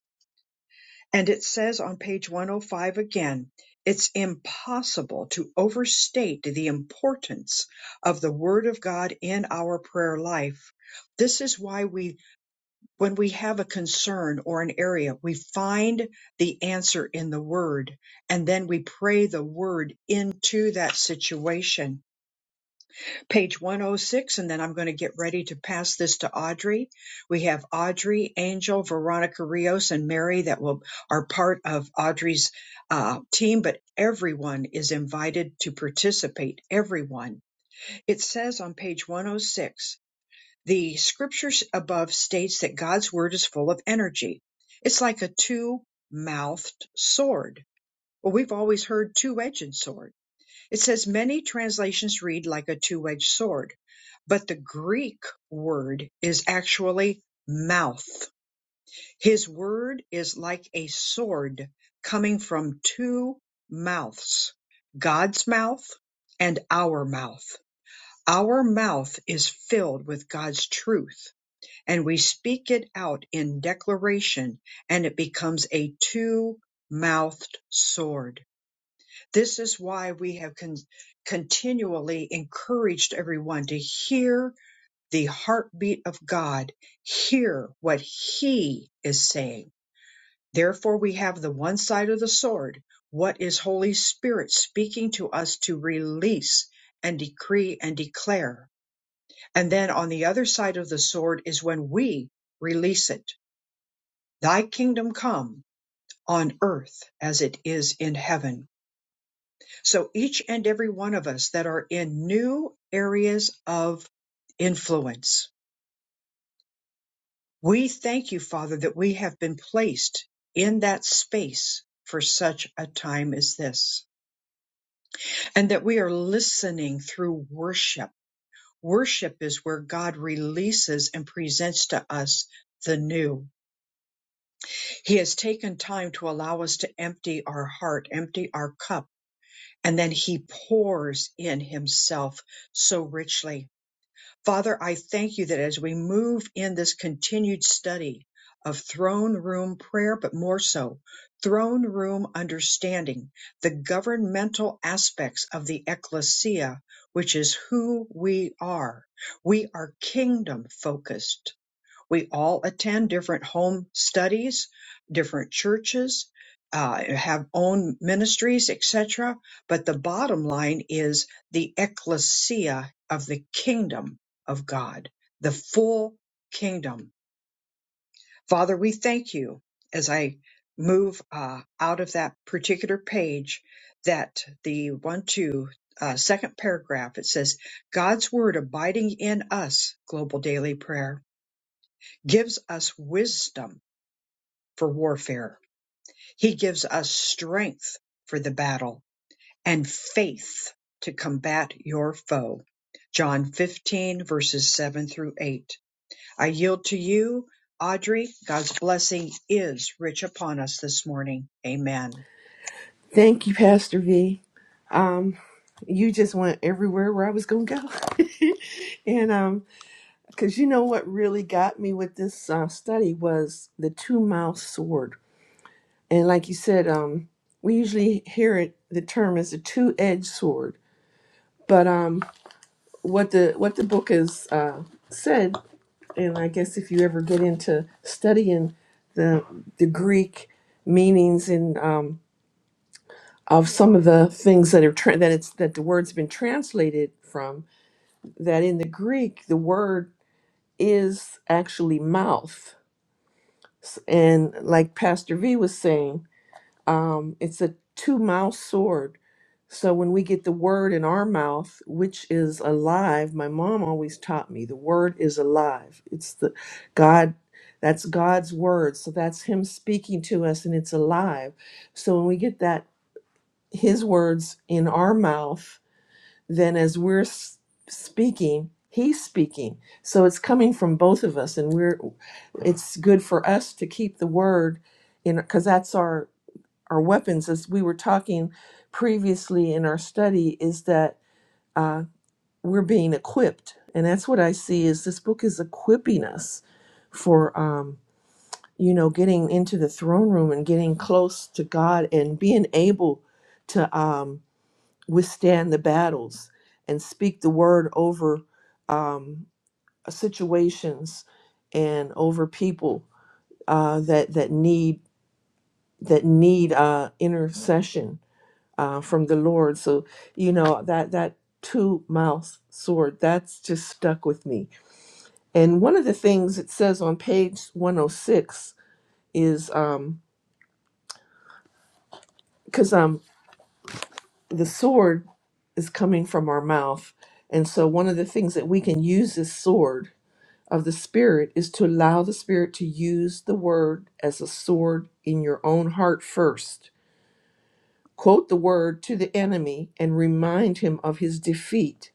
S3: And it says on page 105 again, it's impossible to overstate the importance of the word of God in our prayer life. This is why we when we have a concern or an area, we find the answer in the Word, and then we pray the Word into that situation. Page 106, and then I'm going to get ready to pass this to Audrey. We have Audrey, Angel, Veronica Rios, and Mary that will are part of Audrey's uh, team, but everyone is invited to participate. Everyone. It says on page 106 the scriptures above states that God's word is full of energy. It's like a two-mouthed sword. Well, we've always heard two-edged sword. It says many translations read like a two-edged sword, but the Greek word is actually mouth. His word is like a sword coming from two mouths, God's mouth and our mouth. Our mouth is filled with God's truth and we speak it out in declaration, and it becomes a two mouthed sword. This is why we have con- continually encouraged everyone to hear the heartbeat of God, hear what He is saying. Therefore, we have the one side of the sword. What is Holy Spirit speaking to us to release and decree and declare? And then on the other side of the sword is when we release it Thy kingdom come on earth as it is in heaven. So each and every one of us that are in new areas of influence, we thank you, Father, that we have been placed in that space for such a time as this, and that we are listening through worship. Worship is where God releases and presents to us the new. He has taken time to allow us to empty our heart, empty our cup and then he pours in himself so richly. Father, I thank you that as we move in this continued study of throne room prayer, but more so, throne room understanding, the governmental aspects of the ecclesia, which is who we are. We are kingdom focused we all attend different home studies, different churches, uh, have own ministries, etc. But the bottom line is the ecclesia of the kingdom of God, the full kingdom. Father, we thank you as I move uh, out of that particular page that the one, two, uh, second paragraph, it says, God's word abiding in us, global daily prayer, gives us wisdom for warfare. He gives us strength for the battle and faith to combat your foe. John 15, verses 7 through 8. I yield to you, Audrey. God's blessing is rich upon us this morning. Amen.
S8: Thank you, Pastor V. Um, you just went everywhere where I was going to go. *laughs* and um, because you know what really got me with this uh, study was the two mouth sword. And like you said, um, we usually hear it the term as a two edged sword. But um, what the what the book has uh, said, and I guess if you ever get into studying the the Greek meanings and um. of some of the things that are tra- that it's that the word's been translated from that in the greek the word is actually mouth S- and like pastor v was saying um, it's a two mouth sword so when we get the word in our mouth which is alive my mom always taught me the word is alive it's the god that's god's word so that's him speaking to us and it's alive so when we get that his words in our mouth then as we're s- speaking he's speaking so it's coming from both of us and we're it's good for us to keep the word in because that's our our weapons as we were talking previously in our study is that uh, we're being equipped and that's what i see is this book is equipping us for um, you know getting into the throne room and getting close to god and being able to um, withstand the battles and speak the word over um, situations and over people uh, that that need that need uh, intercession uh, from the Lord. So you know that that two mouth sword that's just stuck with me. And one of the things it says on page 106 is um because um, um, the sword is coming from our mouth. And so one of the things that we can use this sword of the Spirit is to allow the Spirit to use the word as a sword in your own heart first. Quote the word to the enemy and remind him of his defeat.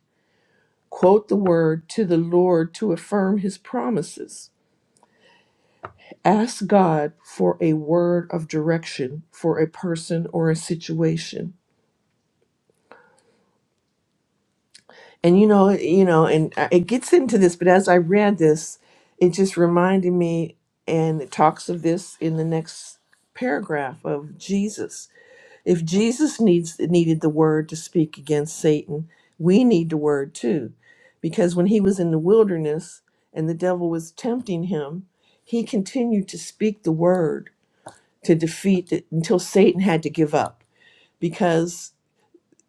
S8: Quote the word to the Lord to affirm his promises. Ask God for a word of direction for a person or a situation and you know you know and I- it gets into this but as i read this it just reminded me and it talks of this in the next paragraph of jesus if jesus needs needed the word to speak against satan we need the word too because when he was in the wilderness and the devil was tempting him he continued to speak the word to defeat it until satan had to give up because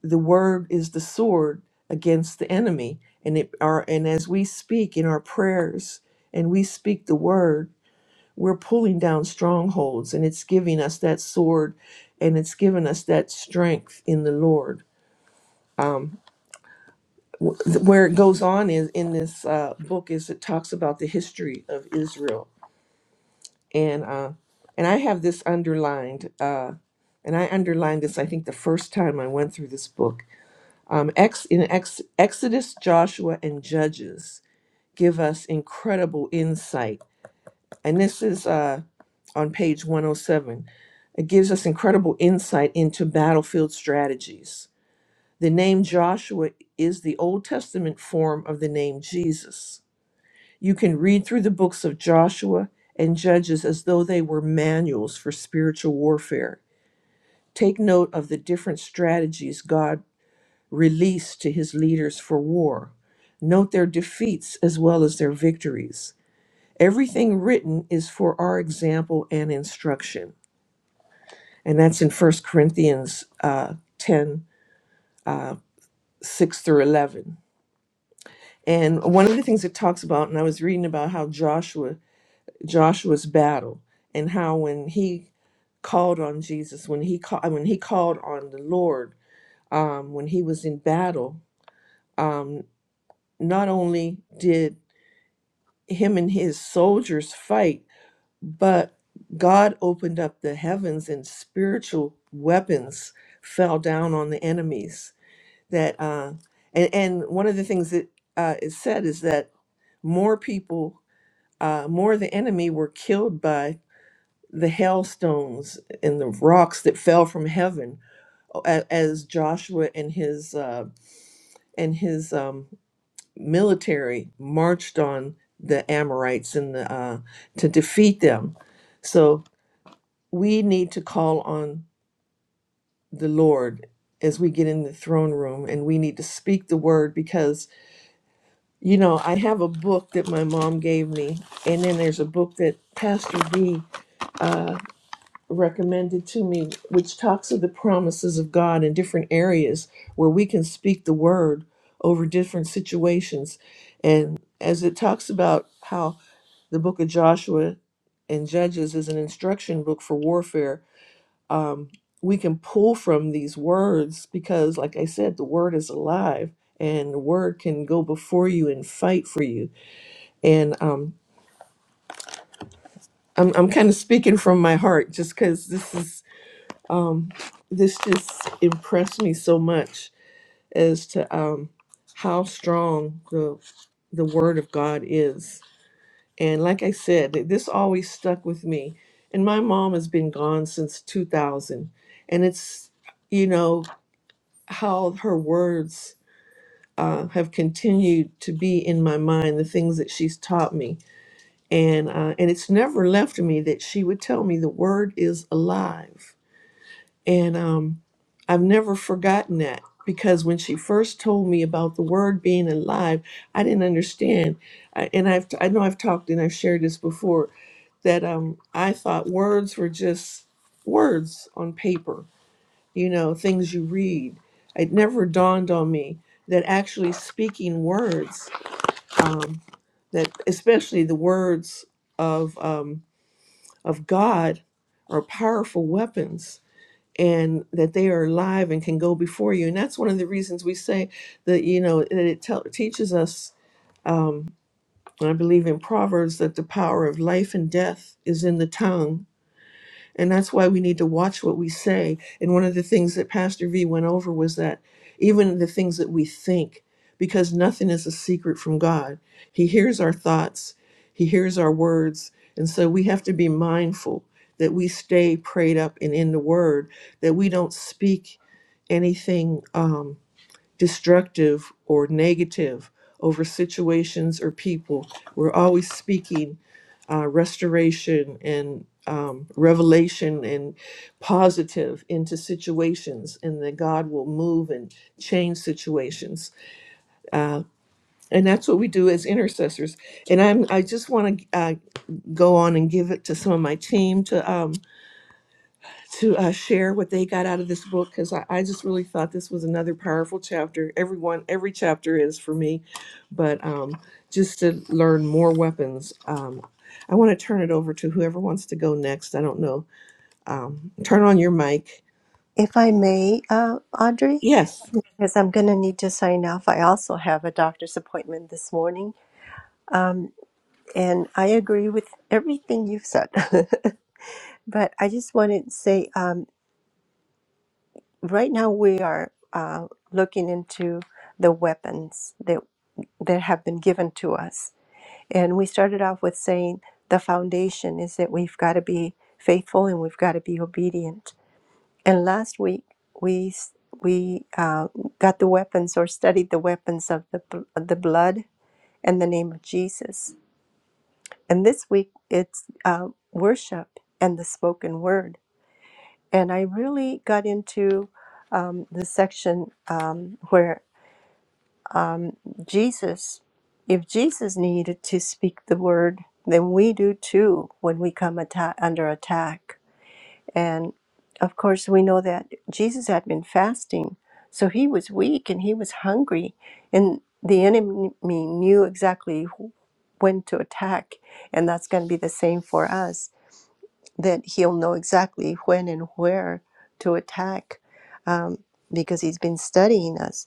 S8: the word is the sword against the enemy and it our and as we speak in our prayers and we speak the word we're pulling down strongholds and it's giving us that sword and it's given us that strength in the lord um, wh- where it goes on is in this uh, book is it talks about the history of israel and uh, and i have this underlined uh, and i underlined this i think the first time i went through this book Um, ex, in ex, Exodus, Joshua, and Judges give us incredible insight. And this is uh, on page 107. It gives us incredible insight into battlefield strategies. The name Joshua is the Old Testament form of the name Jesus. You can read through the books of Joshua and Judges as though they were manuals for spiritual warfare. Take note of the different strategies God released to his leaders for war. Note their defeats as well as their victories. Everything written is for our example and instruction. And that's in First Corinthians uh, 10 uh, 6 through 11. And one of the things it talks about, and I was reading about how Joshua Joshua's battle and how when he called on Jesus, when he called when he called on the Lord, um, when he was in battle, um, not only did him and his soldiers fight, but God opened up the heavens and spiritual weapons fell down on the enemies. That uh, and and one of the things that uh, is said is that more people, uh, more of the enemy were killed by the hailstones and the rocks that fell from heaven, a- as Joshua and his uh, and his um, military marched on the Amorites and the, uh, to defeat them. So we need to call on the Lord as we get in the throne room and we need to speak the word because, you know, I have a book that my mom gave me, and then there's a book that Pastor V recommended to me, which talks of the promises of God in different areas where we can speak the word over different situations. And as it talks about how the book of Joshua and Judges is an instruction book for warfare, um, we can pull from these words because, like I said, the word is alive and the word can go before you and fight for you. And um, I'm, I'm kind of speaking from my heart just because this is um, this just impressed me so much as to um, how strong the the Word of God is. And like I said, th- this always stuck with me. And my mom has been gone since 2000, and it's you know how her words uh, have continued to be in my mind, the things that she's taught me, and uh, and it's never left me that she would tell me the Word is alive And um, I've never forgotten that because when she first told me about the word being alive, I didn't understand. I, and I've I know I've talked and I've shared this before that um, I thought words were just words on paper, you know, things you read. It never dawned on me that actually speaking words, um, that especially the words of um, of God, are powerful weapons and that they are alive and can go before you. And that's one of the reasons we say that, you know, that it tell teaches us, um, and I believe in Proverbs, that the power of life and death is in the tongue. And that's why we need to watch what we say. And one of the things that Pastor V went over was that even the things that we think, because nothing is a secret from God, He hears our thoughts, He hears our words. And so we have to be mindful that we stay prayed up and in the Word that we don't speak anything um, destructive or negative over situations or people. We're always speaking uh, restoration and um, revelation and positive into situations, and that God will move and change situations. Uh, and that's what we do as intercessors. And I'm I just want to uh, go on and give it to some of my team to. um, to uh, share what they got out of this book because I, I just really thought this was another powerful chapter. Everyone, every chapter is for me, but um, just to learn more weapons. Um, I want to turn it over to whoever wants to go next. I don't know. Um, turn on your mic.
S6: If I may, uh, Audrey,
S8: Yes.
S6: because I'm going to need to sign off. I also have a doctor's appointment this morning. Um, and I agree with everything you've said. *laughs* but I just wanted to say um, right now we are uh, looking into the weapons that, that have been given to us. And we started off with saying the foundation is that we've got to be faithful and we've got to be obedient. And last week we s- we uh, got the weapons or studied the weapons of the, bl- of the blood and the name of Jesus And this week it's uh, worship and the spoken word. And I really got into um, the section um, where Jesus, if Jesus needed to speak the word, then we do too when we come atta- under attack. And of course, we know that Jesus had been fasting, so he was weak and he was hungry. And the enemy knew exactly who- when to attack, and that's going to be the same for us that he'll know exactly when and where to attack um, because he's been studying us.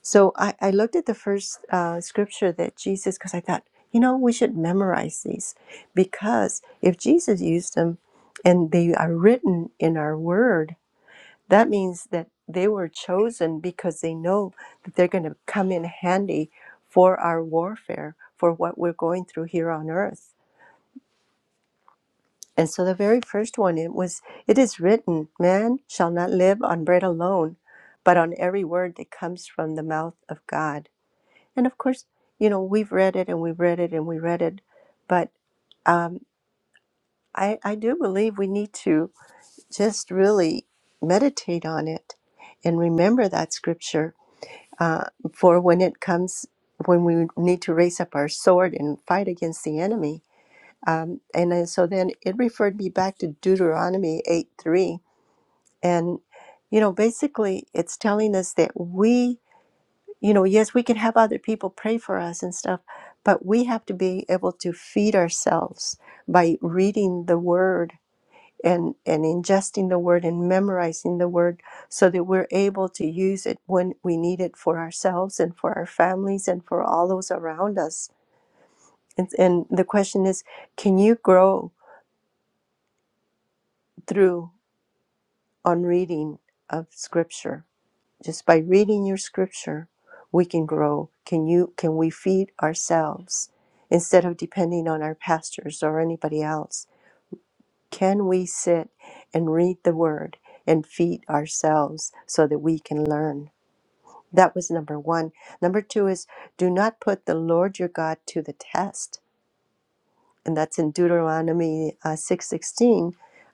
S6: So I, I looked at the first uh, scripture that Jesus, because I thought, you know, we should memorize these because if Jesus used them and they are written in our word, that means that they were chosen because they know that they're going to come in handy for our warfare, for what we're going through here on earth. And so the very first one it was it is written, man shall not live on bread alone, but on every word that comes from the mouth of God. And of course, you know, we've read it and we've read it and we read it, but um, I, I do believe we need to just really meditate on it and remember that scripture uh, for when it comes when we need to raise up our sword and fight against the enemy um, and then, so then it referred me back to Deuteronomy 8 3. And, you know, basically it's telling us that we, you know, yes, we can have other people pray for us and stuff, but we have to be able to feed ourselves by reading the word and, and ingesting the word and memorizing the word so that we're able to use it when we need it for ourselves and for our families and for all those around us. And, and the question is can you grow? through? on reading of scripture just by reading your scripture we can grow can you can we feed ourselves instead of depending on our pastors or anybody else can we sit and read the word and feed ourselves so that we can learn that was number 1 number 2 is do not put the lord your god to the test and that's in Deuteronomy uh, six sixteen,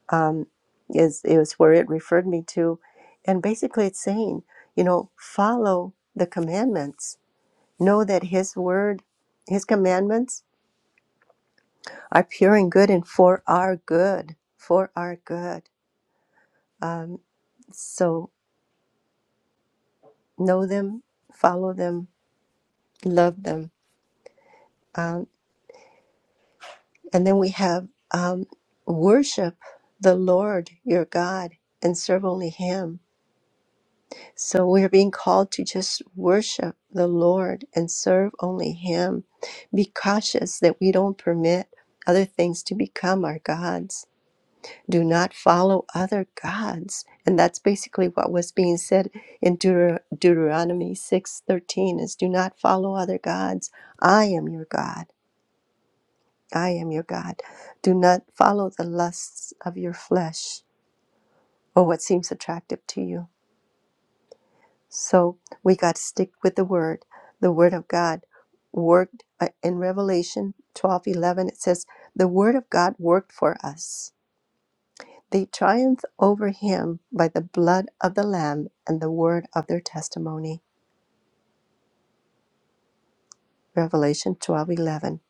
S6: um, is is where it referred me to, and basically it's saying, you know, follow the commandments, know that His word, His commandments are pure and good, and for our good, for our good. Um, so know them, follow them, love them, um, and then we have um, worship the Lord your God and serve only Him So we're being called to just worship the Lord and serve only Him. Be cautious that we don't permit other things to become our gods. Do not follow other gods. And that's basically what was being said in Deuter- Deuteronomy 6:13 is do not follow other gods. I am your God. I am your God. Do not follow the lusts of your flesh or what seems attractive to you So we got to stick with the word. The word of God worked uh, in Revelation 12 11. It says, The word of God worked for us. They triumphed over him by the blood of the Lamb and the word of their testimony. Revelation 12 11.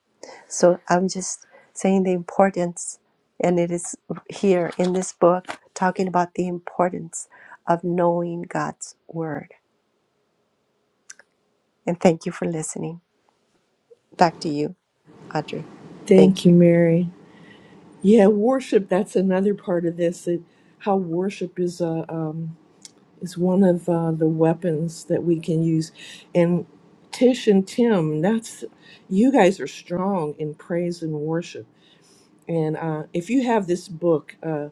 S6: So I'm just saying the importance, and it is here in this book talking about the importance of knowing God's word. And thank you for listening. Back to you, Audrey.
S8: Thank
S6: Thank
S8: you,
S6: you.
S8: Mary. Yeah, worship. That's another part of this. It, how worship is. a. um, is one of uh, the weapons that we can use. And Tish and Tim, that's you guys are strong in praise and worship. And uh, if you have this book, uh,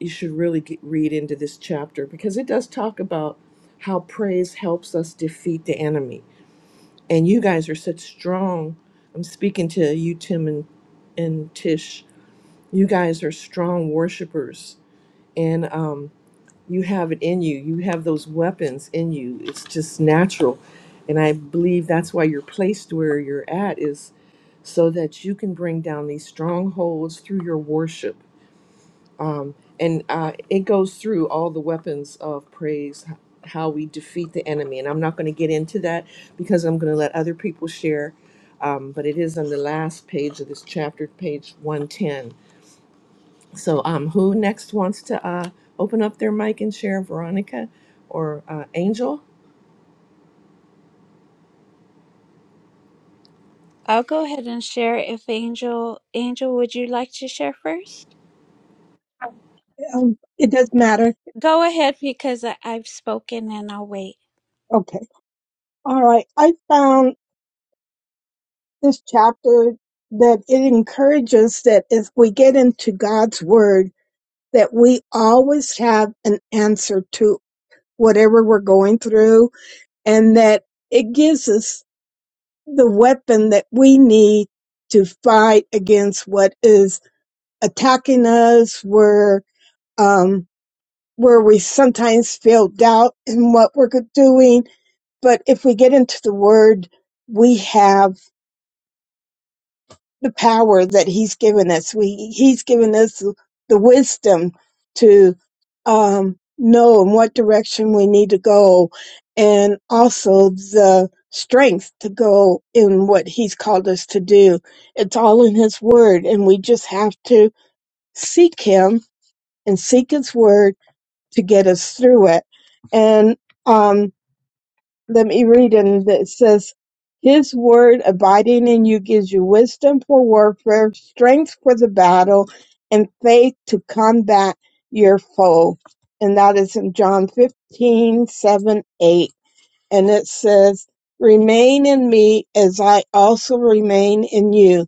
S8: you should really get, read into this chapter because it does talk about how praise helps us defeat the enemy. And you guys are such strong. I'm speaking to you, Tim and and Tish. You guys are strong worshipers, and um, you have it in you you have those weapons in you it's just natural and i believe that's why you're placed where you're at is so that you can bring down these strongholds through your worship um, and uh, it goes through all the weapons of praise h- how we defeat the enemy and i'm not going to get into that because i'm going to let other people share um, but it is on the last page of this chapter page 110 so, um, who next wants to uh, open up their mic and share? Veronica or uh, Angel?
S2: I'll go ahead and share if Angel, Angel, would you like to share first?
S9: Um, it does matter.
S2: Go ahead because I, I've spoken and I'll wait.
S9: Okay. All right. I found this chapter that it encourages that if we get into God's word, that we always have an answer to whatever we're going through and that it gives us the weapon that we need to fight against what is attacking us where, um, where we sometimes feel doubt in what we're doing But if we get into the word, we have the power that he's given us. We, he's given us the wisdom to um, know in what direction we need to go and also the strength to go in what he's called us to do. It's all in his word and we just have to seek him and seek his word to get us through it. And, um, let me read it. and it says his word abiding in you gives you wisdom for warfare strength for the battle and faith to combat your foe and that is in john fifteen seven, 8 and it says remain in me as i also remain in you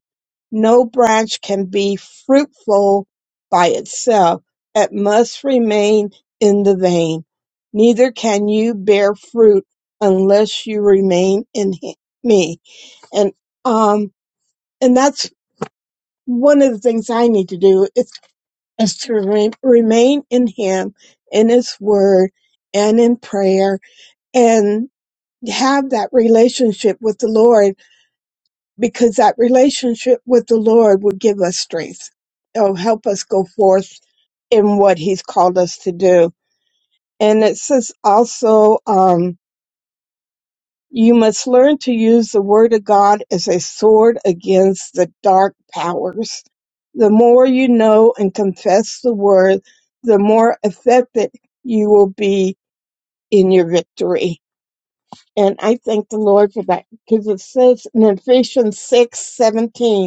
S9: no branch can be fruitful by itself. It must remain in the vine. Neither can you bear fruit unless you remain in hi- me. And, um, and that's one of the things I need to do is, is to re- remain in him, in his word and in prayer and have that relationship with the Lord because that relationship with the Lord would give us strength. It'll help us go forth in what He's called us to do. And it says also, um, you must learn to use the Word of God as a sword against the dark powers. The more you know and confess the Word, the more effective you will be in your victory. And I thank the Lord for that because it says in Ephesians six seventeen.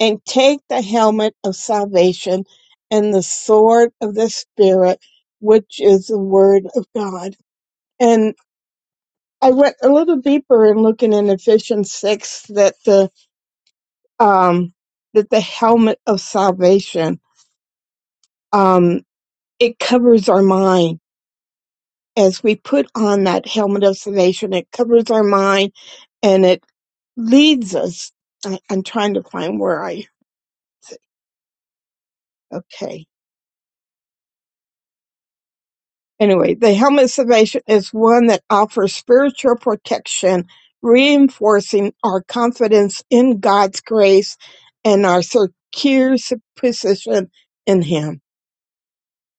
S9: and take the helmet of salvation and the sword of the Spirit, which is the Word of God. And I went a little deeper in looking in Ephesians six that the um, that the helmet of salvation um, it covers our mind as we put on that helmet of salvation. It covers our mind and it leads us. I, I'm trying to find where I okay Anyway, the helmet of salvation is one that offers spiritual protection, reinforcing our confidence in God's grace and our secure position in Him.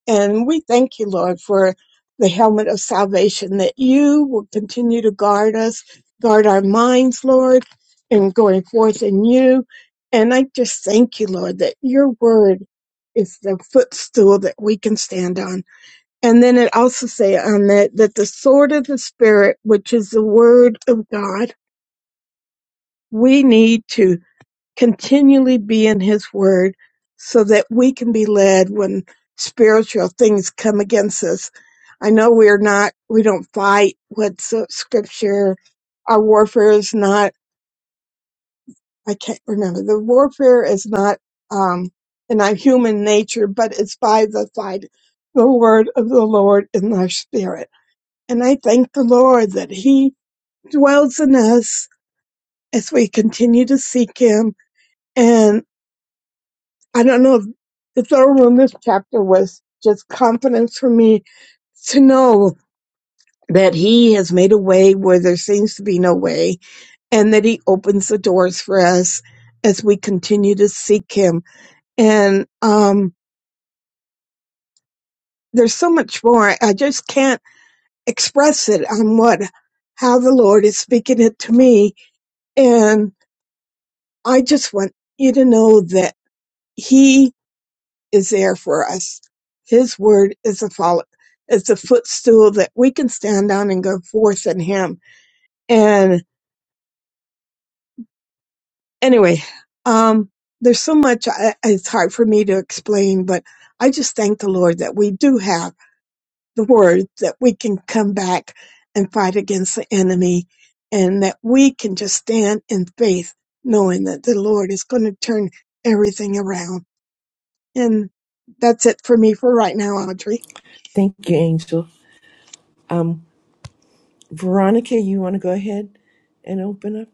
S9: And we thank you, Lord, for the helmet of salvation that you will continue to guard us, guard our minds, Lord, and going forth in you. And I just thank you, Lord, that your word is the footstool that we can stand on. And then it also say on that that the sword of the spirit, which is the word of God, we need to continually be in his word so that we can be led when spiritual things come against us. I know we're not we don't fight with uh, scripture. Our warfare is not I can't remember. The warfare is not um in our human nature, but it's by the fight, the word of the Lord in our spirit And I thank the Lord that He dwells in us as we continue to seek Him. And I don't know if the third one, this chapter was just confidence for me to know that He has made a way where there seems to be no way and that He opens the doors for us as we continue to seek Him. And, um, there's so much more. I just can't express it on what, how the Lord is speaking it to me. And I just want you to know that He is there for us. His word is a follow, is a footstool that we can stand on and go forth in Him. And anyway, um, there's so much I, it's hard for me to explain, but I just thank the Lord that we do have the word that we can come back and fight against the enemy, and that we can just stand in faith, knowing that the Lord is going to turn everything around. And that's it for me for right now, Audrey.
S8: Thank you, Angel. Um, Veronica, you want to go ahead and open up?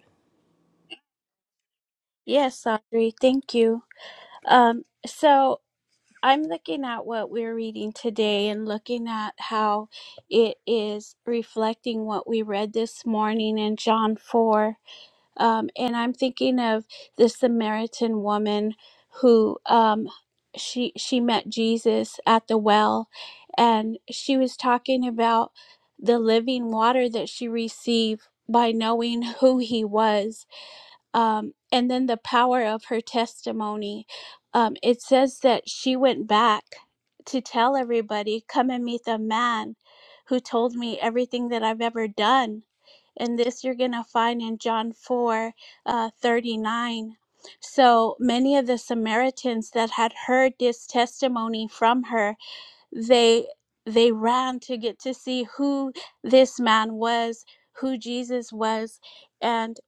S2: Yes, Audrey, thank you. Um, so I'm looking at what we're reading today and looking at how it is reflecting what we read this morning in John 4. Um, and I'm thinking of the Samaritan woman who um, she she met Jesus at the well, and she was talking about the living water that she received by knowing who he was um, and then the power of her testimony. Um, it says that she went back to tell everybody, Come and meet the man who told me everything that I've ever done. And this you're going to find in John 4 uh, 39. So many of the Samaritans that had heard this testimony from her they they ran to get to see who this man was who jesus was and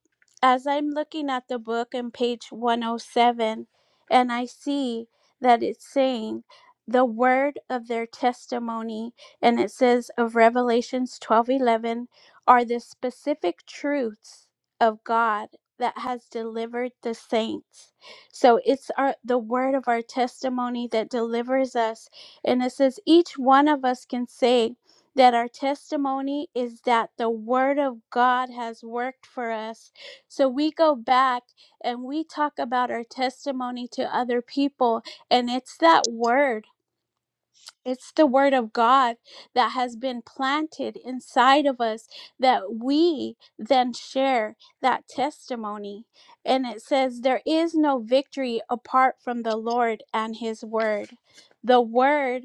S2: as i'm looking at the book on page 107 and i see that it's saying the word of their testimony and it says of revelations 12 11 are the specific truths of god that has delivered the saints so it's our the word of our testimony that delivers us and it says, each one of us can say that our testimony is that the Word of God has worked for us. So we go back and we talk about our testimony to other people, and it's that Word. It's the word of God that has been planted inside of us that we then share that testimony. And it says, There is no victory apart from the Lord and his word. The word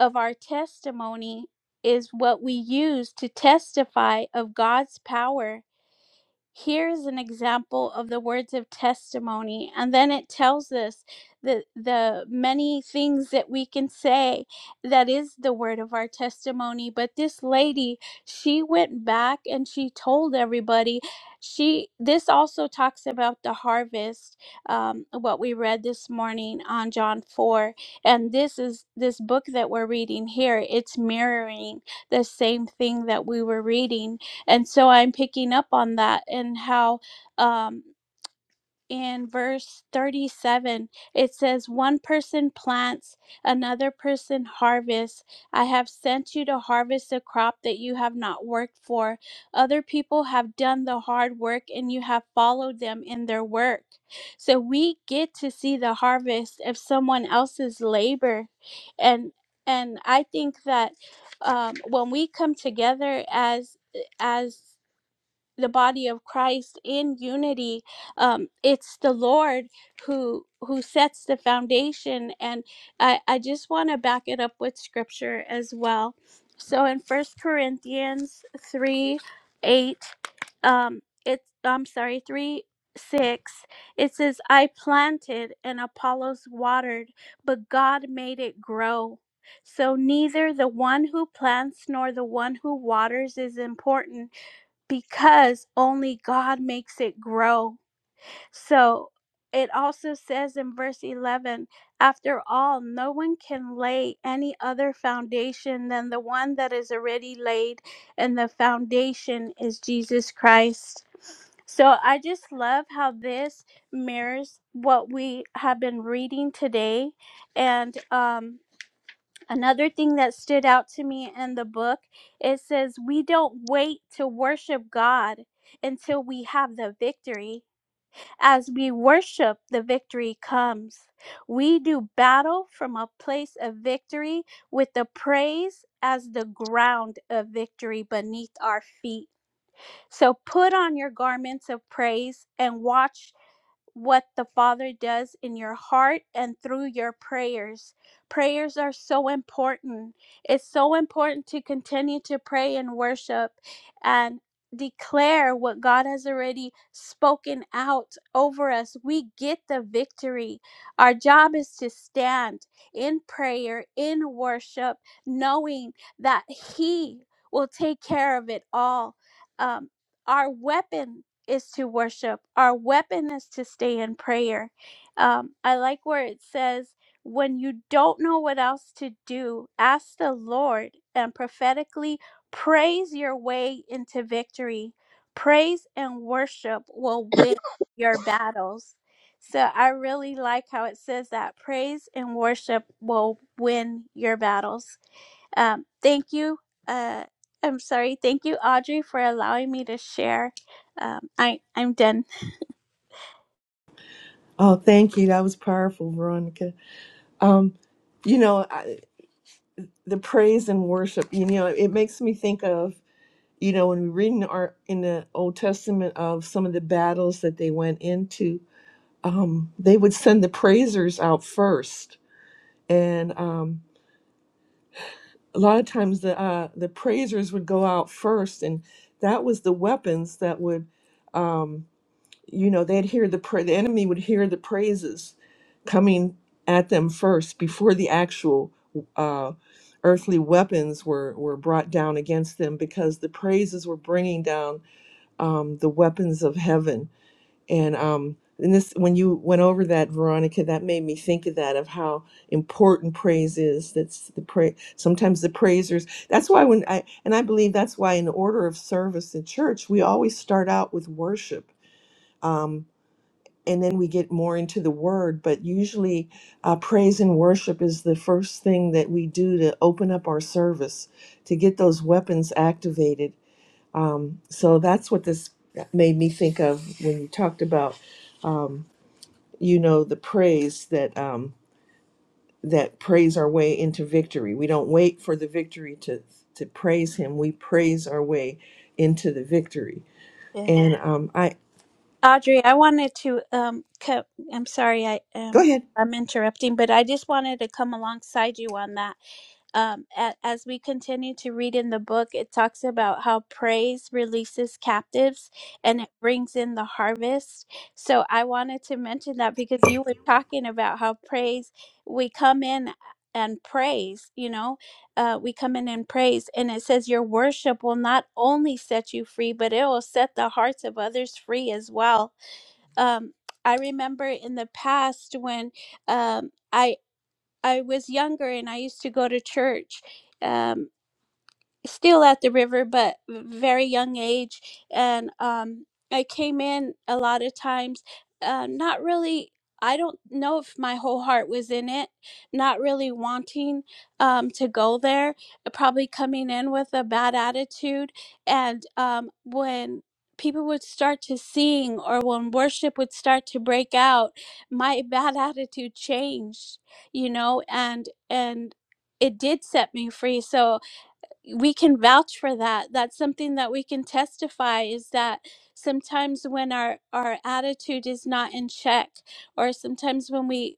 S2: of our testimony is what we use to testify of God's power here's an example of the words of testimony and then it tells us the the many things that we can say that is the word of our testimony but this lady she went back and she told everybody she this also talks about the harvest um, what we read this morning on john 4 and this is this book that we're reading here it's mirroring the same thing that we were reading and so I'm picking up on that and how um, in verse 37 it says, One person plants, another person harvests. I have sent you to harvest a crop that you have not worked for. Other people have done the hard work and you have followed them in their work. So we get to see the harvest of someone else's labor. And and I think that um, when we come together as as the body of Christ in unity, um, it's the Lord who who sets the foundation. And I, I just want to back it up with scripture as well. So in First Corinthians three eight, um, it's I'm sorry three six it says i planted and apollos watered but god made it grow so neither the one who plants nor the one who waters is important because only God makes it grow. So it also says in verse 11, after all, no one can lay any other foundation than the one that is already laid, and the foundation is Jesus Christ. So I just love how this mirrors what we have been reading today. And, um, Another thing that stood out to me in the book, it says, We don't wait to worship God until we have the victory. As we worship, the victory comes. We do battle from a place of victory with the praise as the ground of victory beneath our feet. So put on your garments of praise and watch what the Father does in your heart and through your prayers. Prayers are so important. It's so important to continue to pray and worship and declare what God has already spoken out over us. We get the victory. Our job is to stand in prayer, in worship, knowing that He will take care of it all. Um, our weapon is to worship. Our weapon is to stay in prayer. Um, I like where it says, when you don't know what else to do, ask the Lord and prophetically praise your way into victory. Praise and worship will win your battles. So I really like how it says that praise and worship will win your battles. Um, thank you. Uh, I'm sorry. Thank you, Audrey, for allowing me to share. Um, I I'm done.
S8: Oh, thank you. That was powerful, Veronica. Um, you know, I, the praise and worship. You know, it makes me think of you know when we read in our in the Old Testament of some of the battles that they went into, they would send the praisers out first, and um, a lot of times the uh, the praisers would go out first, and that was the weapons that would, um, you know, they'd hear the pra- the enemy would hear the praises coming at them first before the actual uh, earthly weapons were were brought down against them because the praises were bringing down um, the weapons of heaven and um, and this when you went over that, Veronica, that made me think of that of how important praise is. That's the pray. Sometimes the praisers. That's why when I and I believe that's why in the order of service in church we always start out with worship. Um, and then we get more into the word, but usually uh, praise and worship is the first thing that we do to open up our service, to get those weapons activated. Um, so that's what this made me think of when you talked about um, you know the praise that um that praise our way into victory we don't wait for the victory to to praise him we praise our way into the victory
S2: Yeah.
S8: and um i
S2: Audrey, I wanted to um co- I'm sorry I
S8: go
S2: um
S8: ahead
S2: I'm interrupting, but I just wanted to come alongside you on that. Um a- as we continue to read in the book, it talks about how praise releases captives and it brings in the harvest. So I wanted to mention that because you were talking about how praise we come in and praise, you know, uh, we come in in praise, and it says, Your worship will not only set you free, but it will set the hearts of others free as well. Um, I remember in the past when um, I I was younger and I used to go to church. Um, still at the river, but very young age. And um, I came in a lot of times, uh, not really. I don't know if my whole heart was in it, not really wanting um, to go there, uh, probably coming in with a bad attitude. And um, when people would start to sing or when worship would start to break out, my *laughs* bad attitude changed, you know, and, and, it did set me free. So we can vouch for that that's something that we can testify is that sometimes when our our attitude is not in check or sometimes when we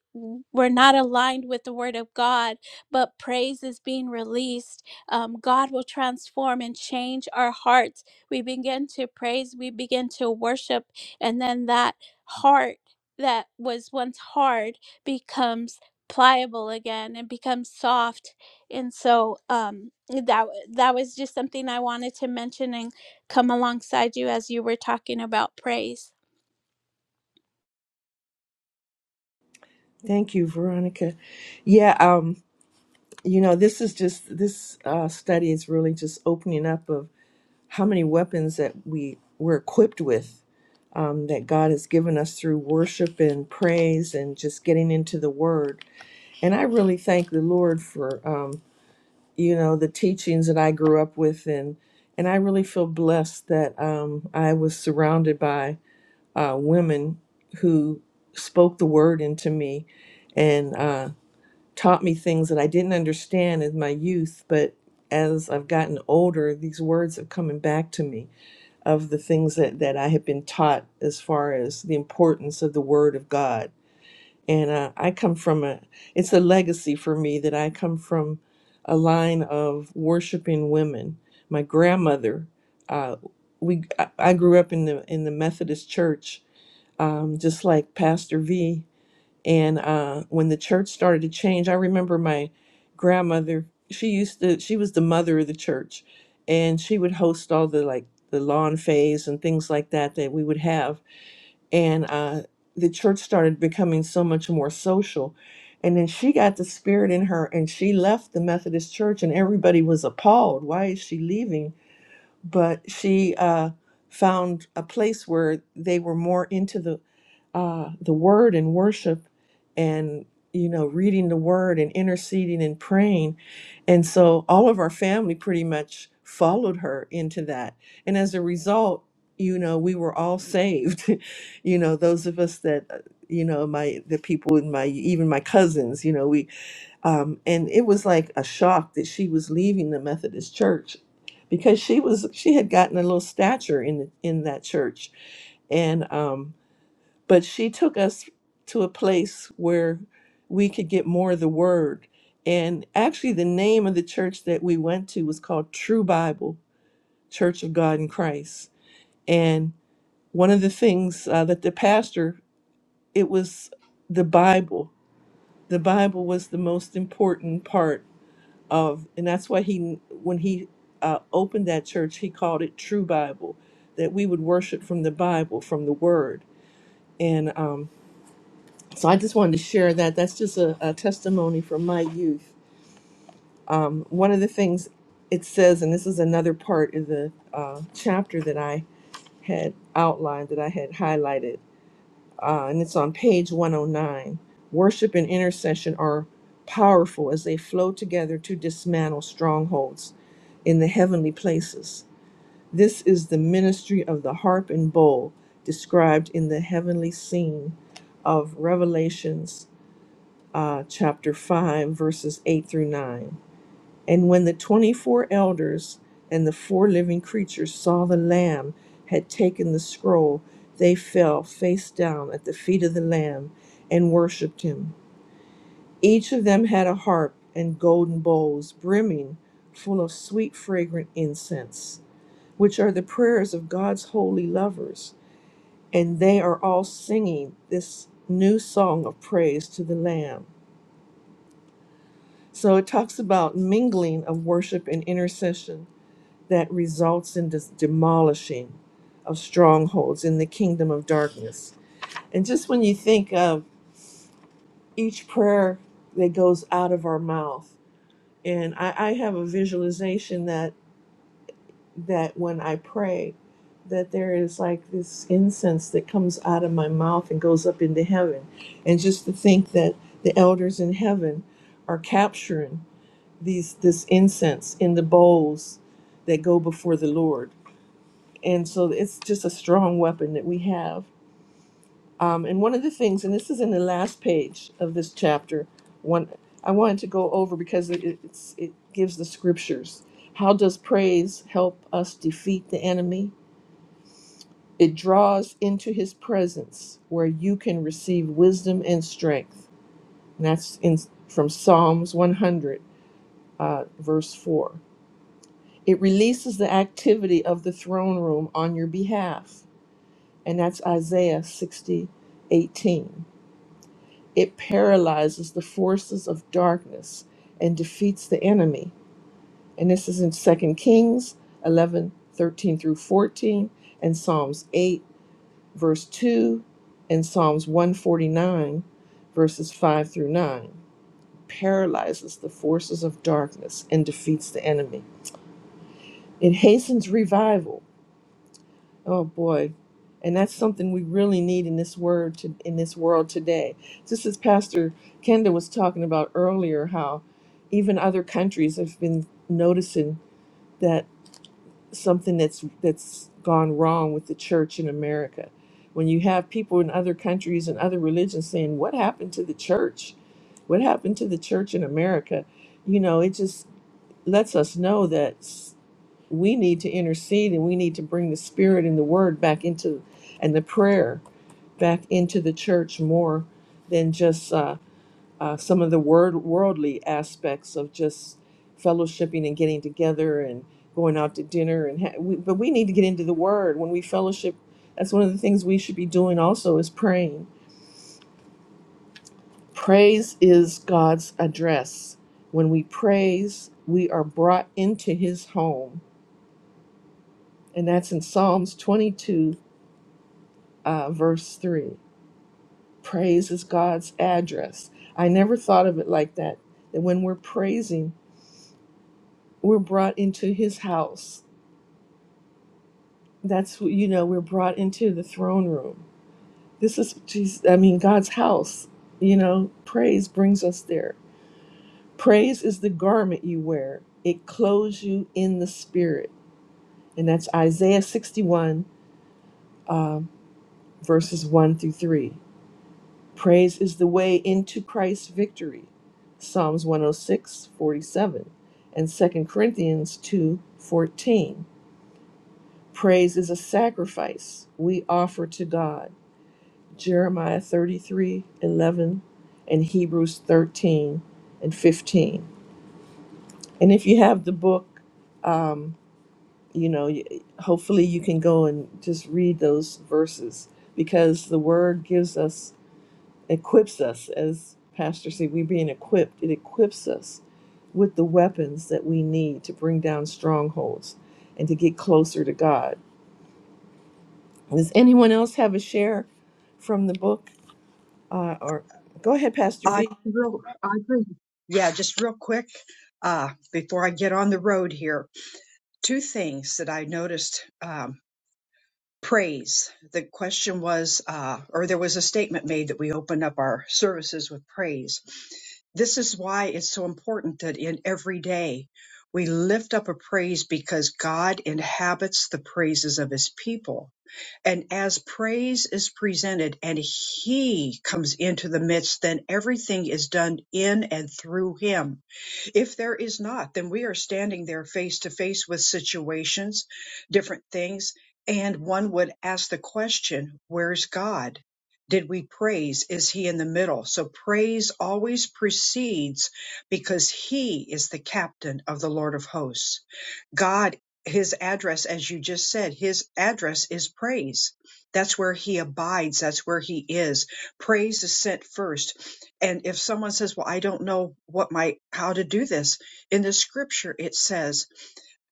S2: we're not aligned with the word of god but praise is being released um, god will transform and change our hearts we begin to praise we begin to worship and then that heart that was once hard becomes pliable again and becomes soft and so um that that was just something I wanted to mention and come alongside you as you were talking about praise.
S8: thank you veronica yeah um you know this is just this uh study is really just opening up of how many weapons that we we're equipped with um, that god has given us through worship and praise and just getting into the word And I really thank the Lord for, um, you know, the teachings that I grew up with. And, and I really feel blessed that um, I was surrounded by uh, women who spoke the word into me and uh, taught me things that I didn't understand in my youth. But as I've gotten older, these words are coming back to me of the things that, that I have been taught as far as the importance of the word of God and uh, I come from a it's a legacy for me that I come from a line of worshiping women. My grandmother, uh, we I I grew up in the in the Methodist church, um, just like Pastor V. And uh, when the church started to change, I remember my grandmother. She used to she was the mother of the church, and she would host all the like the lawn fays and things like that that we would have and uh, the church started becoming so much more social. And then she got the spirit in her and she left the Methodist church, and everybody was appalled. Why is she leaving? But she uh, found a place where they were more into the uh, the word and worship, and you know, reading the word and interceding and praying and so all of our family pretty much followed her into that. And as a result, you know, we were all saved. *laughs* you know, those of us that, uh, you know, my, the people in my, even my cousins, you know, we, um, and it was like a shock that she was leaving the Methodist church because she was, she had gotten a little stature in, in that church. And, um, but she took us to a place where we could get more of the word. And actually, the name of the church that we went to was called True Bible Church of God in Christ. And one of the things uh, that the pastor, it was the Bible. The Bible was the most important part of, and that's why he, when he uh, opened that church, he called it True Bible, that we would worship from the Bible, from the Word. And um, So I just wanted to share that. That's just a, a testimony from my youth. Um, one of the things it says, and this is another part of the uh, chapter that I had outlined, that I had highlighted, uh, and it's on page 109. Worship and intercession are powerful as they flow together to dismantle strongholds in the heavenly places. This is the ministry of the harp and bowl described in the heavenly scene of Revelations uh, chapter 5, verses 8 through 9. And when the 24 elders and the four living creatures saw the Lamb had taken the scroll, they fell face down at the feet of the Lamb and worshiped him. Each of them had a harp and golden bowls brimming full of sweet, fragrant incense, which are the prayers of God's holy lovers. And they are all singing this new song of praise to the Lamb. So it talks about mingling of worship and intercession that results in this demolishing of strongholds in the kingdom of darkness. And just when you think of each prayer that goes out of our mouth, and I, I have a visualization that that when I pray, that there is like this incense that comes out of my mouth and goes up into heaven. And just to think that the elders in heaven are capturing these this incense in the bowls that go before the Lord. And so it's just a strong weapon that we have. Um, and one of the things, and this is in the last page of this chapter, one I wanted to go over because it, it- it's, it gives the scriptures. How does praise help us defeat the enemy? It draws into His presence where you can receive wisdom and strength. And that's in from Psalms 100, uh, verse four. It releases the activity of the throne room on your behalf, and that's Isaiah 60:18. It paralyzes the forces of darkness and defeats the enemy. And this is in Second Kings 11:13 through 14, and Psalms 8, verse 2, and Psalms 149, verses 5 through 9. Paralyzes the forces of darkness and defeats the enemy. It hastens revival Oh boy. And that's something we really need in this word to, in this world today. Just as Pastor Kenda was talking about earlier, how even other countries have been noticing that something that's that's gone wrong with the church in America. When you have people in other countries and other religions saying, What happened to the church? What happened to the church in America? You know, it just lets us know that we need to intercede and we need to bring the spirit and the word back into and the prayer back into the church more than just uh, uh, some of the word worldly aspects of just fellowshipping and getting together and going out to dinner and ha- we, but we need to get into the word when we fellowship that's one of the things we should be doing also is praying praise is god's address when we praise we are brought into his home and that's in psalms 22 uh, verse 3. Praise is God's address. I never thought of it like that. That when we're praising, we're brought into his house. That's, wh- you know, we're brought into the throne room. This is, Jesus, I mean, God's house. You know, praise brings us there. Praise is the garment you wear, it clothes you in the spirit. And that's Isaiah 61, uh, verses 1 through 3. Praise is the way into Christ's victory. Psalms 106:47 and 2 Corinthians 2:14. Praise is a sacrifice we offer to God. Jeremiah 33:11 and Hebrews 13 and 15. And if you have the book, um, you know, y- hopefully you can go and just read those verses because the word gives us equips us, as Pastor said, we're being equipped. It equips us with the weapons that we need to bring down strongholds and to get closer to God. Does anyone else have a share from the book? Uh, or go ahead, Pastor
S3: Aud-
S8: V.
S3: real- Audrey. Yeah, just real quick uh, before I get on the road here, two things that I noticed. Um, praise. The question was, uh, or there was a statement made that we open up our services with praise. This is why it's so important that in every day we lift up a praise because God inhabits the praises of his people. And as praise is presented and he comes into the midst, then everything is done in and through him if there is not, then we are standing there face to face with situations, different things, and one would ask the question, where's God? Did we praise? Is he in the middle? So praise always precedes because he is the captain of the Lord of hosts. God, his address, as you just said, his address is praise. That's where he abides. That's where he is. Praise is sent first. And if someone says, well, I don't know what my, how to do this in the scripture, it says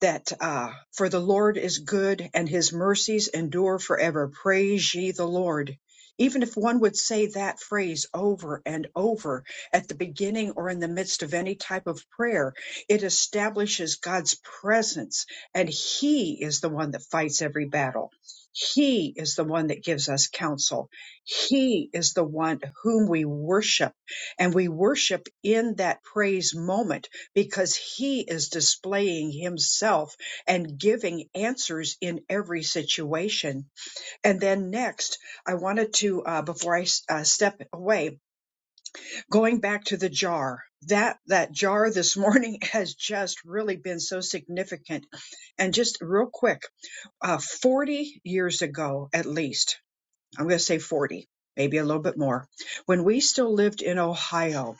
S3: that, uh, for the Lord is good and his mercies endure forever. Praise ye the Lord. Even if one would say that phrase over and over at the beginning or in the midst of any type of prayer, it establishes God's presence, and He is the one that fights every battle. He is the one that gives us counsel. He is the one whom we worship, and we worship in that praise moment because He is displaying Himself and giving answers in every situation. And then next, I wanted to, uh, before I s- uh, step away, going back to the jar that that jar this morning *laughs* has just really been so significant and just real quick uh, 40 years ago at least i'm going to say 40 maybe a little bit more when we still lived in ohio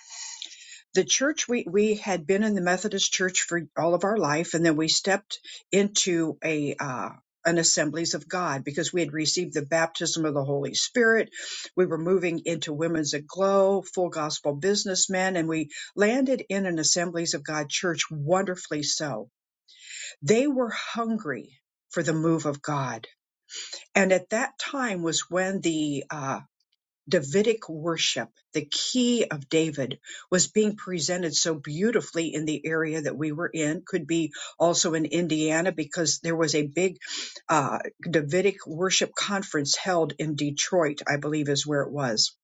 S3: the church we we had been in the Methodist church for all of our life, and then we stepped into a uh, an Assemblies of God because we had received the baptism of the Holy Spirit. We were moving into Women's Aglow, Full Gospel Businessmen, and we landed in an Assemblies of God church. Wonderfully so, they were hungry for the move of God, and at that time was when the uh, Davidic worship, the key of David, was being presented so beautifully in the area that we were in. Could be also in Indiana because there was a big uh, Davidic worship conference held in Detroit, I believe is where it was.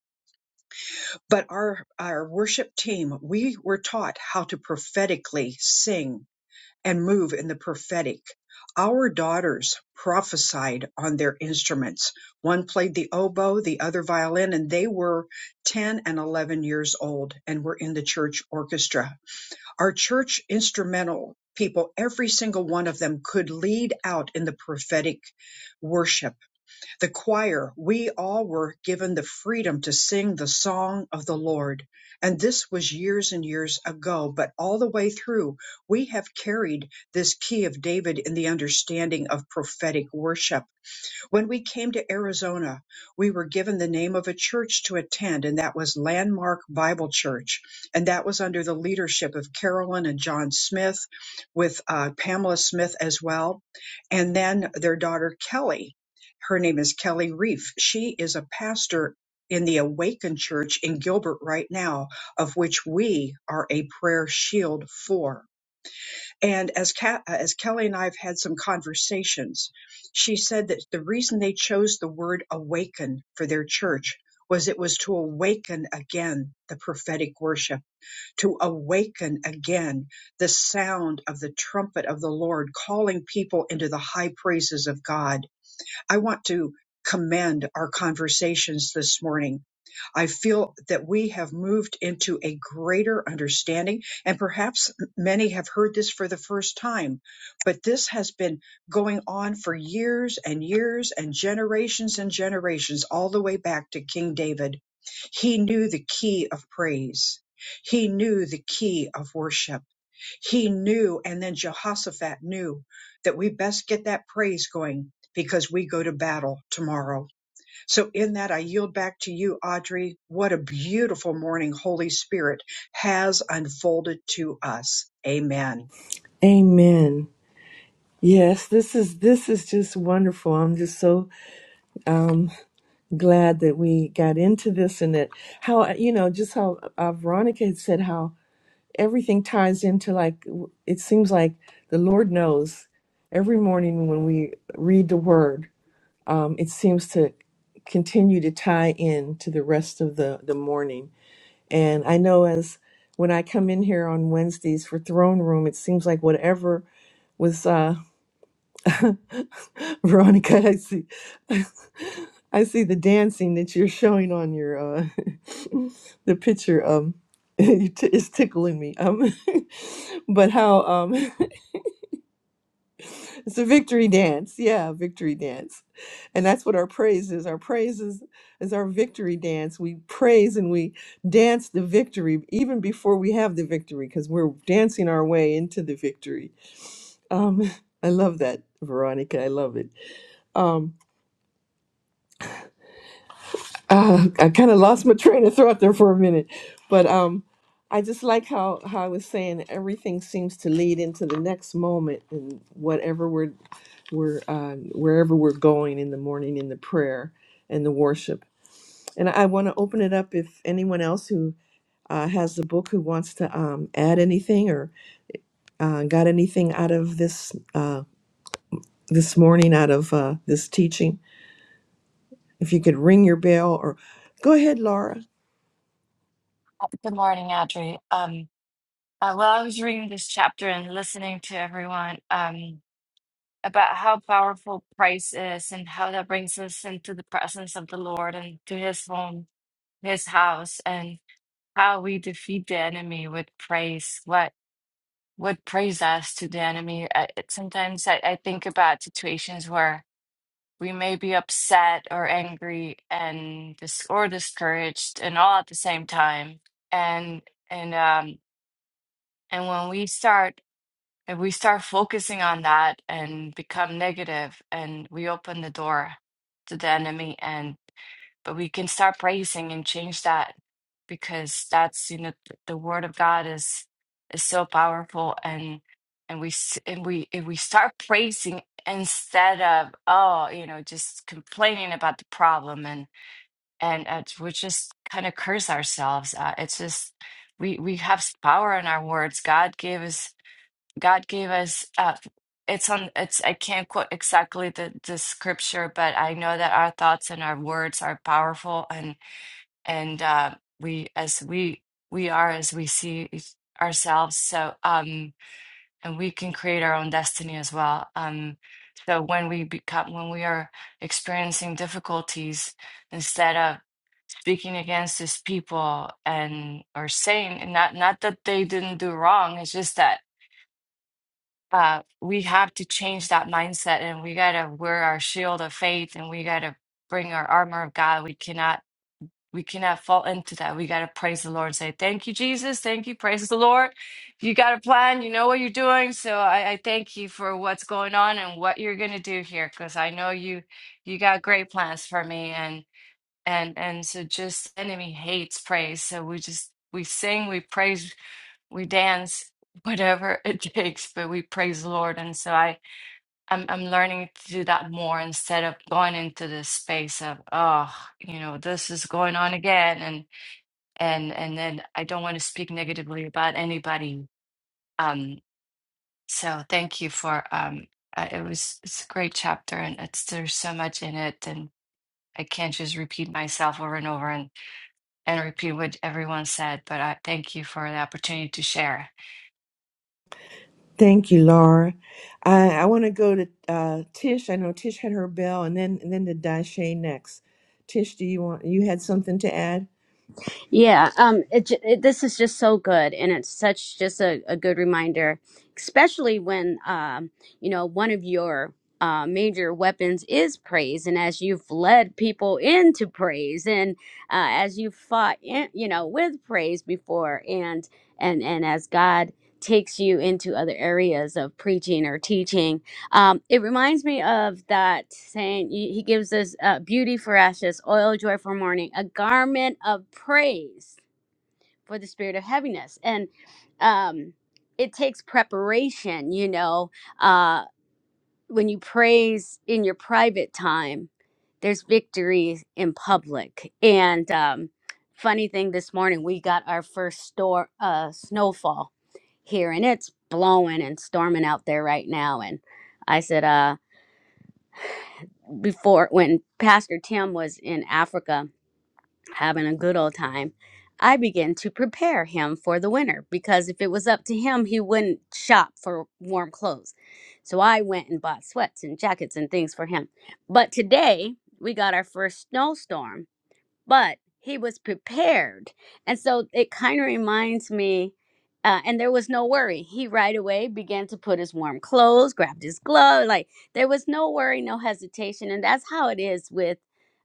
S3: But our, our worship team, we were taught how to prophetically sing and move in the prophetic. Our daughters prophesied on their instruments. One played the oboe, the other violin, and they were 10 and 11 years old and were in the church orchestra. Our church instrumental people, every single one of them could lead out in the prophetic worship the choir, we all were given the freedom to sing the song of the Lord. And this was years and years ago, but all the way through, we have carried this key of David in the understanding of prophetic worship when we came to Arizona, we were given the name of a church to attend, and that was Landmark Bible Church. And that was under the leadership of Carolyn and John Smith, with uh, Pamela Smith as well. And then their daughter, Kelly. Her name is Kelly Reef. She is a pastor in the Awakened Church in Gilbert right now, of which we are a prayer shield for. And as, Ca- as Kelly and I have had some conversations, she said that the reason they chose the word awaken for their church was it was to awaken again the prophetic worship, to awaken again the sound of the trumpet of the Lord calling people into the high praises of God I want to commend our conversations this morning. I feel that we have moved into a greater understanding, and perhaps many have heard this for the first time, but this has been going on for years and years and generations and generations, all the way back to King David. He knew the key of praise, he knew the key of worship he knew, and then Jehoshaphat knew that we best get that praise going because we go to battle tomorrow. So, in that, I yield back to you, Audrey. What a beautiful morning Holy Spirit has unfolded to us. Amen.
S8: Amen. Yes, this is this is just wonderful. I'm just so um, glad that we got into this and that how you know just how uh, Veronica had said how everything ties into like w- it seems like the lord knows every morning when we read the word um, it seems to continue to tie in to the rest of the the morning and i know as when i come in here on wednesdays for throne room it seems like whatever was uh, *laughs* Veronica, I see, *laughs* I see the dancing that you're showing on your uh, *laughs* the picture. Um, *laughs* it t- it's tickling me. Um, *laughs* but how? Um, *laughs* it's a victory dance. Yeah, victory dance, and that's what our praise is. Our praise is, is our victory dance. We praise and we dance the victory even before we have the victory, because we're dancing our way into the victory. Um, *laughs* I love that, Veronica. I love it. Um, uh, I kind of lost my train of thought there for a minute, but um, I just like how how I was saying everything seems to lead into the next moment, and whatever we're we're uh, wherever we're going in the morning in the prayer and the worship. And I want to open it up if anyone else who uh, has the book who wants to um, add anything or uh, got anything out of this uh, this morning out of uh, this teaching, if you could ring your bell or go ahead, Laura.
S10: Good morning, Audrey. Um, uh, well, I was reading this chapter and listening to everyone um, about how powerful praise is and how that brings us into the presence of the Lord and to his home, his house, and how we defeat the enemy with praise. What would praise us to the enemy? I, it- sometimes I, I think about situations where we may be upset or angry and dis- or discouraged and all at the same time. And and um And when we start, if we start focusing on that and become negative, and we open the door to the enemy, and but we can start praising and change that because that's you know th- the word of God is is so powerful, and and we s- and we if we start *laughs* praising instead of oh you know just complaining about the problem and and uh, we just kind of curse ourselves. Uh, it's just we we have s- power in our words. God gave us God gave us uh it's on it's I can't quote exactly the the scripture, but I know that our thoughts and our words are powerful and and uh we as we we are as we see each- ourselves so um and we can create our own destiny as well um so when we become when we are experiencing difficulties instead of speaking against these people and or saying and not not that they didn't do wrong it's just that uh, we have to change that mindset and we got to wear our shield of faith and we got to bring our armor of God. We cannot we cannot fall into that. We got to praise the Lord and say, Thank you, Jesus. Thank you. Praise the Lord. You got a plan. You know what you're doing. So I, I thank you for what's going on and what you're going to do here because I know you you got great plans for me. And and and so just enemy hates praise. So we just we sing, we praise we dance *laughs* whatever it takes but we praise the lord and so i I'm, I'm learning to do that more instead of going into this space of oh you know this is going on again and and and then i don't want to speak negatively about anybody um so thank you for um uh, it was it's a great chapter and it's there's so much in it and i can't just repeat myself over and over and and repeat what everyone said but i thank you for the opportunity to share
S8: Thank you, Laura. I, I want to go to uh, Tish. I know Tish had her bell, and then and then to Dashe next. Tish, do you want you had something to add?
S7: Yeah, um, it, j- it, this is just so good, and it's such just a, a good reminder, especially when um, you know one of your uh, major weapons is praise, and as you've led people into praise, and uh, as you've fought, in, you know, with praise before, and and and as God takes you into other areas of preaching or teaching um, it reminds me of that saying y- he gives us uh, beauty for ashes, oil, of joy for mourning, a garment of praise for the spirit of heaviness. And um, it takes preparation, you know, uh, when you praise in your private time, there's victory in public. And um, funny thing this morning, we got our first store, uh, snowfall here, and it's blowing and storming out there right now. And I said, uh, before when Pastor Tim was in Africa having a good old time, I began to prepare him for the winter because if it was up to him, he wouldn't shop for warm clothes. So I went and bought sweats and jackets and things for him. But today we got our first snowstorm but he was prepared. And so it kind of reminds me, uh, and there was no worry. He right away began to put his warm clothes, grabbed his glove. Like there was no worry, no hesitation. And that's how it is with,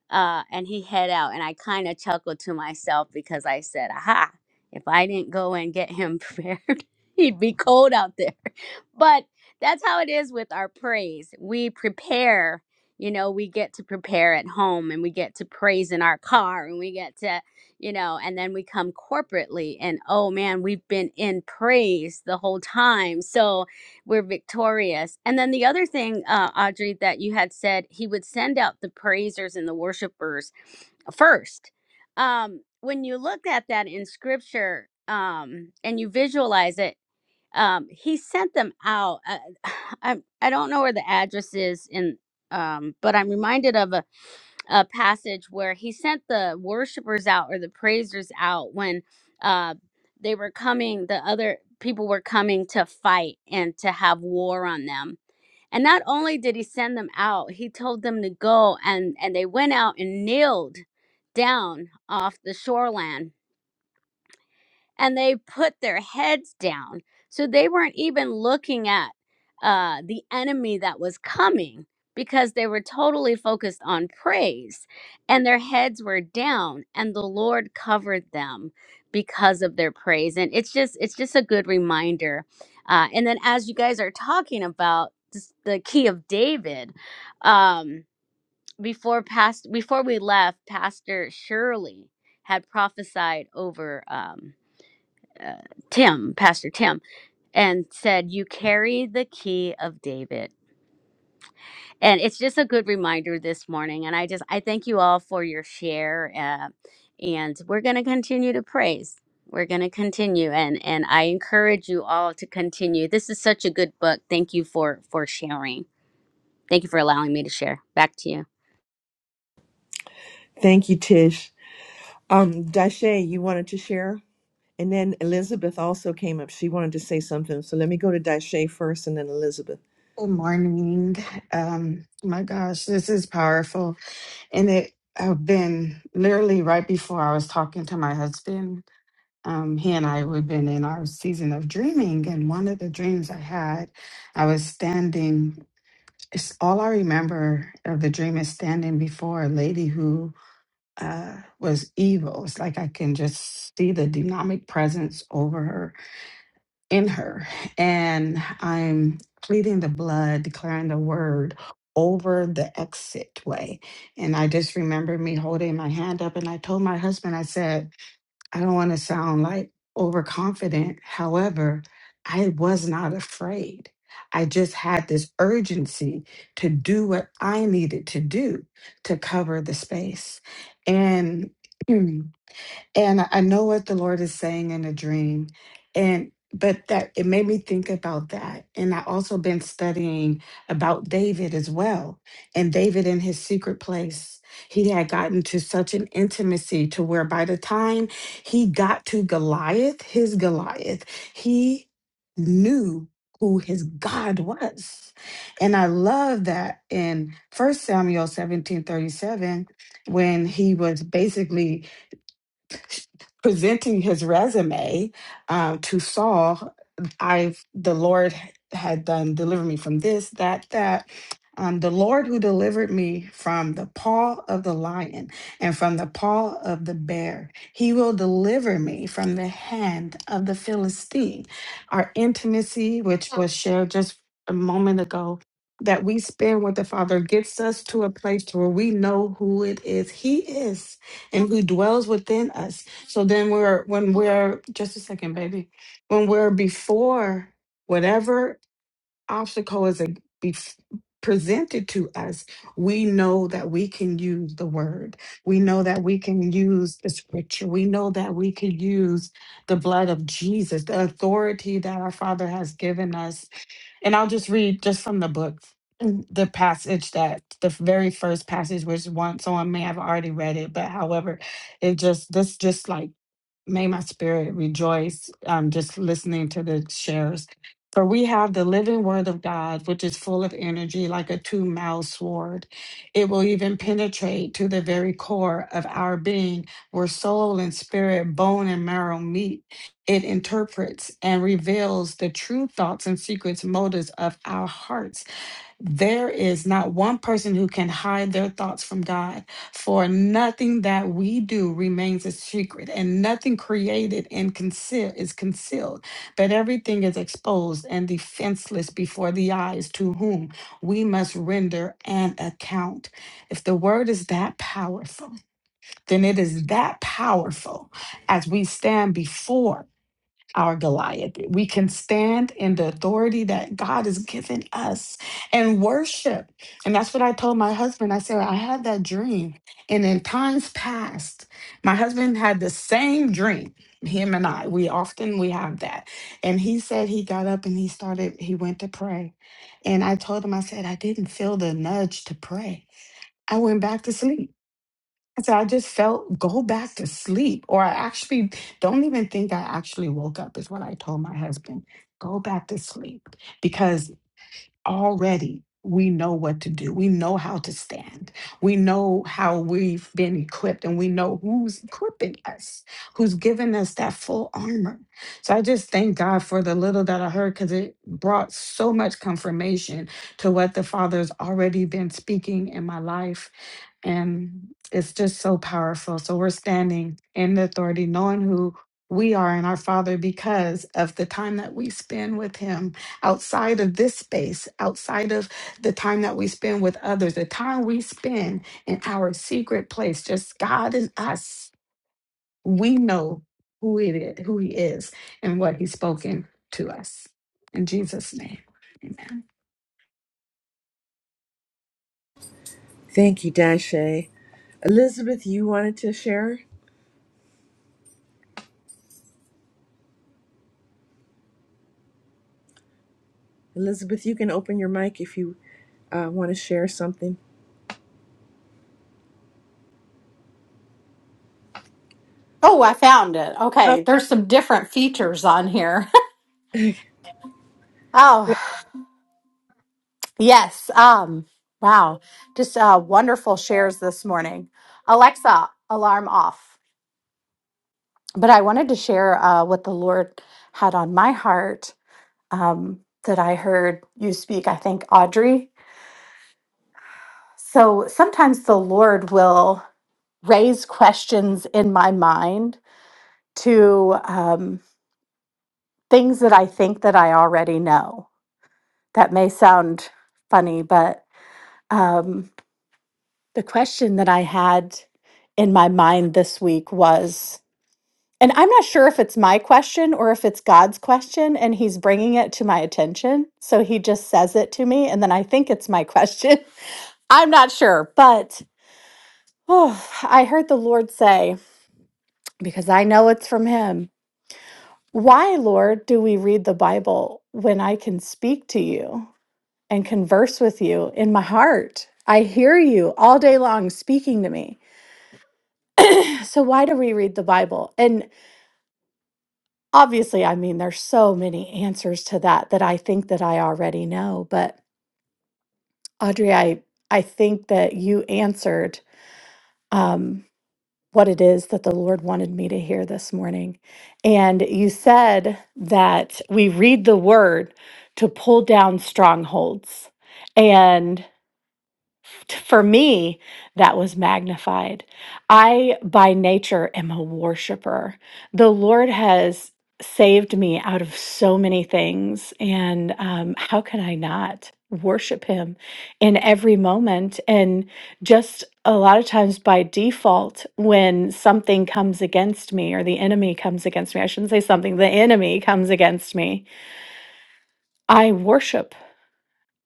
S7: uh, and he head out. And I kind of chuckled to myself because I said, aha, if I didn't go and get him *laughs* prepared, he'd be cold out there. *laughs* But that's how it is with our praise. We prepare you know, we get to prepare at home and we get to praise in our car and we get to, you know, and then we come corporately and oh man, we've been in praise the whole time. So we're victorious. And then the other thing, uh, Audrey, that you had said, he would send out the praisers and the worshipers first. Um, when you look at that in scripture um, and you visualize it, um he sent them out uh, *sighs* i i don't know where the address is in um but i'm reminded of a, a passage where he sent the worshipers out or the praisers out when uh they were coming the other people were coming to fight and to have war on them and not only did he send them out he told them to go and and they went out and kneeled down off the shoreland and they put their heads down. So they weren't even looking at uh, the enemy that was coming because they were totally focused on praise and their heads were down and the Lord covered them because of their praise. And it's just, it's just a good reminder. Uh, and then as you guys are talking about this, the key of David, um, before past, before we left, Pastor Shirley had prophesied over. Um, uh, Tim, Pastor Tim, and said, "You carry the key of David." And it's just a good reminder this morning. And I just I thank you all for your share, uh, and we're going to continue to praise. We're going to continue, and and I encourage you all to continue. This is such a good book. Thank you for for sharing. Thank you for allowing me to share. Back to you.
S8: Thank you, Tish. Um, Dashe, you wanted to share, and then Elizabeth also came up. She wanted to say something, so let me go to Dashe first, and then Elizabeth.
S11: Good morning. Um, my gosh, this is powerful. And it I've been literally right before I was talking to my husband. Um, he and I we've been in our season of dreaming, and one of the dreams I had, I was standing. It's all I remember of the dream is standing before a lady who uh, was evil. It's like I can just see the demonic presence over her in her. And I'm pleading the blood, declaring the word over the exit way. And I just remember me holding my hand up and I told my husband, I said, I don't want to sound like overconfident. However, I was not afraid. I just had this urgency to do what I needed to do to cover the space. And *clears throat* and I I know what the Lord is saying in a dream. And but that it made me think about that. And I also been studying about David as well. And David in his secret place, he had gotten to such an intimacy to where by the time he got to Goliath, his Goliath, he knew who his God was. And I love that in First Samuel 17 37, when he was basically presenting his resume um, to Saul, I the Lord had done deliver me from this, that, that. Um, the Lord who delivered me from the paw of the lion and from the paw of the bear, he will deliver me from the hand of the Philistine. Our intimacy, which was shared just a moment ago, that we spend with the Father gets us to a place to where we know who it is He is and who dwells within us so then we're when we're just a second, baby. When we're before whatever obstacle is a, bef presented to us, we know that we can use the word. We know that we can use the scripture. We know that we can use the blood of Jesus, the authority that our Father has given us. And I'll just read just from the book *clears throat* the passage that the very first passage which once someone may have already read it but however it just this just like May my spirit rejoice um, just listening to the shares. For we have the living word of God, which is full of energy like a two mouthed sword. It will even penetrate to the very core of our being, where soul and spirit, bone and marrow meet. It interprets and reveals the true thoughts and secrets, motives of our hearts there is not one person who can hide their thoughts from God, for nothing that we do remains a secret, and nothing created and concealed is concealed, but everything is exposed and defenseless before the eyes to whom we must render an account. If the word is that powerful, then it is that powerful as we stand before our Goliath. We can stand in the authority that God has given us and worship. And that's what I told my husband. I said, I had that dream. And in times past, my husband had the same dream. Him and I, we often we have that. And he said he got up and he started, he went to pray. And I told him, I said, I didn't feel the nudge to pray. I went back to sleep. So I just felt go back to sleep, or I actually don't even think I actually woke up, is what I told my husband. Go back to sleep because already we know what to do. We know how to stand. We know how we've been equipped and we know who's equipping us, who's given us that full armor. So I just thank God for the little that I heard because it brought so much confirmation to what the Father's already been speaking in my life. And it's just so powerful. So we're standing in the authority, knowing who we are in our Father because of the time that we spend with Him outside of this space, outside of the time that we spend with others, the time we spend in our secret place, just God and us, we know who it is, who He is, and what He's spoken to us. In Jesus' name, Amen.
S8: Thank you, Dashe. Elizabeth, you wanted to share. Elizabeth, you can open your mic if you uh, want to share something.
S12: Oh, I found it.
S8: Oh,
S12: Okay, there's some different features on here.
S8: *laughs*
S12: *laughs* oh, yes. Um, wow, just uh, wonderful shares this morning. Alexa, alarm off. But I wanted to share uh, what the Lord had on my heart um, that I heard you speak. I think Audrey. So sometimes the Lord will raise questions in my mind to um, things that I think that I already know that may sound funny, but um, the question that I had in my mind this week was, and I'm not sure if it's my question or if it's God's question, and He's bringing it to my attention. So He just says it to me, and then I think it's my question. *laughs* I'm not sure, but oh, I heard the Lord say, because I know it's from Him, why, Lord, do we read the Bible when I can speak to you? and converse with you in my heart. I hear you all day long speaking to me. So, why do we read the Bible? And obviously, I mean, there's so many answers to that that I think that I already know. But, Audrey, I, I think that you answered um, what it is that the Lord wanted me to hear this morning. And you said that we read the word to pull down strongholds. and t- for me that was magnified i by nature am a worshiper the lord has saved me out of so many things and um, how can i not worship him in every moment and just a lot of times by default when something comes against me or the enemy comes against me i shouldn't say something the enemy comes against me i worship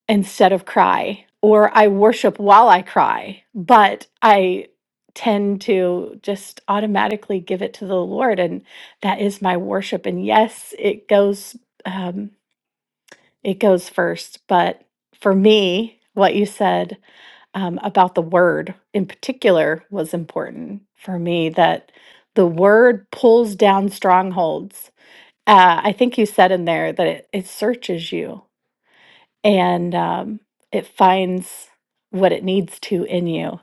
S12: instead of cry, or I worship while I cry, but I tend to just automatically give it to the Lord, and that is my worship. And yes, it goes um, it goes first, but for me, what you said um, about the Word in particular was important for me. That the Word pulls down strongholds. Uh, I think you said in there that it, it searches you and um, it finds what it needs to in you.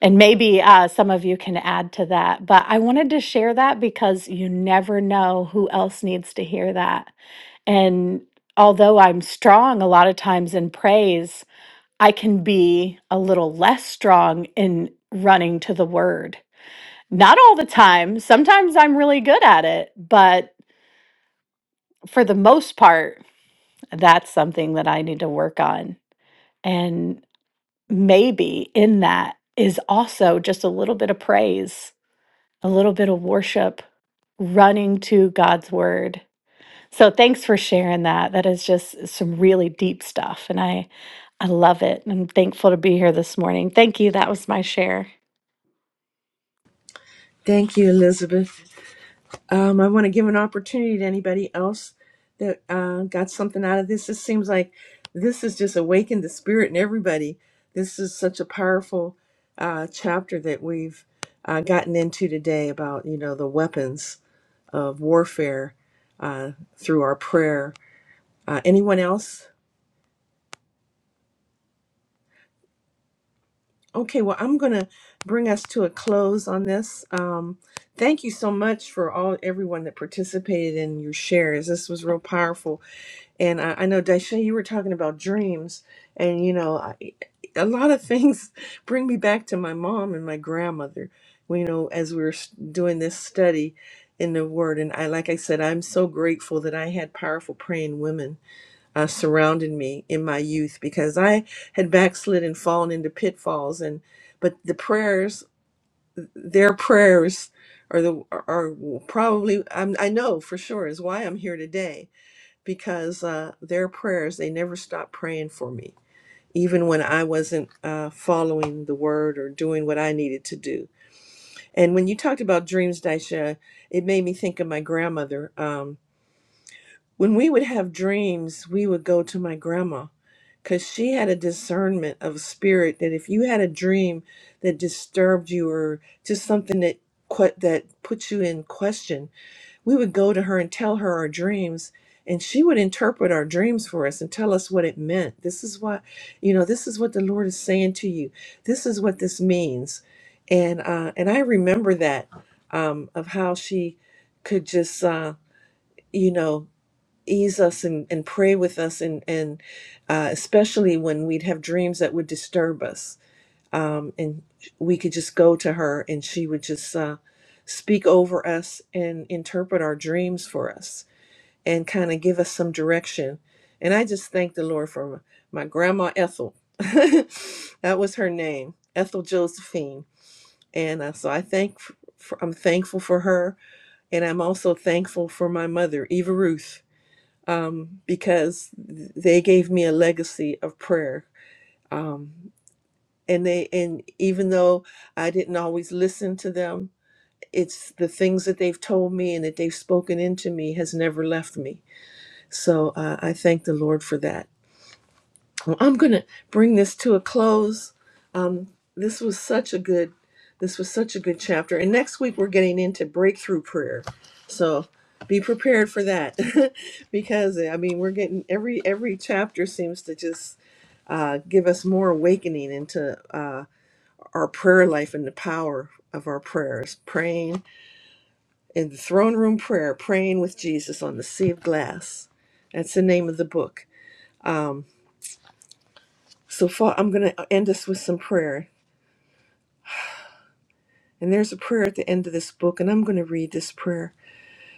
S12: And maybe uh, some of you can add to that. But I wanted to share that because you never know who else needs to hear that. And although I'm strong a lot of times in praise, I can be a little less strong in running to the word. Not all the time. Sometimes I'm really good at it. But for the most part, that's something that I need to work on. And maybe in that is also just a little bit of praise, a little bit of worship running to God's word. So thanks for sharing that. That is just some really deep stuff and I I love it. I'm thankful to be here this morning. Thank you. That was my share.
S8: thank you, Elizabeth. Um, I want to give an opportunity to anybody else that uh, got something out of this. It seems like this has just awakened the spirit in everybody. This is such a powerful uh, chapter that we've uh, gotten into today about you know the weapons of warfare uh, through our prayer. Uh, anyone else? Okay, well I'm gonna bring us to a close on this. Um, thank you so much for all everyone that participated in your shares. This was real powerful And I, I know, Daisha, you were talking about dreams, and you know, I, a lot of things *laughs* bring me back to my mom and my grandmother. You know, as we were s- doing this study in the Word, and I, like I said, I'm so grateful that I had powerful praying women uh, surrounding me in my youth because I had backslid and fallen into pitfalls, and but the prayers, their prayers. Are the are probably I'm, I know for sure is why I'm here today because uh, their prayers, they never stopped praying for me, even when I wasn't uh, following the word or doing what I needed to do. And when you talked about dreams, Daisha, it made me think of my grandmother. Um, when we would have dreams, we would go to my grandma because she had a discernment of spirit that if you had a dream that disturbed you or just something that que- that put you in question we would go to her and tell her our dreams and she would interpret our dreams for us and tell us what it meant this is what you know this is what the lord is saying to you this is what this means and uh and i remember that um of how she could just uh you know ease us and, and pray with us and and uh, especially when we'd have dreams that would disturb us um, and we could just go to her and she would just uh, speak over us and interpret our dreams for us and kind of give us some direction and i just thank the lord for my grandma ethel *laughs* that was her name ethel josephine and uh, so i thank for, i'm thankful for her and i'm also thankful for my mother eva ruth um, because they gave me a legacy of prayer Um, and they and even though I didn't always listen to them, it's the things that they've told me and that they've spoken into me has never left me. So uh, I thank the Lord for that. Well, I'm gonna bring this to a close. Um, this was such a good, this was such a good chapter. And next week we're getting into breakthrough prayer, so be prepared for that *laughs* because I mean we're getting every every chapter seems to just uh, give us more awakening into. Uh, our prayer life and the power of our prayers, praying in the throne room prayer, praying with Jesus on the sea of glass. That's the name of the book. Um, so far, I'm going to end us with some prayer. And there's a prayer at the end of this book, and I'm going to read this prayer.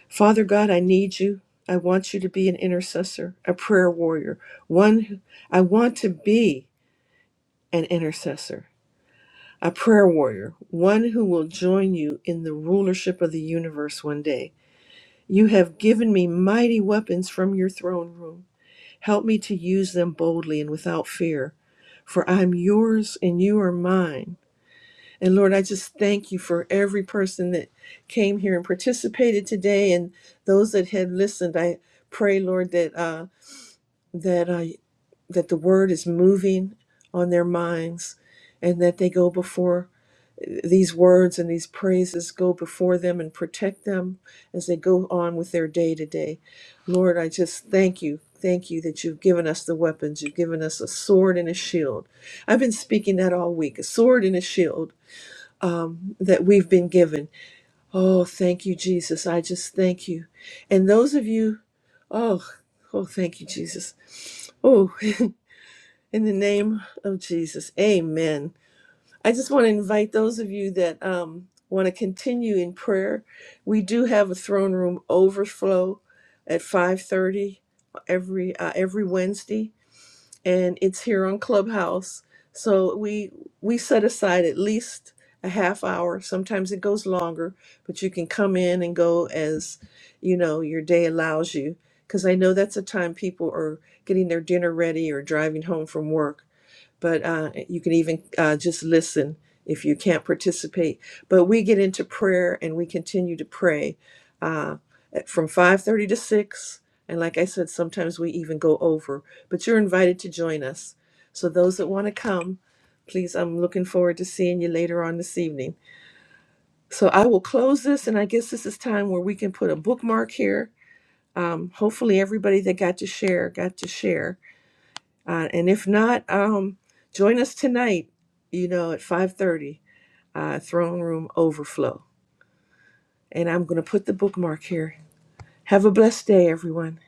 S8: Father God, I need you. I want you to be an intercessor, a prayer warrior. One, who, I want to be an intercessor, a prayer warrior, one who will join you in the rulership of the universe one day. You have given me mighty weapons from your throne room. Help me to use them boldly and without fear, for I'm yours and you are mine. And Lord, I just thank you for every person that came here and participated today, and those that had listened. I pray, Lord, that uh, that uh, that the word is moving on their minds, and that they go before these words and these praises go before them and protect them as they go on with their day to day. Lord, I just thank you. Thank you that you've given us the weapons. You've given us a sword and a shield. I've been speaking that all week a sword and a shield um, that we've been given. Oh, thank you, Jesus. I just thank you. And those of you, oh, oh, thank you, Jesus. Oh, *laughs* in the name of Jesus. Amen. I just want to invite those of you that um, want to continue in prayer. We do have a throne room overflow at 5:30 every uh, every Wednesday, and it's here on Clubhouse. So we we set aside at least a half hour. Sometimes it goes longer, but you can come in and go as you know your day allows you. Because I know that's a time people are getting their dinner ready or driving home from work but uh, you can even uh, just listen if you can't participate. But we get into prayer and we continue to pray uh, at- from 5:30 to 6. And like I said, sometimes we even go over. But you're invited to join us. So those that want to come, please, I'm looking forward to seeing you later on this evening. So I will close this, and I guess this is time where we can put a bookmark here. Um, hopefully, everybody that got to share got to share uh, and if not, um, join us tonight, you know, at 5.30, uh, Throne Room Overflow. And I'm going to put the bookmark here. Have a blessed day, everyone.